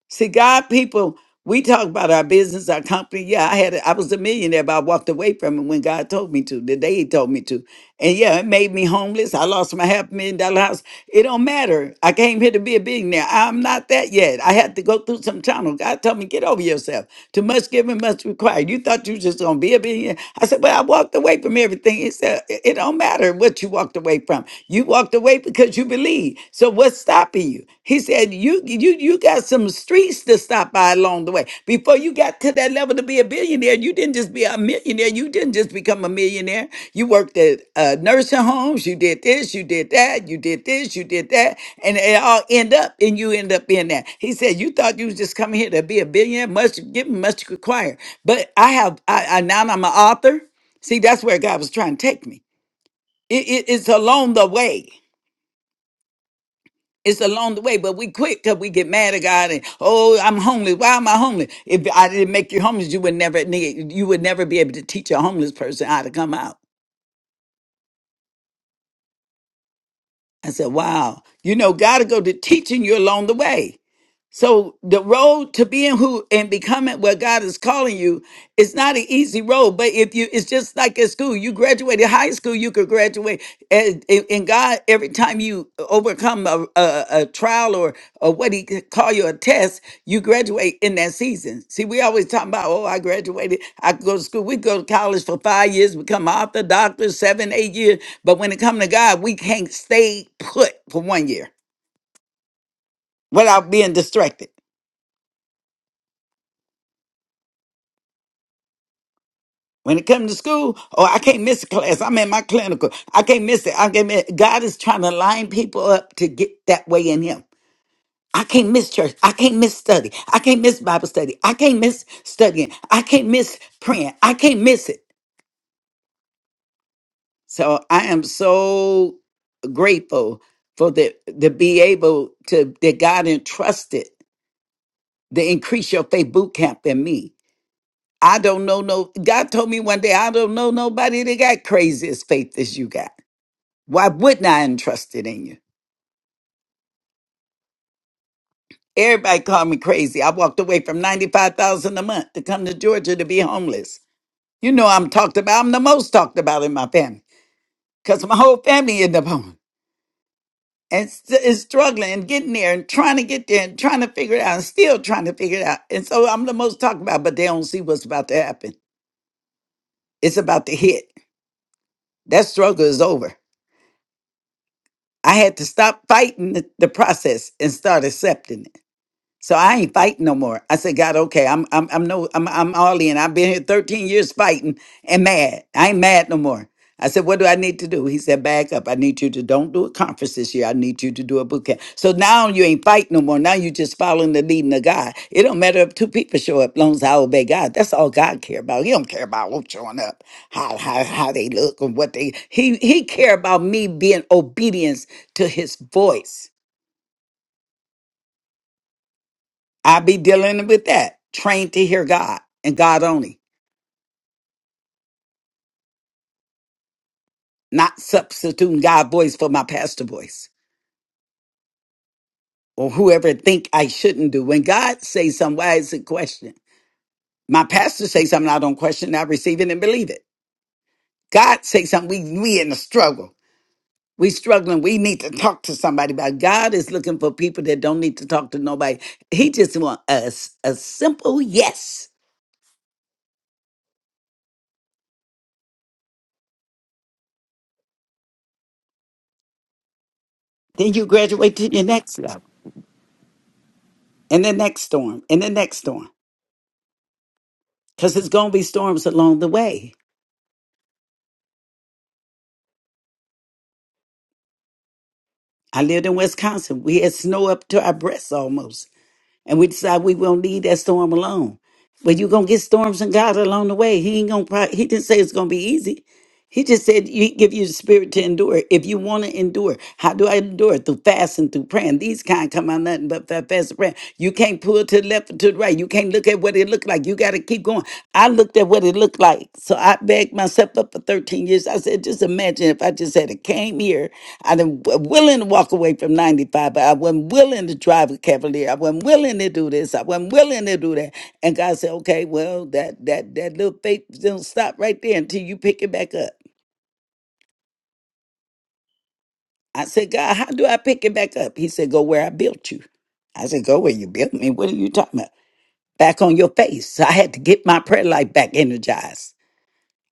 Speaker 7: See, God, people, we talk about our business, our company. Yeah, I had, a, I was a millionaire, but I walked away from it when God told me to. The day He told me to, and yeah, it made me homeless. I lost my half million dollar house. It don't matter. I came here to be a billionaire. I'm not that yet. I had to go through some tunnel. God told me, get over yourself. Too much given, much required. You thought you was just gonna be a billionaire. I said, well, I walked away from everything. He said, it it don't matter what you walked away from. You walked away faith because you believe. So what's stopping you? He said, you you you got some streets to stop by along the way. Before you got to that level to be a billionaire, you didn't just be a millionaire. You didn't just become a millionaire. You worked at uh, nursing homes. You did this. You did that. You did this. You did that, and it all end up and you end up in that. He said, you thought you was just coming here to be a billionaire. Much given, much required. But I have I, I now I'm an author. See, that's where God was trying to take me. It, it- it's along the way. It's along the way, but we quit because we get mad at God and oh, I'm homeless. Why am I homeless? If I didn't make you homeless, you would never need, you would never be able to teach a homeless person how to come out. I said, wow, you know, God will go to teaching you along the way. So the road to being who and becoming what God is calling you is not an easy road. But if you, it's just like at school, you graduated high school, you could graduate. And, and God, every time you overcome a, a, a trial or, or what he could call you a test, you graduate in that season. See, we always talk about, oh, I graduated, I could go to school. We go to college for five years, become author, doctor, seven, eight years. But when it comes to God, we can't stay put for one year without being distracted. When it comes to school, oh, I can't miss a class. I'm in my clinical. I can't miss it. I can't miss. it. God is trying to line people up to get that way in Him. I can't miss church. I can't miss study. I can't miss Bible study. I can't miss studying. I can't miss praying. I can't miss it. So I am so grateful for the to be able to that God entrusted the increase your faith boot camp in me. I don't know no God told me one day I don't know nobody that got crazy as faith as you got. Why wouldn't I entrust it in you? Everybody called me crazy. I walked away from 95000 a month to come to Georgia to be homeless. You know I'm talked about. I'm the most talked about in my family because my whole family ended up home and st- is struggling and getting there and trying to get there and trying to figure it out and still trying to figure it out. And so I'm the most talked about, but they don't see what's about to happen. It's about to hit. That struggle is over. I had to stop fighting the, the process and start accepting it. So I ain't fighting no more. I said, God, okay, I'm I'm I'm no I'm I'm all in. I've been here 13 years fighting and mad. I ain't mad no more. I said, what do I need to do? He said, back up. I need you to don't do a conference this year. I need you to do a boot camp. So now you ain't fighting no more. Now you just following the leading of God. It don't matter if two people show up, long as I obey God. That's all God care about. He don't care about who showing up, how how how they look or what they he he care about me being obedience to his voice. I be dealing with that. Trained to hear God and God only, not substituting God voice for my pastor voice or whoever think I shouldn't do. When God says something, why is it question? My pastor say something, I don't question, I receive it and believe it. God say something, we we in a struggle. We struggling. We need to talk to somebody about it. God is looking for people that don't need to talk to nobody. He just want us a, simple yes. Then you graduate to your next level and the next storm and the next storm. because it's going to be storms along the way. I lived in Wisconsin. We had snow up to our breasts almost. And we decided we won't need that storm alone. But you're going to get storms and God along the way. He ain't going to, he didn't say it's going to be easy. He just said, "You give you the spirit to endure. If you want to endure, how do I endure? Through fasting, through praying. These kind come out nothing but fa- fast and praying. You can't pull to the left or to the right. You can't look at what it looked like. You got to keep going. I looked at what it looked like, so I backed myself up for 13 years. I said, just imagine if I just had came here. I done w- willing to walk away from 95, but I wasn't willing to drive a Cavalier. I wasn't willing to do this. I wasn't willing to do that. And God said, okay, well, that that that little faith don't stop right there until you pick it back up. I said, God, how do I pick it back up? He said, Go where I built you. I said, Go where you built me. What are you talking about? Back on your face. So I had to get my prayer life back energized.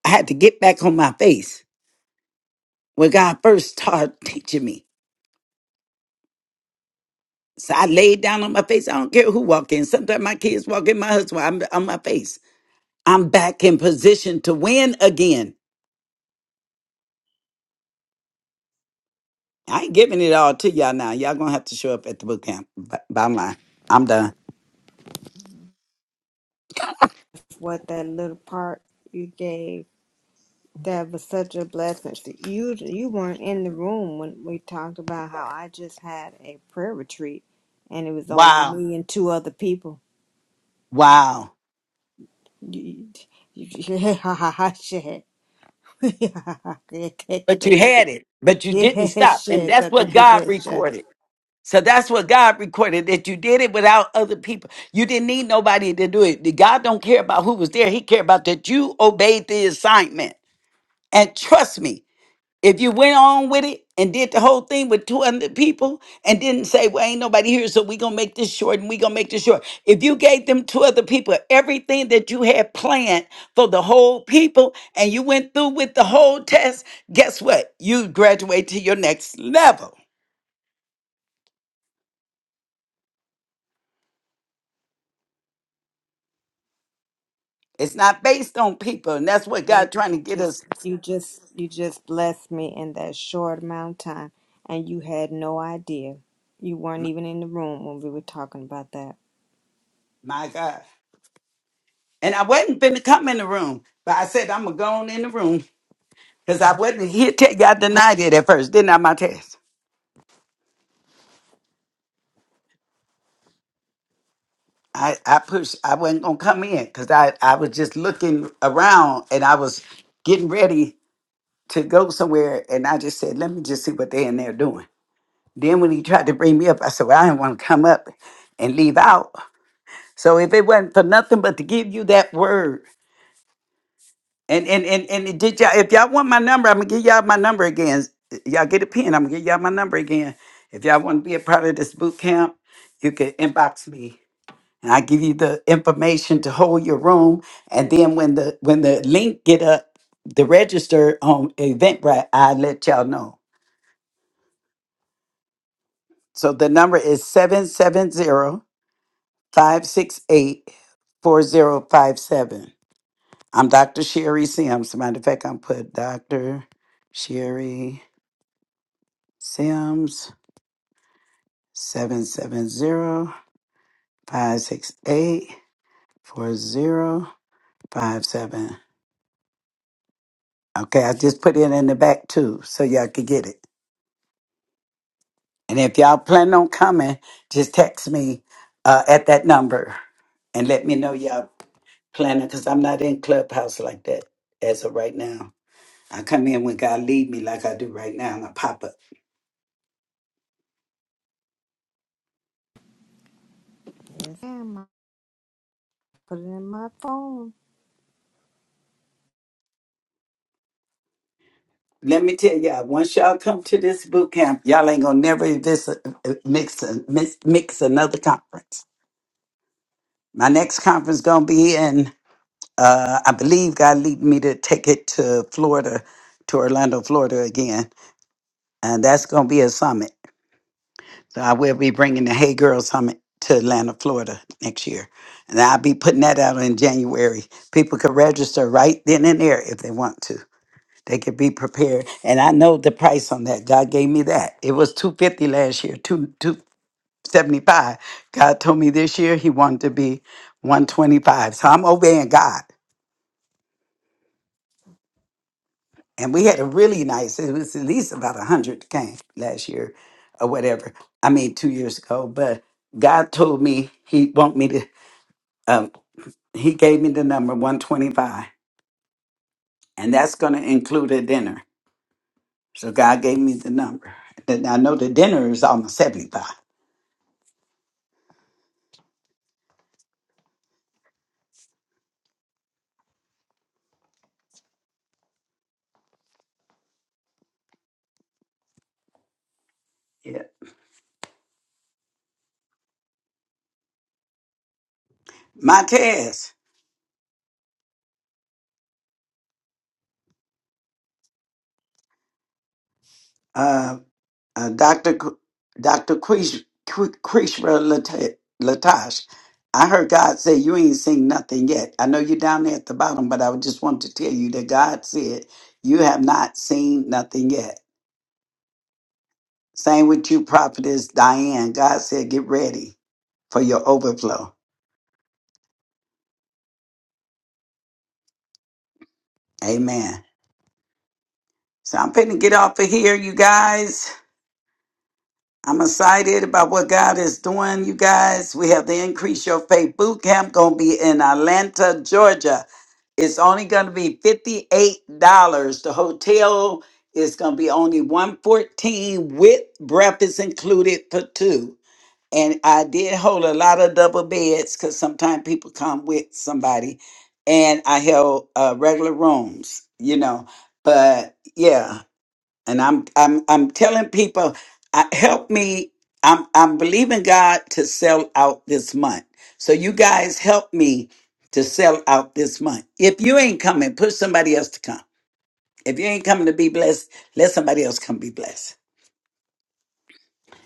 Speaker 7: I had to get back on my face when God first started teaching me. So I laid down on my face. I don't care who walk in. Sometimes my kids walk in, my husband, I'm on my face. I'm back in position to win again. I ain't giving it all to y'all now. Y'all gonna have to show up at the boot camp. B- Bottom line, I'm done.
Speaker 4: What that little part you gave that was such a blessing. See, you you weren't in the room when we talked about how I just had a prayer retreat, and it was only
Speaker 7: Wow.
Speaker 4: me and two other people.
Speaker 7: Wow.
Speaker 4: You, you, yeah, shit. yeah,
Speaker 7: But you had it, but you didn't stop. And
Speaker 4: shit.
Speaker 7: that's
Speaker 4: That,
Speaker 7: what
Speaker 4: that, that,
Speaker 7: God
Speaker 4: that, shit.
Speaker 7: recorded. So that's what God recorded that you did it without other people. You didn't need nobody to do it. God don't care about who was there. He cared about that you obeyed the assignment. And trust me, if you went on with it and did the whole thing with 200 people and didn't say, well, ain't nobody here, so we going to make this short and we going to make this short. If you gave them two other people everything that you had planned for the whole people and you went through with the whole test, guess what? You graduate to your next level. It's not based on people. And that's what
Speaker 4: Girl,
Speaker 7: God trying to
Speaker 4: You
Speaker 7: get
Speaker 4: just,
Speaker 7: us.
Speaker 4: you just, you just blessed me in that short amount of time, and you had no idea. You weren't
Speaker 7: My
Speaker 4: even in the room when we were talking about that.
Speaker 7: my God. And I wasn't finna come in the room, but I said, I'm going to go on in the room because I wasn't here. Te- I denied it at first, didn't I, my test? I, I pushed. I wasn't gonna come in because I, I was just looking around and I was getting ready to go somewhere and I just said, let me just see what they in there doing. Then when he tried to bring me up, I said, well, I didn't want to come up and leave out. So if it wasn't for nothing but to give you that word, and and and and it did y'all if y'all want my number, I'm gonna give y'all my number again. Y'all get a pen. I'm gonna give y'all my number again. If y'all want to be a part of this boot camp, you can inbox me and I give you the information to hold your room. And then when the when the link get up, the register on Eventbrite, I let y'all know. So the number is seven seven zero i Dr. Sherry Sims. Matter of fact, I'm put Dr. Sherry Sims seven seven zero five six eight four zero five seven. Okay, I just put it in the back too, so y'all could get it. And if y'all plan on coming, just text me uh, at that number and let me know y'all planning because I'm not in Clubhouse like that as of right now. I come in when God lead me like I do right now and I pop up.
Speaker 4: Yes, ma'am. I put it in my phone.
Speaker 7: Let me tell y'all, once y'all come to this boot camp, y'all ain't gonna never this, uh, mix, mix mix another conference. My next conference gonna be in, uh, I believe God lead me to take it to Florida, to Orlando, Florida again, and that's gonna be a summit. So I will be bringing the Hey Girl Summit to Atlanta, Florida next year. And I'll be putting that out in January. People can register right then and there if they want to. They could be prepared. And I know the price on that. God gave me that. It was 250 last year, two 275. God told me this year he wanted to be 125. So I'm obeying God. And we had a really nice, it was at least about 100 came last year or whatever. I mean, two years ago. But God told me He want me to. um, he gave me the number 125 and that's going to include a dinner so god gave me the number and i know the dinner is almost 75 yeah my test uh, uh dr Qu- dr Krish- Qu- krishna Lata- latash i heard god say you ain't seen nothing yet i know you're down there at the bottom but i just want to tell you that god said you have not seen nothing yet same with you prophetess diane god said get ready for your overflow Amen. So I'm finna get off of here, you guys. I'm excited about what God is doing, you guys. We have the Increase Your Faith Boot Camp gonna be in Atlanta, Georgia. It's only gonna be $58. The hotel is gonna be only 114 with breakfast included for two. And I did hold a lot of double beds because sometimes people come with somebody. And I held uh, regular rooms, you know. But yeah. and I'm I'm I'm telling people, I, help me. I'm I'm believing God to sell out this month. So you guys help me to sell out this month. If you ain't coming, push somebody else to come. If you ain't coming to be blessed, let somebody else come be blessed.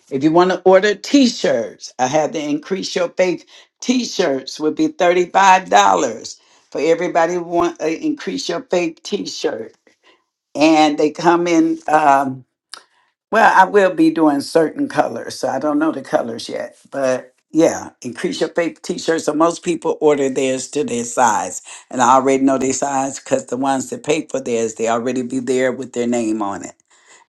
Speaker 7: If you want to order t-shirts, I had the increase your faith t-shirts would be $35 for everybody who want an increase your faith t-shirt. And they come in um, Well, I will be doing certain colors, so I don't know the colors yet. But yeah, increase your faith t-shirts. So most people order theirs to their size. And I already know their size because the ones that pay for theirs, they already be there with their name on it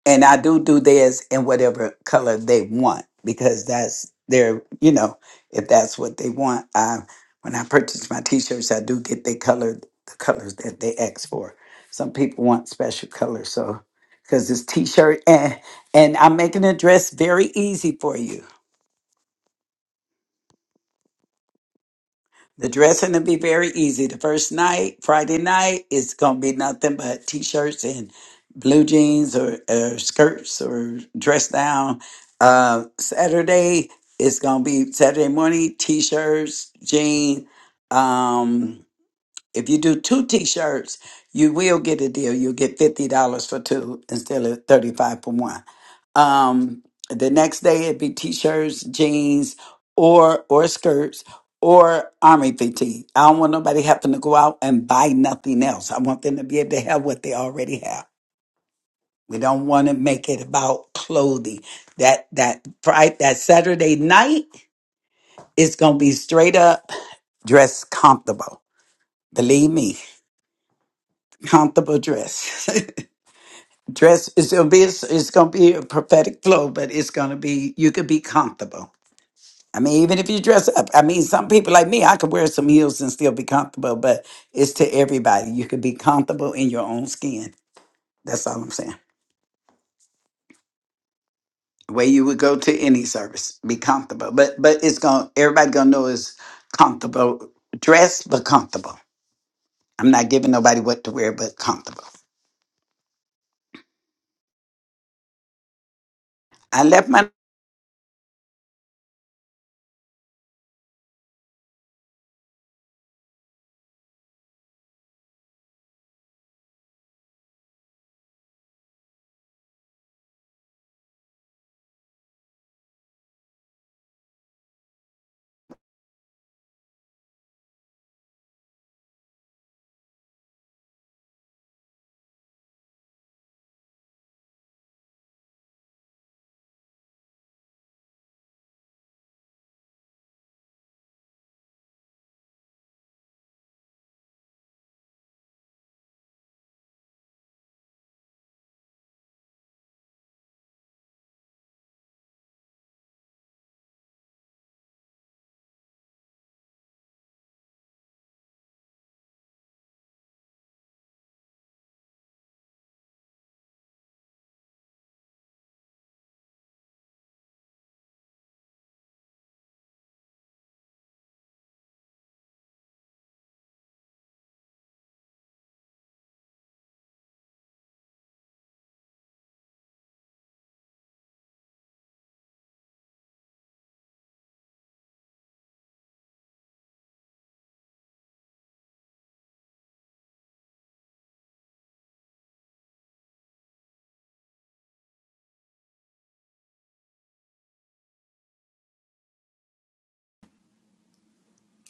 Speaker 7: and I do do theirs in whatever color they want because that's their, you know, if that's what they want. I when I purchase my T-shirts, I do get they color the colors that they ask for. Some people want special colors, so because it's T-shirt and and I'm making a dress very easy for you. The dressing will be very easy. The first night, Friday night, it's gonna be nothing but t-shirts and blue jeans or, or skirts or dress down. Uh, Saturday, it's gonna be Saturday morning t-shirts, jean. Um, if you do two t-shirts, you will get a deal. You'll get fifty dollars for two instead of thirty-five for one um the next day it'd be t-shirts jeans or or skirts or army fatigue i don't want nobody having to go out and buy nothing else i want them to be able to have what they already have we don't want to make it about clothing that that friday that saturday night is gonna be straight up dress comfortable believe me comfortable dress dress it's gonna be it's gonna be a prophetic flow but it's gonna be you could be comfortable I mean, even if you dress up, I mean, some people like me, I could wear some heels and still be comfortable, but it's to everybody. You could be comfortable in your own skin. That's all I'm saying. The way you would go to any service, be comfortable. But but it's gonna everybody gonna know is comfortable dressed but comfortable. I'm not giving nobody what to wear but comfortable. I left my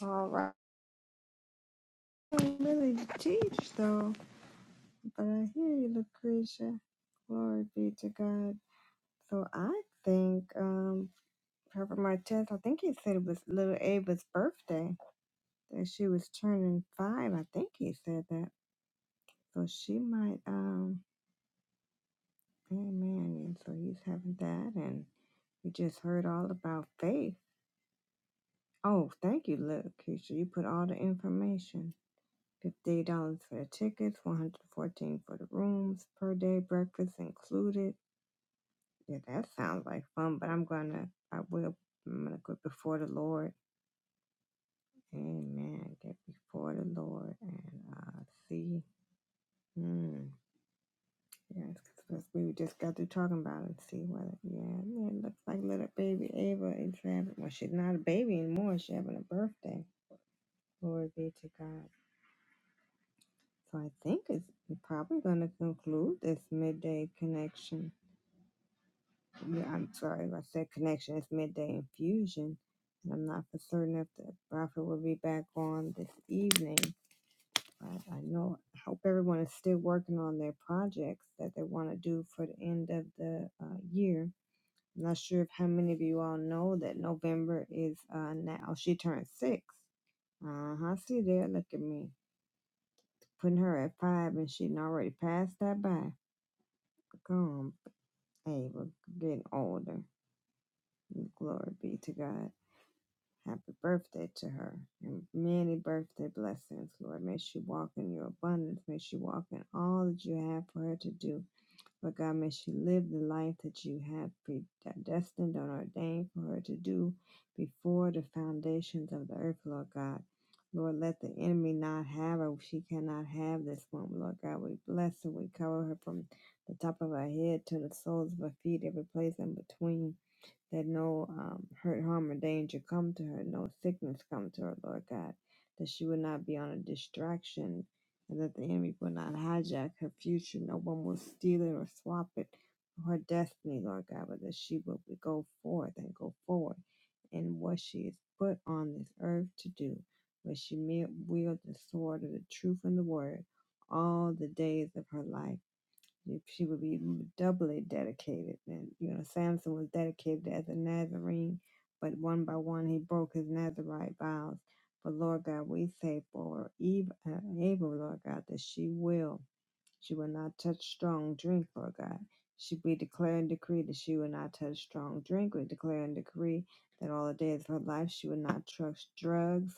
Speaker 4: All right. I didn't really teach though, but I hear you, Lucretia. Glory be to God. So I think, um, Herbert Martez. I think he said it was little Ava's birthday that she was turning five. I think he said that. So she might, um. Amen. And so he's having that, and we just heard all about faith. Oh, thank you, look, Keisha. You put all the information. Fifty-eight dollars for the tickets, one hundred fourteen for the rooms per day, breakfast included. Yeah, that sounds like fun. But I'm gonna, I will, I'm gonna go before the Lord. Amen. Get before the Lord and uh, see. Hmm. Yes, because we just got through talking about it. See whether, yeah, yeah, it looks like little baby Ava is having, well, she's not a baby anymore. She's having a birthday. Glory be to God. So I think it's probably going to conclude this midday connection. Yeah, I'm sorry, I said connection. It's midday infusion. And I'm not for certain if the prophet will be back on this evening. But I know, I hope everyone is still working on their projects that they want to do for the end of the uh, year I'm not sure if how many of you all know that November is uh now she turned six. Uh huh. See there, look at me putting her at five, and she done already passed that by. Come, hey, we're getting older. Glory be to God. Happy birthday to her and many birthday blessings, Lord. May she walk in your abundance. May she walk in all that you have for her to do But God, may she live the life that you have predestined and ordained for her to do before the foundations of the earth, Lord God. Lord, let the enemy not have her. She cannot have this woman, Lord God. We bless her. We cover her from the top of her head to the soles of her feet, every place in between that no um, hurt, harm, or danger come to her, no sickness come to her, Lord God, that she would not be on a distraction, and that the enemy would not hijack her future. No one will steal it or swap it from her destiny, Lord God, but that she will go forth and go forward in what she is put on this earth to do, where she me- wield the sword of the truth and the word all the days of her life she would be doubly dedicated. And, you know, Samson was dedicated as a Nazarene, but one by one he broke his Nazarite vows. But Lord God, we say for Eve, uh, Abel, Lord God, that she will. She will not touch strong drink, Lord God. She we declare and decree that she will not touch strong drink. We declare and decree that all the days of her life she will not touch drugs,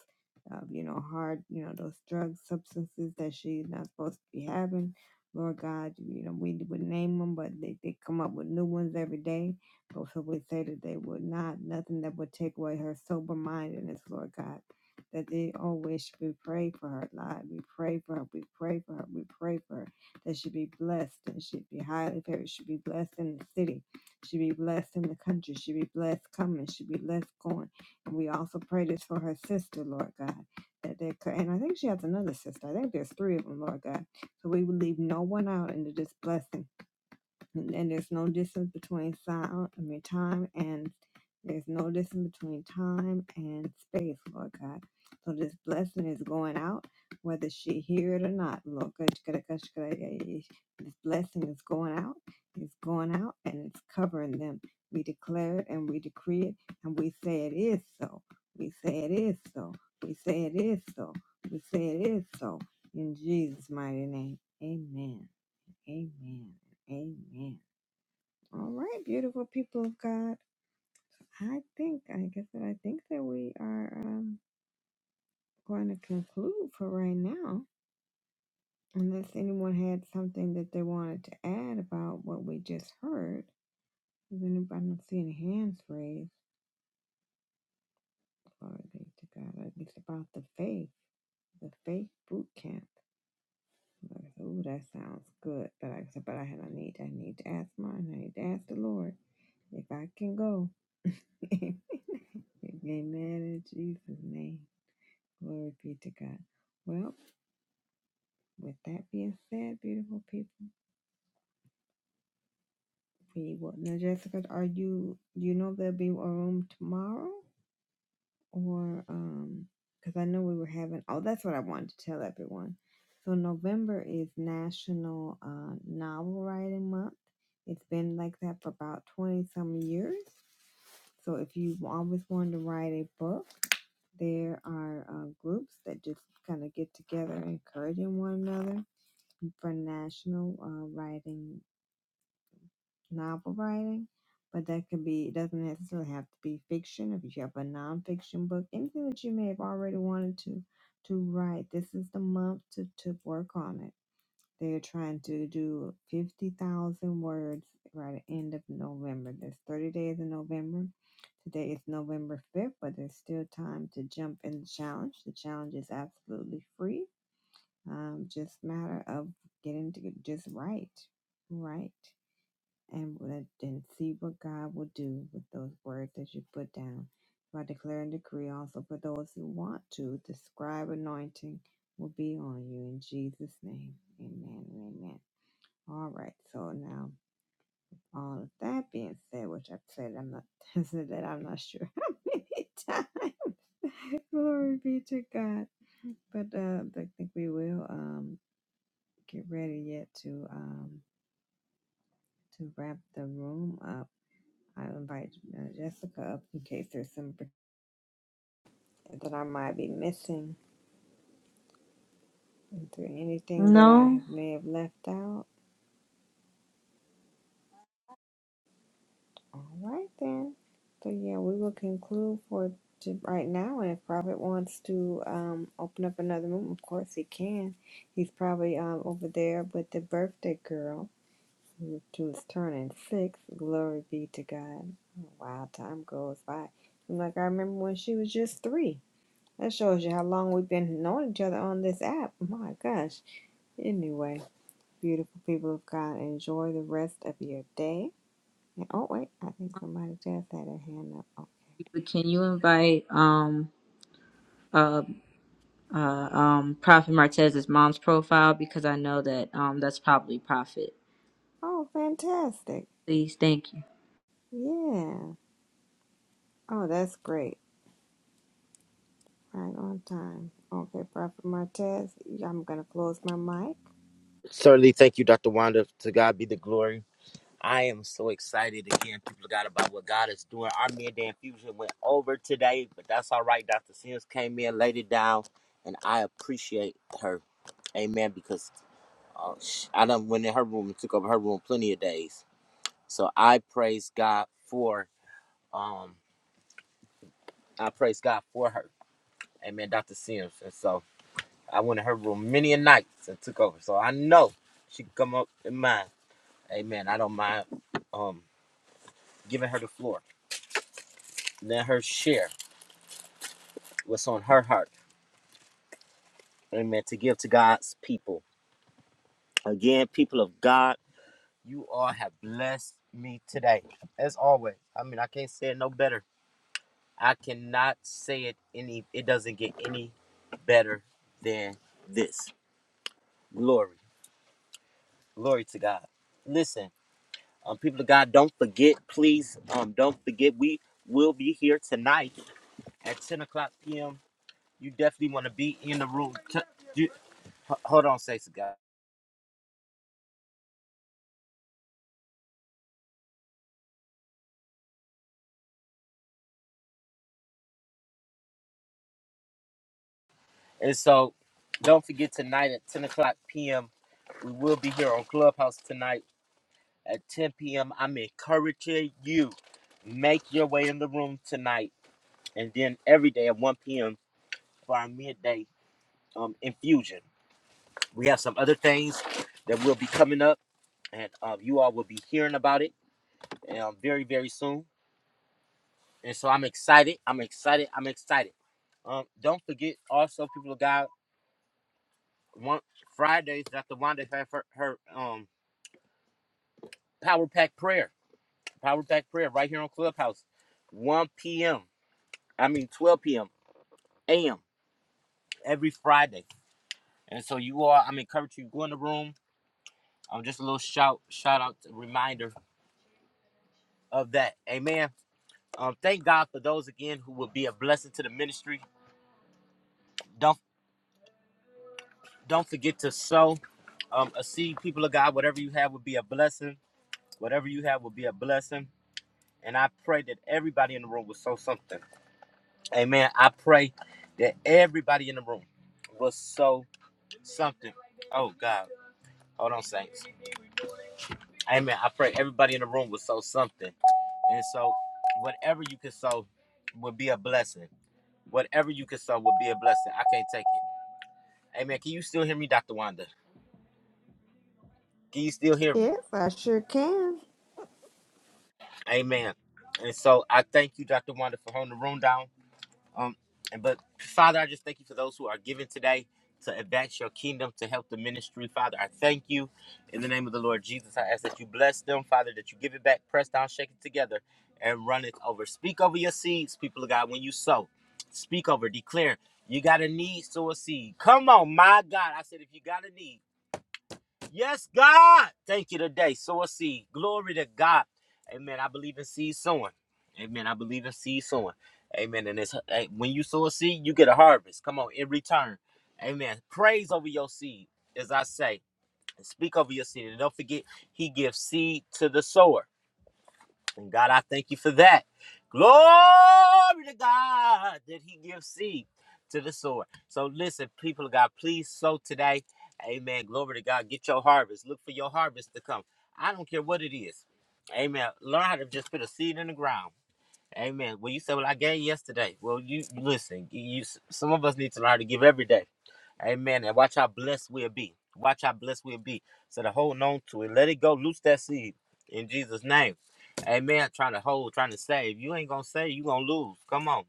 Speaker 4: uh, you know, hard, you know, those drug substances that she's not supposed to be having. Lord God, you know, we would name them, but they, they come up with new ones every day. But so we say that they would not, nothing that would take away her sober mindedness, Lord God that they always should be prayed for her life. We pray for her. We pray for her. We pray for her that should be blessed, that should be highly favored, should be blessed in the city, should be blessed in the country, should be blessed coming, should be blessed going. And we also pray this for her sister, Lord God. That they could, and I think she has another sister. I think there's three of them, Lord God. So we would leave no one out into this blessing and there's no distance between sound i mean time and there's no distance between time and space lord god so this blessing is going out whether she hear it or not lord God. this blessing is going out it's going out and it's covering them we declare it and we decree it and we say it is so we say it is so we say it is so we say it is so in jesus mighty name amen amen amen all right, beautiful people of God. I think, I guess that I think that we are um, going to conclude for right now, unless anyone had something that they wanted to add about what we just heard. Does anybody- I don't see any hands raised. Glory be to God. Like, It's about the faith, the faith boot camp. Like, Ooh, that sounds good. But like I said, but I, I need, I need to ask mine. I need to ask the Lord if I can go. Amen in Jesus' name. Glory be to God. Well, with that being said, beautiful people, we will now Jessica, are you do you know if there'll be a room tomorrow? Or um because I know we were having oh that's what I wanted to tell everyone. So November is National uh, Novel Writing Month. It's been like that for about twenty some years. So if you always wanted to write a book, there are uh, groups that just kind of get together, encouraging one another for national uh, writing, novel writing, but that could be, it doesn't necessarily have to be fiction. If you have a nonfiction book, anything that you may have already wanted to to write, this is the month to, to work on it. They're trying to do 50,000 words right at the end of November. There's 30 days in November. Today is November 5th, but there's still time to jump in the challenge. The challenge is absolutely free um, just matter of getting to get just right, right, and let and see what God will do with those words that you put down. So I declare and decree also for those who want to, the scribe anointing will be on you in Jesus' name. Amen and amen. All right, so now all of that being said, which I've said I'm not I said that I'm not sure how many times. Glory be to God. But uh, I think we will. Um. get ready yet to um to wrap the room up. I invite uh, Jessica up in case there's some that I might be missing. Is there anything that I
Speaker 8: No,
Speaker 4: have, may have left out? All right then. So yeah, we will conclude for to right now. And if Robert wants to um open up another room, of course he can. He's probably um over there with the birthday girl. She was turning six. Glory be to God. Wow, time goes by. I'm like, I remember when she was just three. That shows you how long we've been knowing each other on this app. My gosh. Anyway, beautiful people of God, enjoy the rest of your day. And- Oh, wait, I think somebody just had a hand up. Oh,
Speaker 8: but can you invite um uh uh um Prophet Martez's mom's profile because I know that um that's probably Prophet.
Speaker 4: oh fantastic.
Speaker 8: Please, thank you.
Speaker 4: Yeah. Oh, that's great. Right on time. Okay, Prophet Martez, I'm going to close my mic.
Speaker 9: Certainly, thank you, Dr. Wanda. To God be the glory. I am so excited again, people of God, about what God is doing. Our midday infusion went over today, but that's all right. Dr. Sims came in, laid it down, and I appreciate her. Amen. Because uh, sh- I done went in her room and took over her room plenty of days. So I praise God for um I praise God for her. Amen, Dr. Sims. And so I went in her room many a nights and took over. So I know she can come up in mine. Amen. I don't mind um giving her the floor. Let her share what's on her heart. Amen. To give to God's people. Again, people of God, you all have blessed me today. As always. I mean, I can't say it no better. I cannot say it any it doesn't get any better than this. Glory. Glory to God. Listen, um, people of God, don't forget, please, um, don't forget we will be here tonight at 10 o'clock p.m. you definitely want to be in the room. T- you, hold on, Stacey, guys. And so, don't forget tonight at 10 o'clock p.m. We will be here on Clubhouse tonight at 10 p.m. I'm encouraging you make your way in the room tonight, and then every day at 1 p.m. for our midday um, infusion. We have some other things that will be coming up, and um, you all will be hearing about it um, very, very soon. And so I'm excited. I'm excited. I'm excited. Um, don't forget also, people of God, one Fridays, Dr. Wanda have her, her um power pack prayer. Power pack prayer right here on Clubhouse. 1 p.m. I mean 12 p.m. AM every Friday. And so you all, I'm encouraging you go in the room. Um, just a little shout, shout out reminder of that. Amen. Um, thank God for those again who will be a blessing to the ministry. Don't don't forget to sow um, a seed, people of God. Whatever you have will be a blessing Whatever you have will be a blessing. And I pray that everybody in the room will sow something. Amen. I pray that everybody in the room will sow something. Oh God. Hold on, Saints. Amen. I pray everybody in the room will sow something. And so whatever you can sow will be a blessing. Whatever you can sow will be a blessing. I can't take it. Amen. Can you still hear me, Dr. Wanda? Can you still hear me?
Speaker 4: Yes, I sure can.
Speaker 9: Amen. And so I thank you, Dr. Wanda, for holding the room down. Um, and but Father, I just thank you for those who are giving today to advance your kingdom, to help the ministry. Father, I thank you in the name of the Lord Jesus. I ask that you bless them, Father, that you give it back, press down, shake it together, and run it over. Speak over your seeds, people of God, when you sow. Speak over, declare. You got a need, sow a seed. Come on, my God. I said, if you got a need. Yes, God. Thank you today. Sow a seed. Glory to God. Amen. I believe in seed sowing. Amen. I believe in seed sowing. Amen. And it's hey, when you sow a seed, you get a harvest. Come on, in return. Amen. Praise over your seed, as I say. Speak over your seed. And don't forget, he gives seed to the sower. And God, I thank you for that. Glory to God that He gives seed to the sower. So listen, people of God, please sow today. Amen. Glory to God. Get your harvest. Look for your harvest to come. I don't care what it is. Amen. Learn how to just put a seed in the ground. Amen. Well, you said, "Well, I gave yesterday." Well, you listen. You some of us need to learn how to give every day. Amen. And watch how blessed we'll be. Watch how blessed we'll be. So to hold on to it, let it go. Loose that seed in Jesus' name. Amen. Trying to hold, trying to save. You ain't gonna save. You gonna lose. Come on.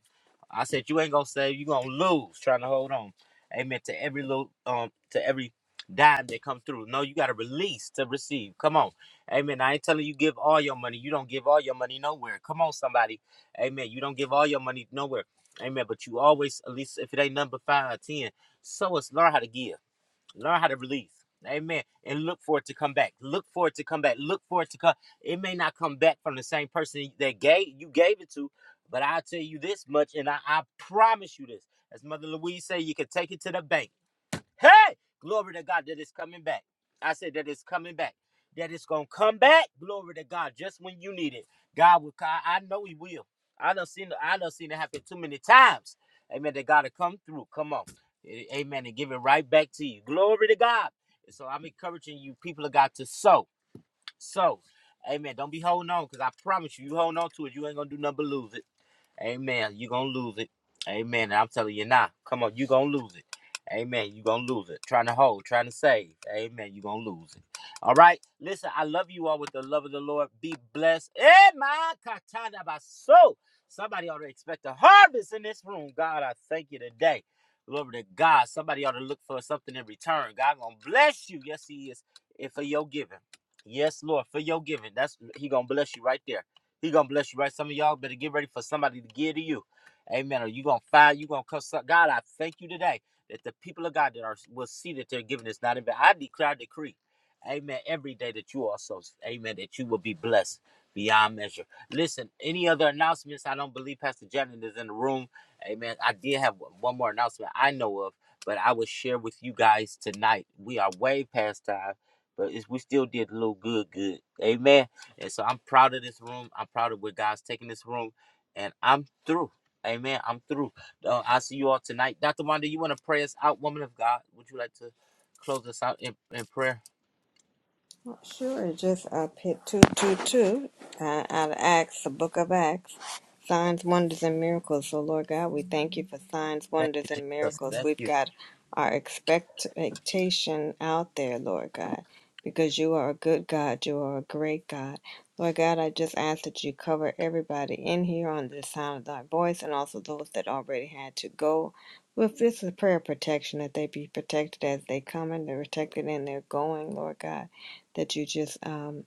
Speaker 9: I said you ain't gonna save. You gonna lose. Trying to hold on. Amen. To every little, um, to every dime that comes through. No, you gotta release to receive. Come on. Amen. I ain't telling you give all your money. You don't give all your money nowhere. Come on, somebody. Amen. You don't give all your money nowhere. Amen. But you always, at least if it ain't number five or ten. So let's learn how to give, learn how to release. Amen. And look for it to come back. Look for it to come back. Look for it to come. It may not come back from the same person that gave you gave it to, but I'll tell you this much, and I, I promise you this. As Mother Louise said, you can take it to the bank. Hey, glory to God that is coming back. I said that it's coming back. That it's gonna come back. Glory to God, just when you need it. God will. I I know He will. I done seen. I done seen it happen too many times. Amen. That God to come through. Come on. A- Amen. And give it right back to you. Glory to God. And so I'm encouraging you, people of God, to sow. Sow. Amen. Don't be holding on, because I promise you, you holding on to it, you ain't gonna do nothing but lose it. Amen. you going to lose it. Amen. And I'm telling you now. Come on. you going to lose it. Amen. you going to lose it. Trying to hold, trying to save. Amen. you going to lose it. All right. Listen, I love you all with the love of the Lord. Be blessed. Amen. Katana baso. Somebody ought to expect a harvest in this room. God, I thank you today. Glory to God. Somebody ought to look for something in return. God gonna bless you. Yes, He is. And for your giving. Yes, Lord, for your giving. That's He gonna bless you right there. He gonna bless you, right? Some of y'all better get ready for somebody to give to you. Amen. Or you gonna find you gonna come. God, I thank you today that the people of God that are will see that they're giving is not in vain. I declare, decree, Amen. Every day that you also, Amen, that you will be blessed beyond measure. Listen, any other announcements? I don't believe Pastor Janet is in the room. Amen. I did have one more announcement I know of, but I will share with you guys tonight. We are way past time, but it's, we still did a little good, good. Amen. And so I'm proud of this room. I'm proud of where God's taking this room. And I'm through. Amen. I'm through. Uh, I'll see you all tonight. Dr. Wanda, you want to pray us out, woman of God? Would you like to close us out in, in prayer?
Speaker 4: Well, Sure, just uh, hit 222 uh, out of Acts, the book of Acts. Signs, wonders, and miracles. So, Lord God, we thank you for signs,
Speaker 9: Thank you,
Speaker 4: wonders, and
Speaker 9: Jesus.
Speaker 4: miracles.
Speaker 9: Thank
Speaker 4: We've
Speaker 9: you.
Speaker 4: got our expectation out there, Lord God, because you are a good God. You are a great God. Lord God, I just ask that you cover everybody in here on the sound of thy voice and also those that already had to go. With this is prayer protection, that they be protected as they come and they're protected in their going, Lord God that you just um,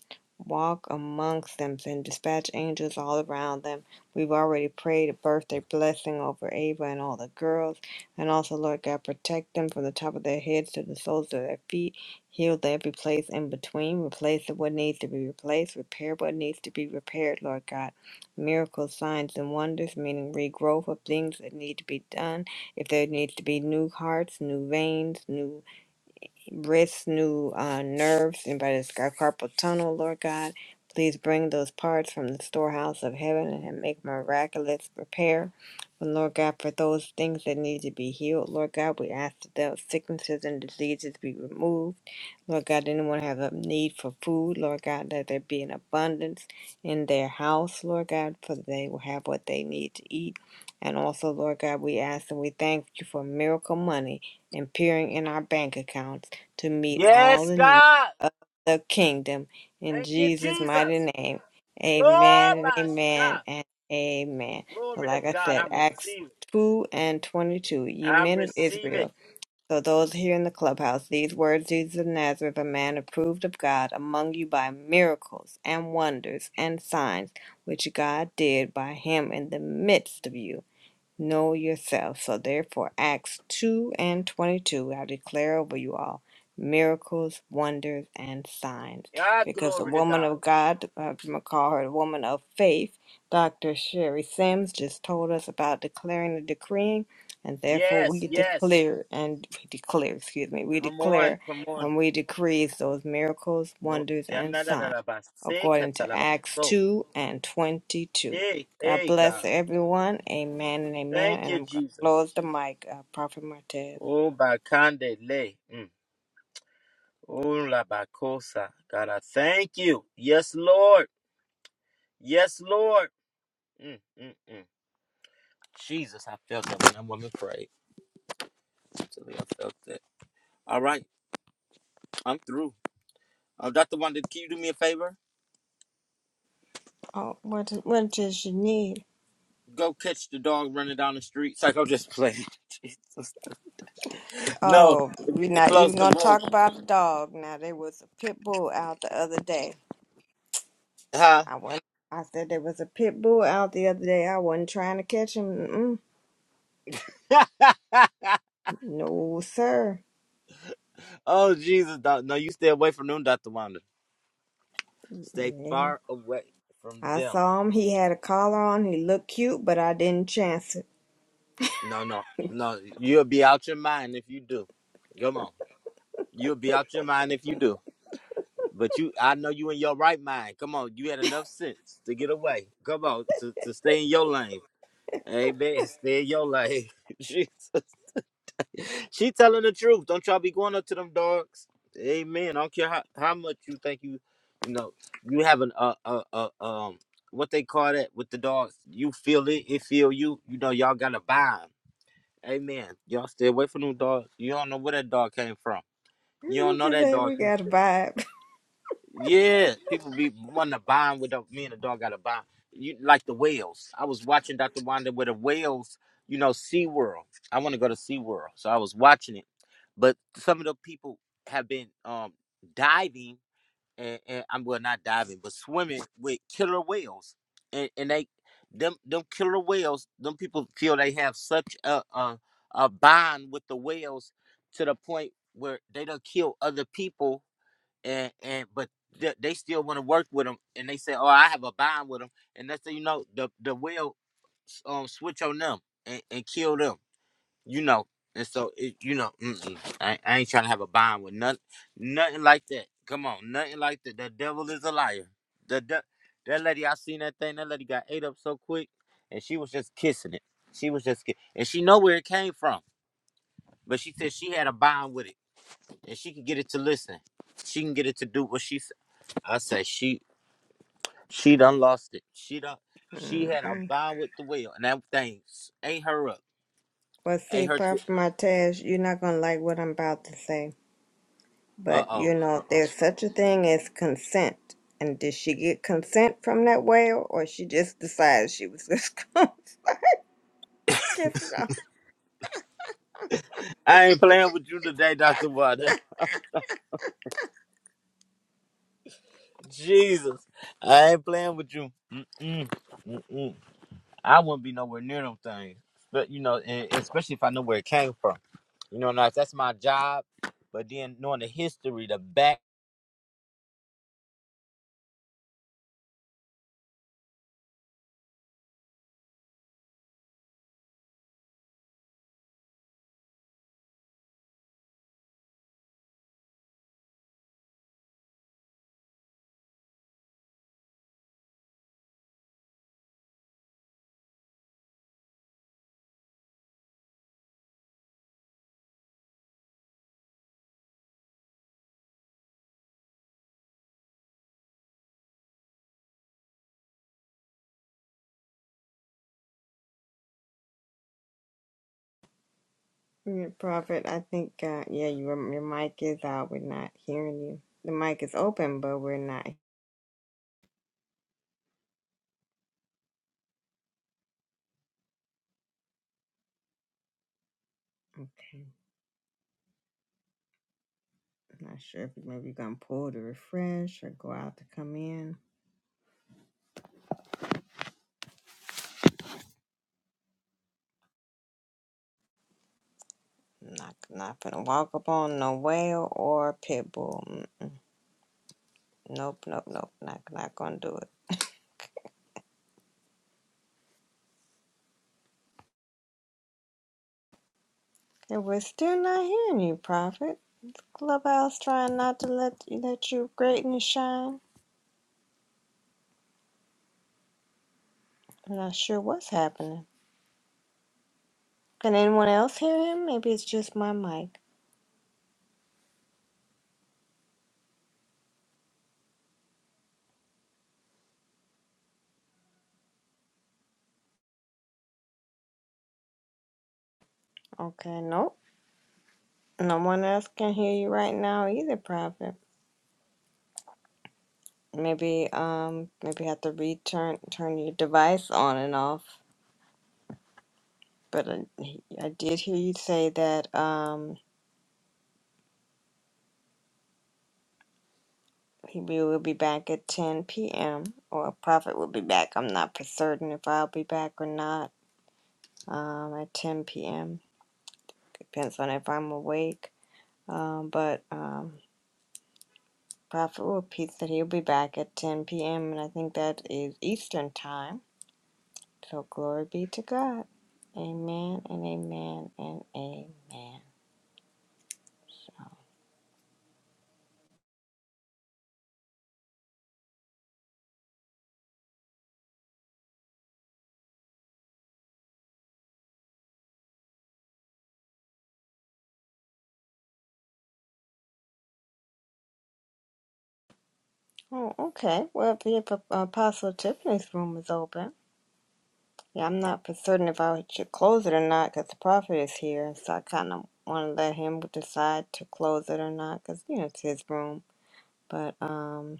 Speaker 4: walk amongst them and dispatch angels all around them. We've already prayed a birthday blessing over Ava and all the girls. And also, Lord God, protect them from the top of their heads to the soles of their feet. Heal every place in between. Replace what needs to be replaced. Repair what needs to be repaired, Lord God. Miracles, signs, and wonders, meaning regrowth of things that need to be done. If there needs to be new hearts, new veins, new wrists, new uh, nerves, anybody that's got carpal tunnel, Lord God. Please bring those parts from the storehouse of heaven and make miraculous repair. And Lord God, for those things that need to be healed, Lord God, we ask that those sicknesses and diseases be removed. Lord God, anyone have a need for food, Lord God, let there be an abundance in their house, Lord God, for they will have what they need to eat. And also, Lord God, we ask and we thank you for miracle money and peering in our bank accounts to meet all
Speaker 9: Yes,
Speaker 4: the needs
Speaker 9: God.
Speaker 4: of the kingdom. In
Speaker 9: Thank you,
Speaker 4: Jesus' mighty
Speaker 9: Jesus.
Speaker 4: name, amen
Speaker 9: Glory,
Speaker 4: and
Speaker 9: my
Speaker 4: amen
Speaker 9: shot.
Speaker 4: and amen. So,
Speaker 9: Glory to
Speaker 4: like I
Speaker 9: God. I
Speaker 4: said, Acts
Speaker 9: receive it.
Speaker 4: 2 and 22, ye
Speaker 9: I
Speaker 4: men of
Speaker 9: receive
Speaker 4: Israel.
Speaker 9: it.
Speaker 4: So those here in the clubhouse, these words Jesus of Nazareth, a man approved of God among you by miracles and wonders and signs which God did by him in the midst of you know yourself. So therefore, Acts 2 and 22, I declare over you all miracles, wonders, and signs.
Speaker 9: Ah,
Speaker 4: Because the
Speaker 9: glory to
Speaker 4: woman
Speaker 9: God.
Speaker 4: of God, uh, I'm going to call her the woman of faith, Dr. Sherry Sims just told us about declaring and decreeing. And therefore,
Speaker 9: Yes,
Speaker 4: we
Speaker 9: yes.
Speaker 4: declare and we declare, excuse me, we
Speaker 9: Come on,
Speaker 4: declare
Speaker 9: come on.
Speaker 4: and we decree those miracles,
Speaker 9: Glo-
Speaker 4: wonders, and signs according to
Speaker 9: Janadadadabasekatalaba.
Speaker 4: Acts 2 and 22.
Speaker 9: Hey,
Speaker 4: God
Speaker 9: hey,
Speaker 4: bless
Speaker 9: God.
Speaker 4: everyone. Amen and amen.
Speaker 9: Thank
Speaker 4: And
Speaker 9: you,
Speaker 4: I'm going to
Speaker 9: Jesus.
Speaker 4: close the mic, uh, Prophet Martez.
Speaker 9: Oh, Bakande Le. Mm. Oh, La Bacosa. God, I thank you. Yes, Lord. Yes, Lord. Mm, mm, mm. Jesus, I felt that when that woman prayed. Actually, I felt that. All right, I'm through. Uh, Dr. Wanda, can you do me a favor?
Speaker 4: Oh, what, what does you need?
Speaker 9: Go catch the dog running down the street. Psycho, just playing. Jesus. No,
Speaker 4: Oh,
Speaker 9: if you
Speaker 4: we're
Speaker 9: can
Speaker 4: not
Speaker 9: close
Speaker 4: even
Speaker 9: the
Speaker 4: going to
Speaker 9: room.
Speaker 4: talk about the dog. Now, there was a pit bull out the other day.
Speaker 9: Huh?
Speaker 4: I went, I said there was a pit bull out the other day. I wasn't trying to catch him. Mm-mm. No, sir.
Speaker 9: oh, Jesus. doc- No, you stay away from them, Dr. Wanda. Stay
Speaker 4: Yeah.
Speaker 9: far away from
Speaker 4: I
Speaker 9: them.
Speaker 4: saw him. He had a collar on. He looked cute, but I didn't chance it.
Speaker 9: No, no, no. You'll be out your mind if you do. Come on. You'll be out your mind if you do. But you, I know you in your right mind. Come on. You had enough sense to get away. Come on. To, to stay in your lane. Amen. Stay in your lane. Jesus. she telling the truth. Don't y'all be going up to them dogs. Amen. I don't care how, how much you think you, you know, you have an uh, uh uh um what they call that with the dogs. You feel it, it feel you. You know y'all got to bond. Amen. Y'all stay away from them dogs. You don't know where that dog came from. You don't
Speaker 4: It
Speaker 9: know
Speaker 4: just
Speaker 9: that
Speaker 4: ain't,
Speaker 9: dog
Speaker 4: we got a
Speaker 9: history.
Speaker 4: vibe.
Speaker 9: Yeah, people be wanting to bond with the, me and the dog got a bond. You like the whales. I was watching Dr. Wanda with the whales, you know, SeaWorld. I want to go to SeaWorld. So I was watching it. But some of the people have been um diving and, and I'm well not diving, but swimming with killer whales. And and they them them killer whales, them people feel they have such a a, a bond with the whales to the point where they don't kill other people and and but th- they still want to work with them, and they say, "Oh, I have a bond with them," and that's how you know the the will um switch on them and, and kill them, you know. And so it, you know, mm-mm, I, ain't- I ain't trying to have a bond with nothing, nothing like that. Come on, nothing like that. The devil is a liar. The de- that lady, I seen that thing. That lady got ate up so quick, and she was just kissing it. She was just, ki- and she know where it came from, but she said she had a bond with it, and she can get it to listen. She can get it to do what she I say she she done lost it. She done she had a
Speaker 4: Mm-mm.
Speaker 9: bow with the wheel, and that thing ain't her up.
Speaker 4: Well, see,
Speaker 9: Ain't her. T-
Speaker 4: Prophet Martez, you're not going to like what I'm about to say.
Speaker 9: uh
Speaker 4: But, you
Speaker 9: oh. Uh
Speaker 4: know,
Speaker 9: oh.
Speaker 4: there's such a thing as consent. And did she get consent from that whale, or she just decided she was just going to kiss it off?
Speaker 9: I ain't playing with you today, Doctor Water. Jesus, I ain't playing with you. Mm-mm, mm-mm. I wouldn't be nowhere near them things, but you know, and especially if I know where it came from. You know, now if that's my job, but then knowing the history, the
Speaker 4: Yeah, Prophet, I think, uh, yeah, your, your mic is out. We're not hearing you. The mic is open, but we're not. Okay. I'm not sure if maybe you're going to pull to refresh or go out to come in. Not, not going to walk up on no whale or pit bull. Nope, nope, nope. Not not gonna do it. Okay, we're still not hearing you, Prophet. Clubhouse trying not to let let you greatness shine. I'm not sure what's happening. Can anyone else hear him? Maybe it's just my mic. Okay, nope. No one else can hear you right now either, Prophet. Maybe um maybe you have to return turn your device on and off. But I, I did hear you say that um He will be back at 10 p.m. or Prophet will be back. I'm not for certain if I'll be back or not um, at 10 p.m. Depends on if I'm awake. Um, but um, Prophet will repeat that he'll be back at 10 p.m. and I think that is Eastern time. So glory be to God. Amen and amen and amen. Oh, okay. Well, the Apostle Tiffany's room is open. Yeah, I'm not for certain if I should close it or not because the prophet is here. So I kind of want to let him decide to close it or not because, you know, it's his room. But um,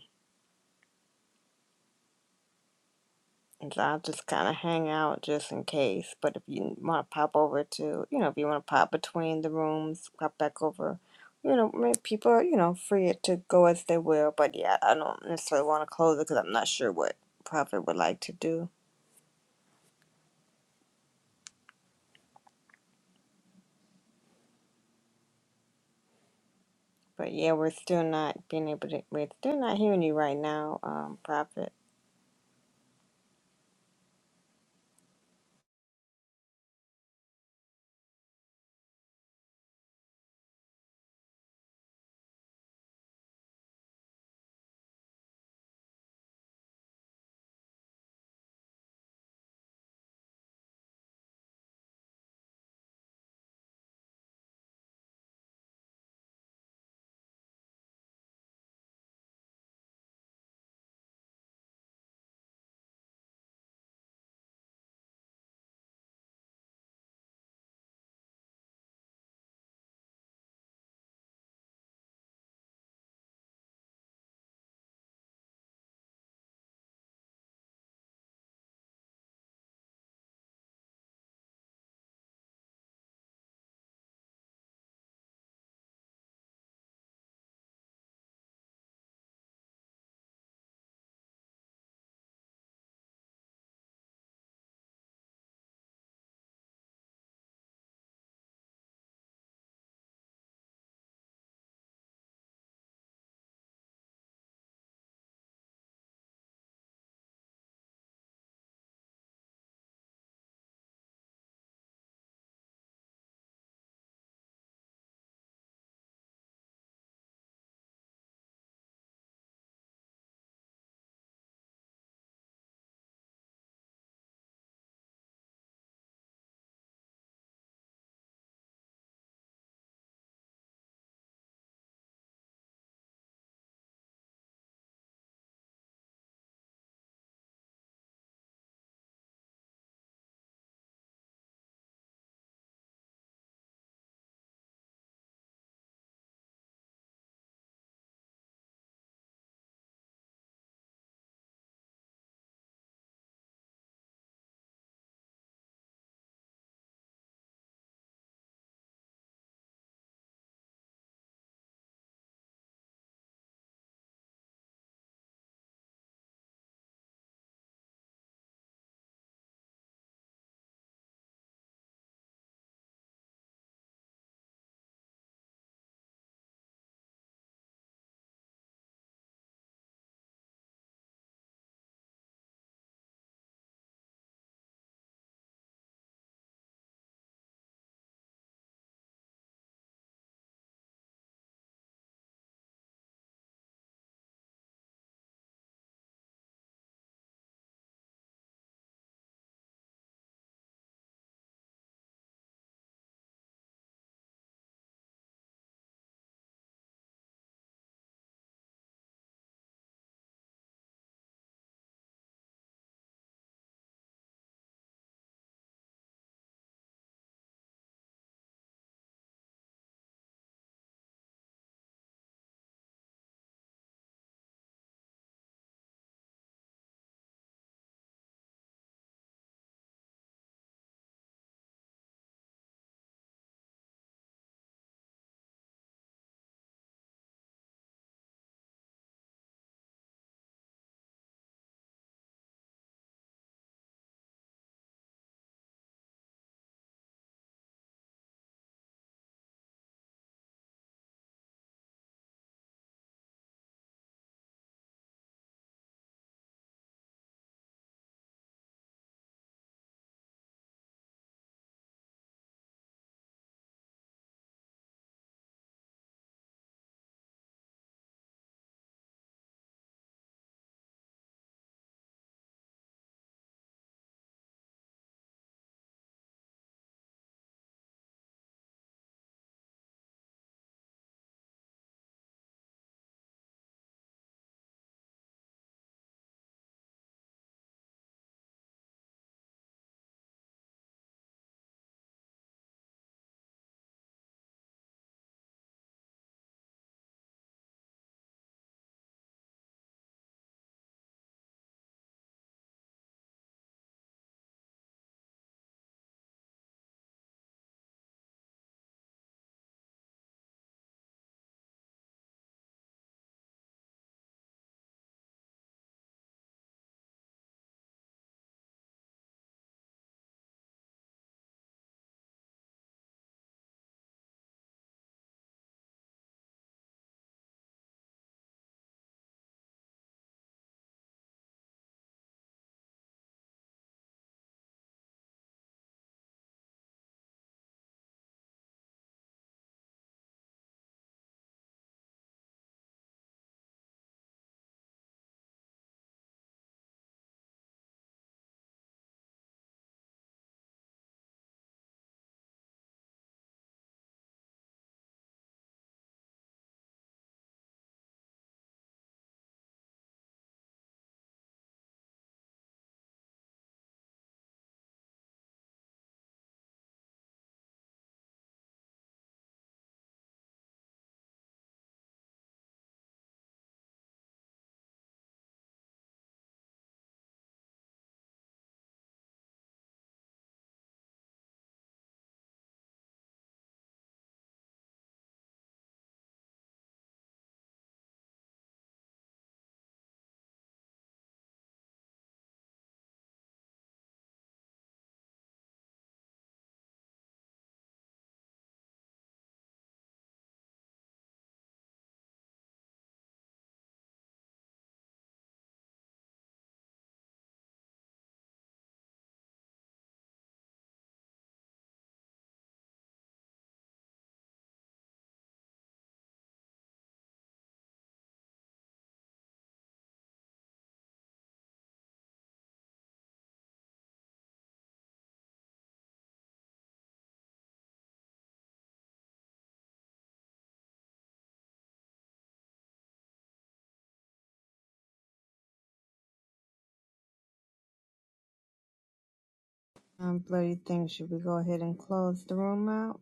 Speaker 4: and so I'll just kind of hang out just in case. But if you want to pop over to, you know, if you want to pop between the rooms, pop back over. You know, may- people are, you know, free to go as they will. But yeah, I don't necessarily want to close it because I'm not sure what prophet would like to do. But yeah, we're still not being able to, we're still not hearing you right now, um, prophet. Um, bloody thing. Should we go ahead and close the room out?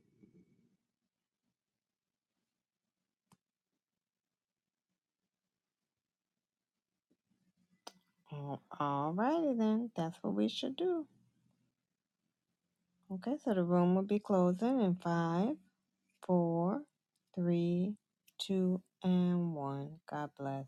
Speaker 4: Oh, all righty then. That's what we should do. Okay, so the room will be closing in five, four, three, two, and one. God bless.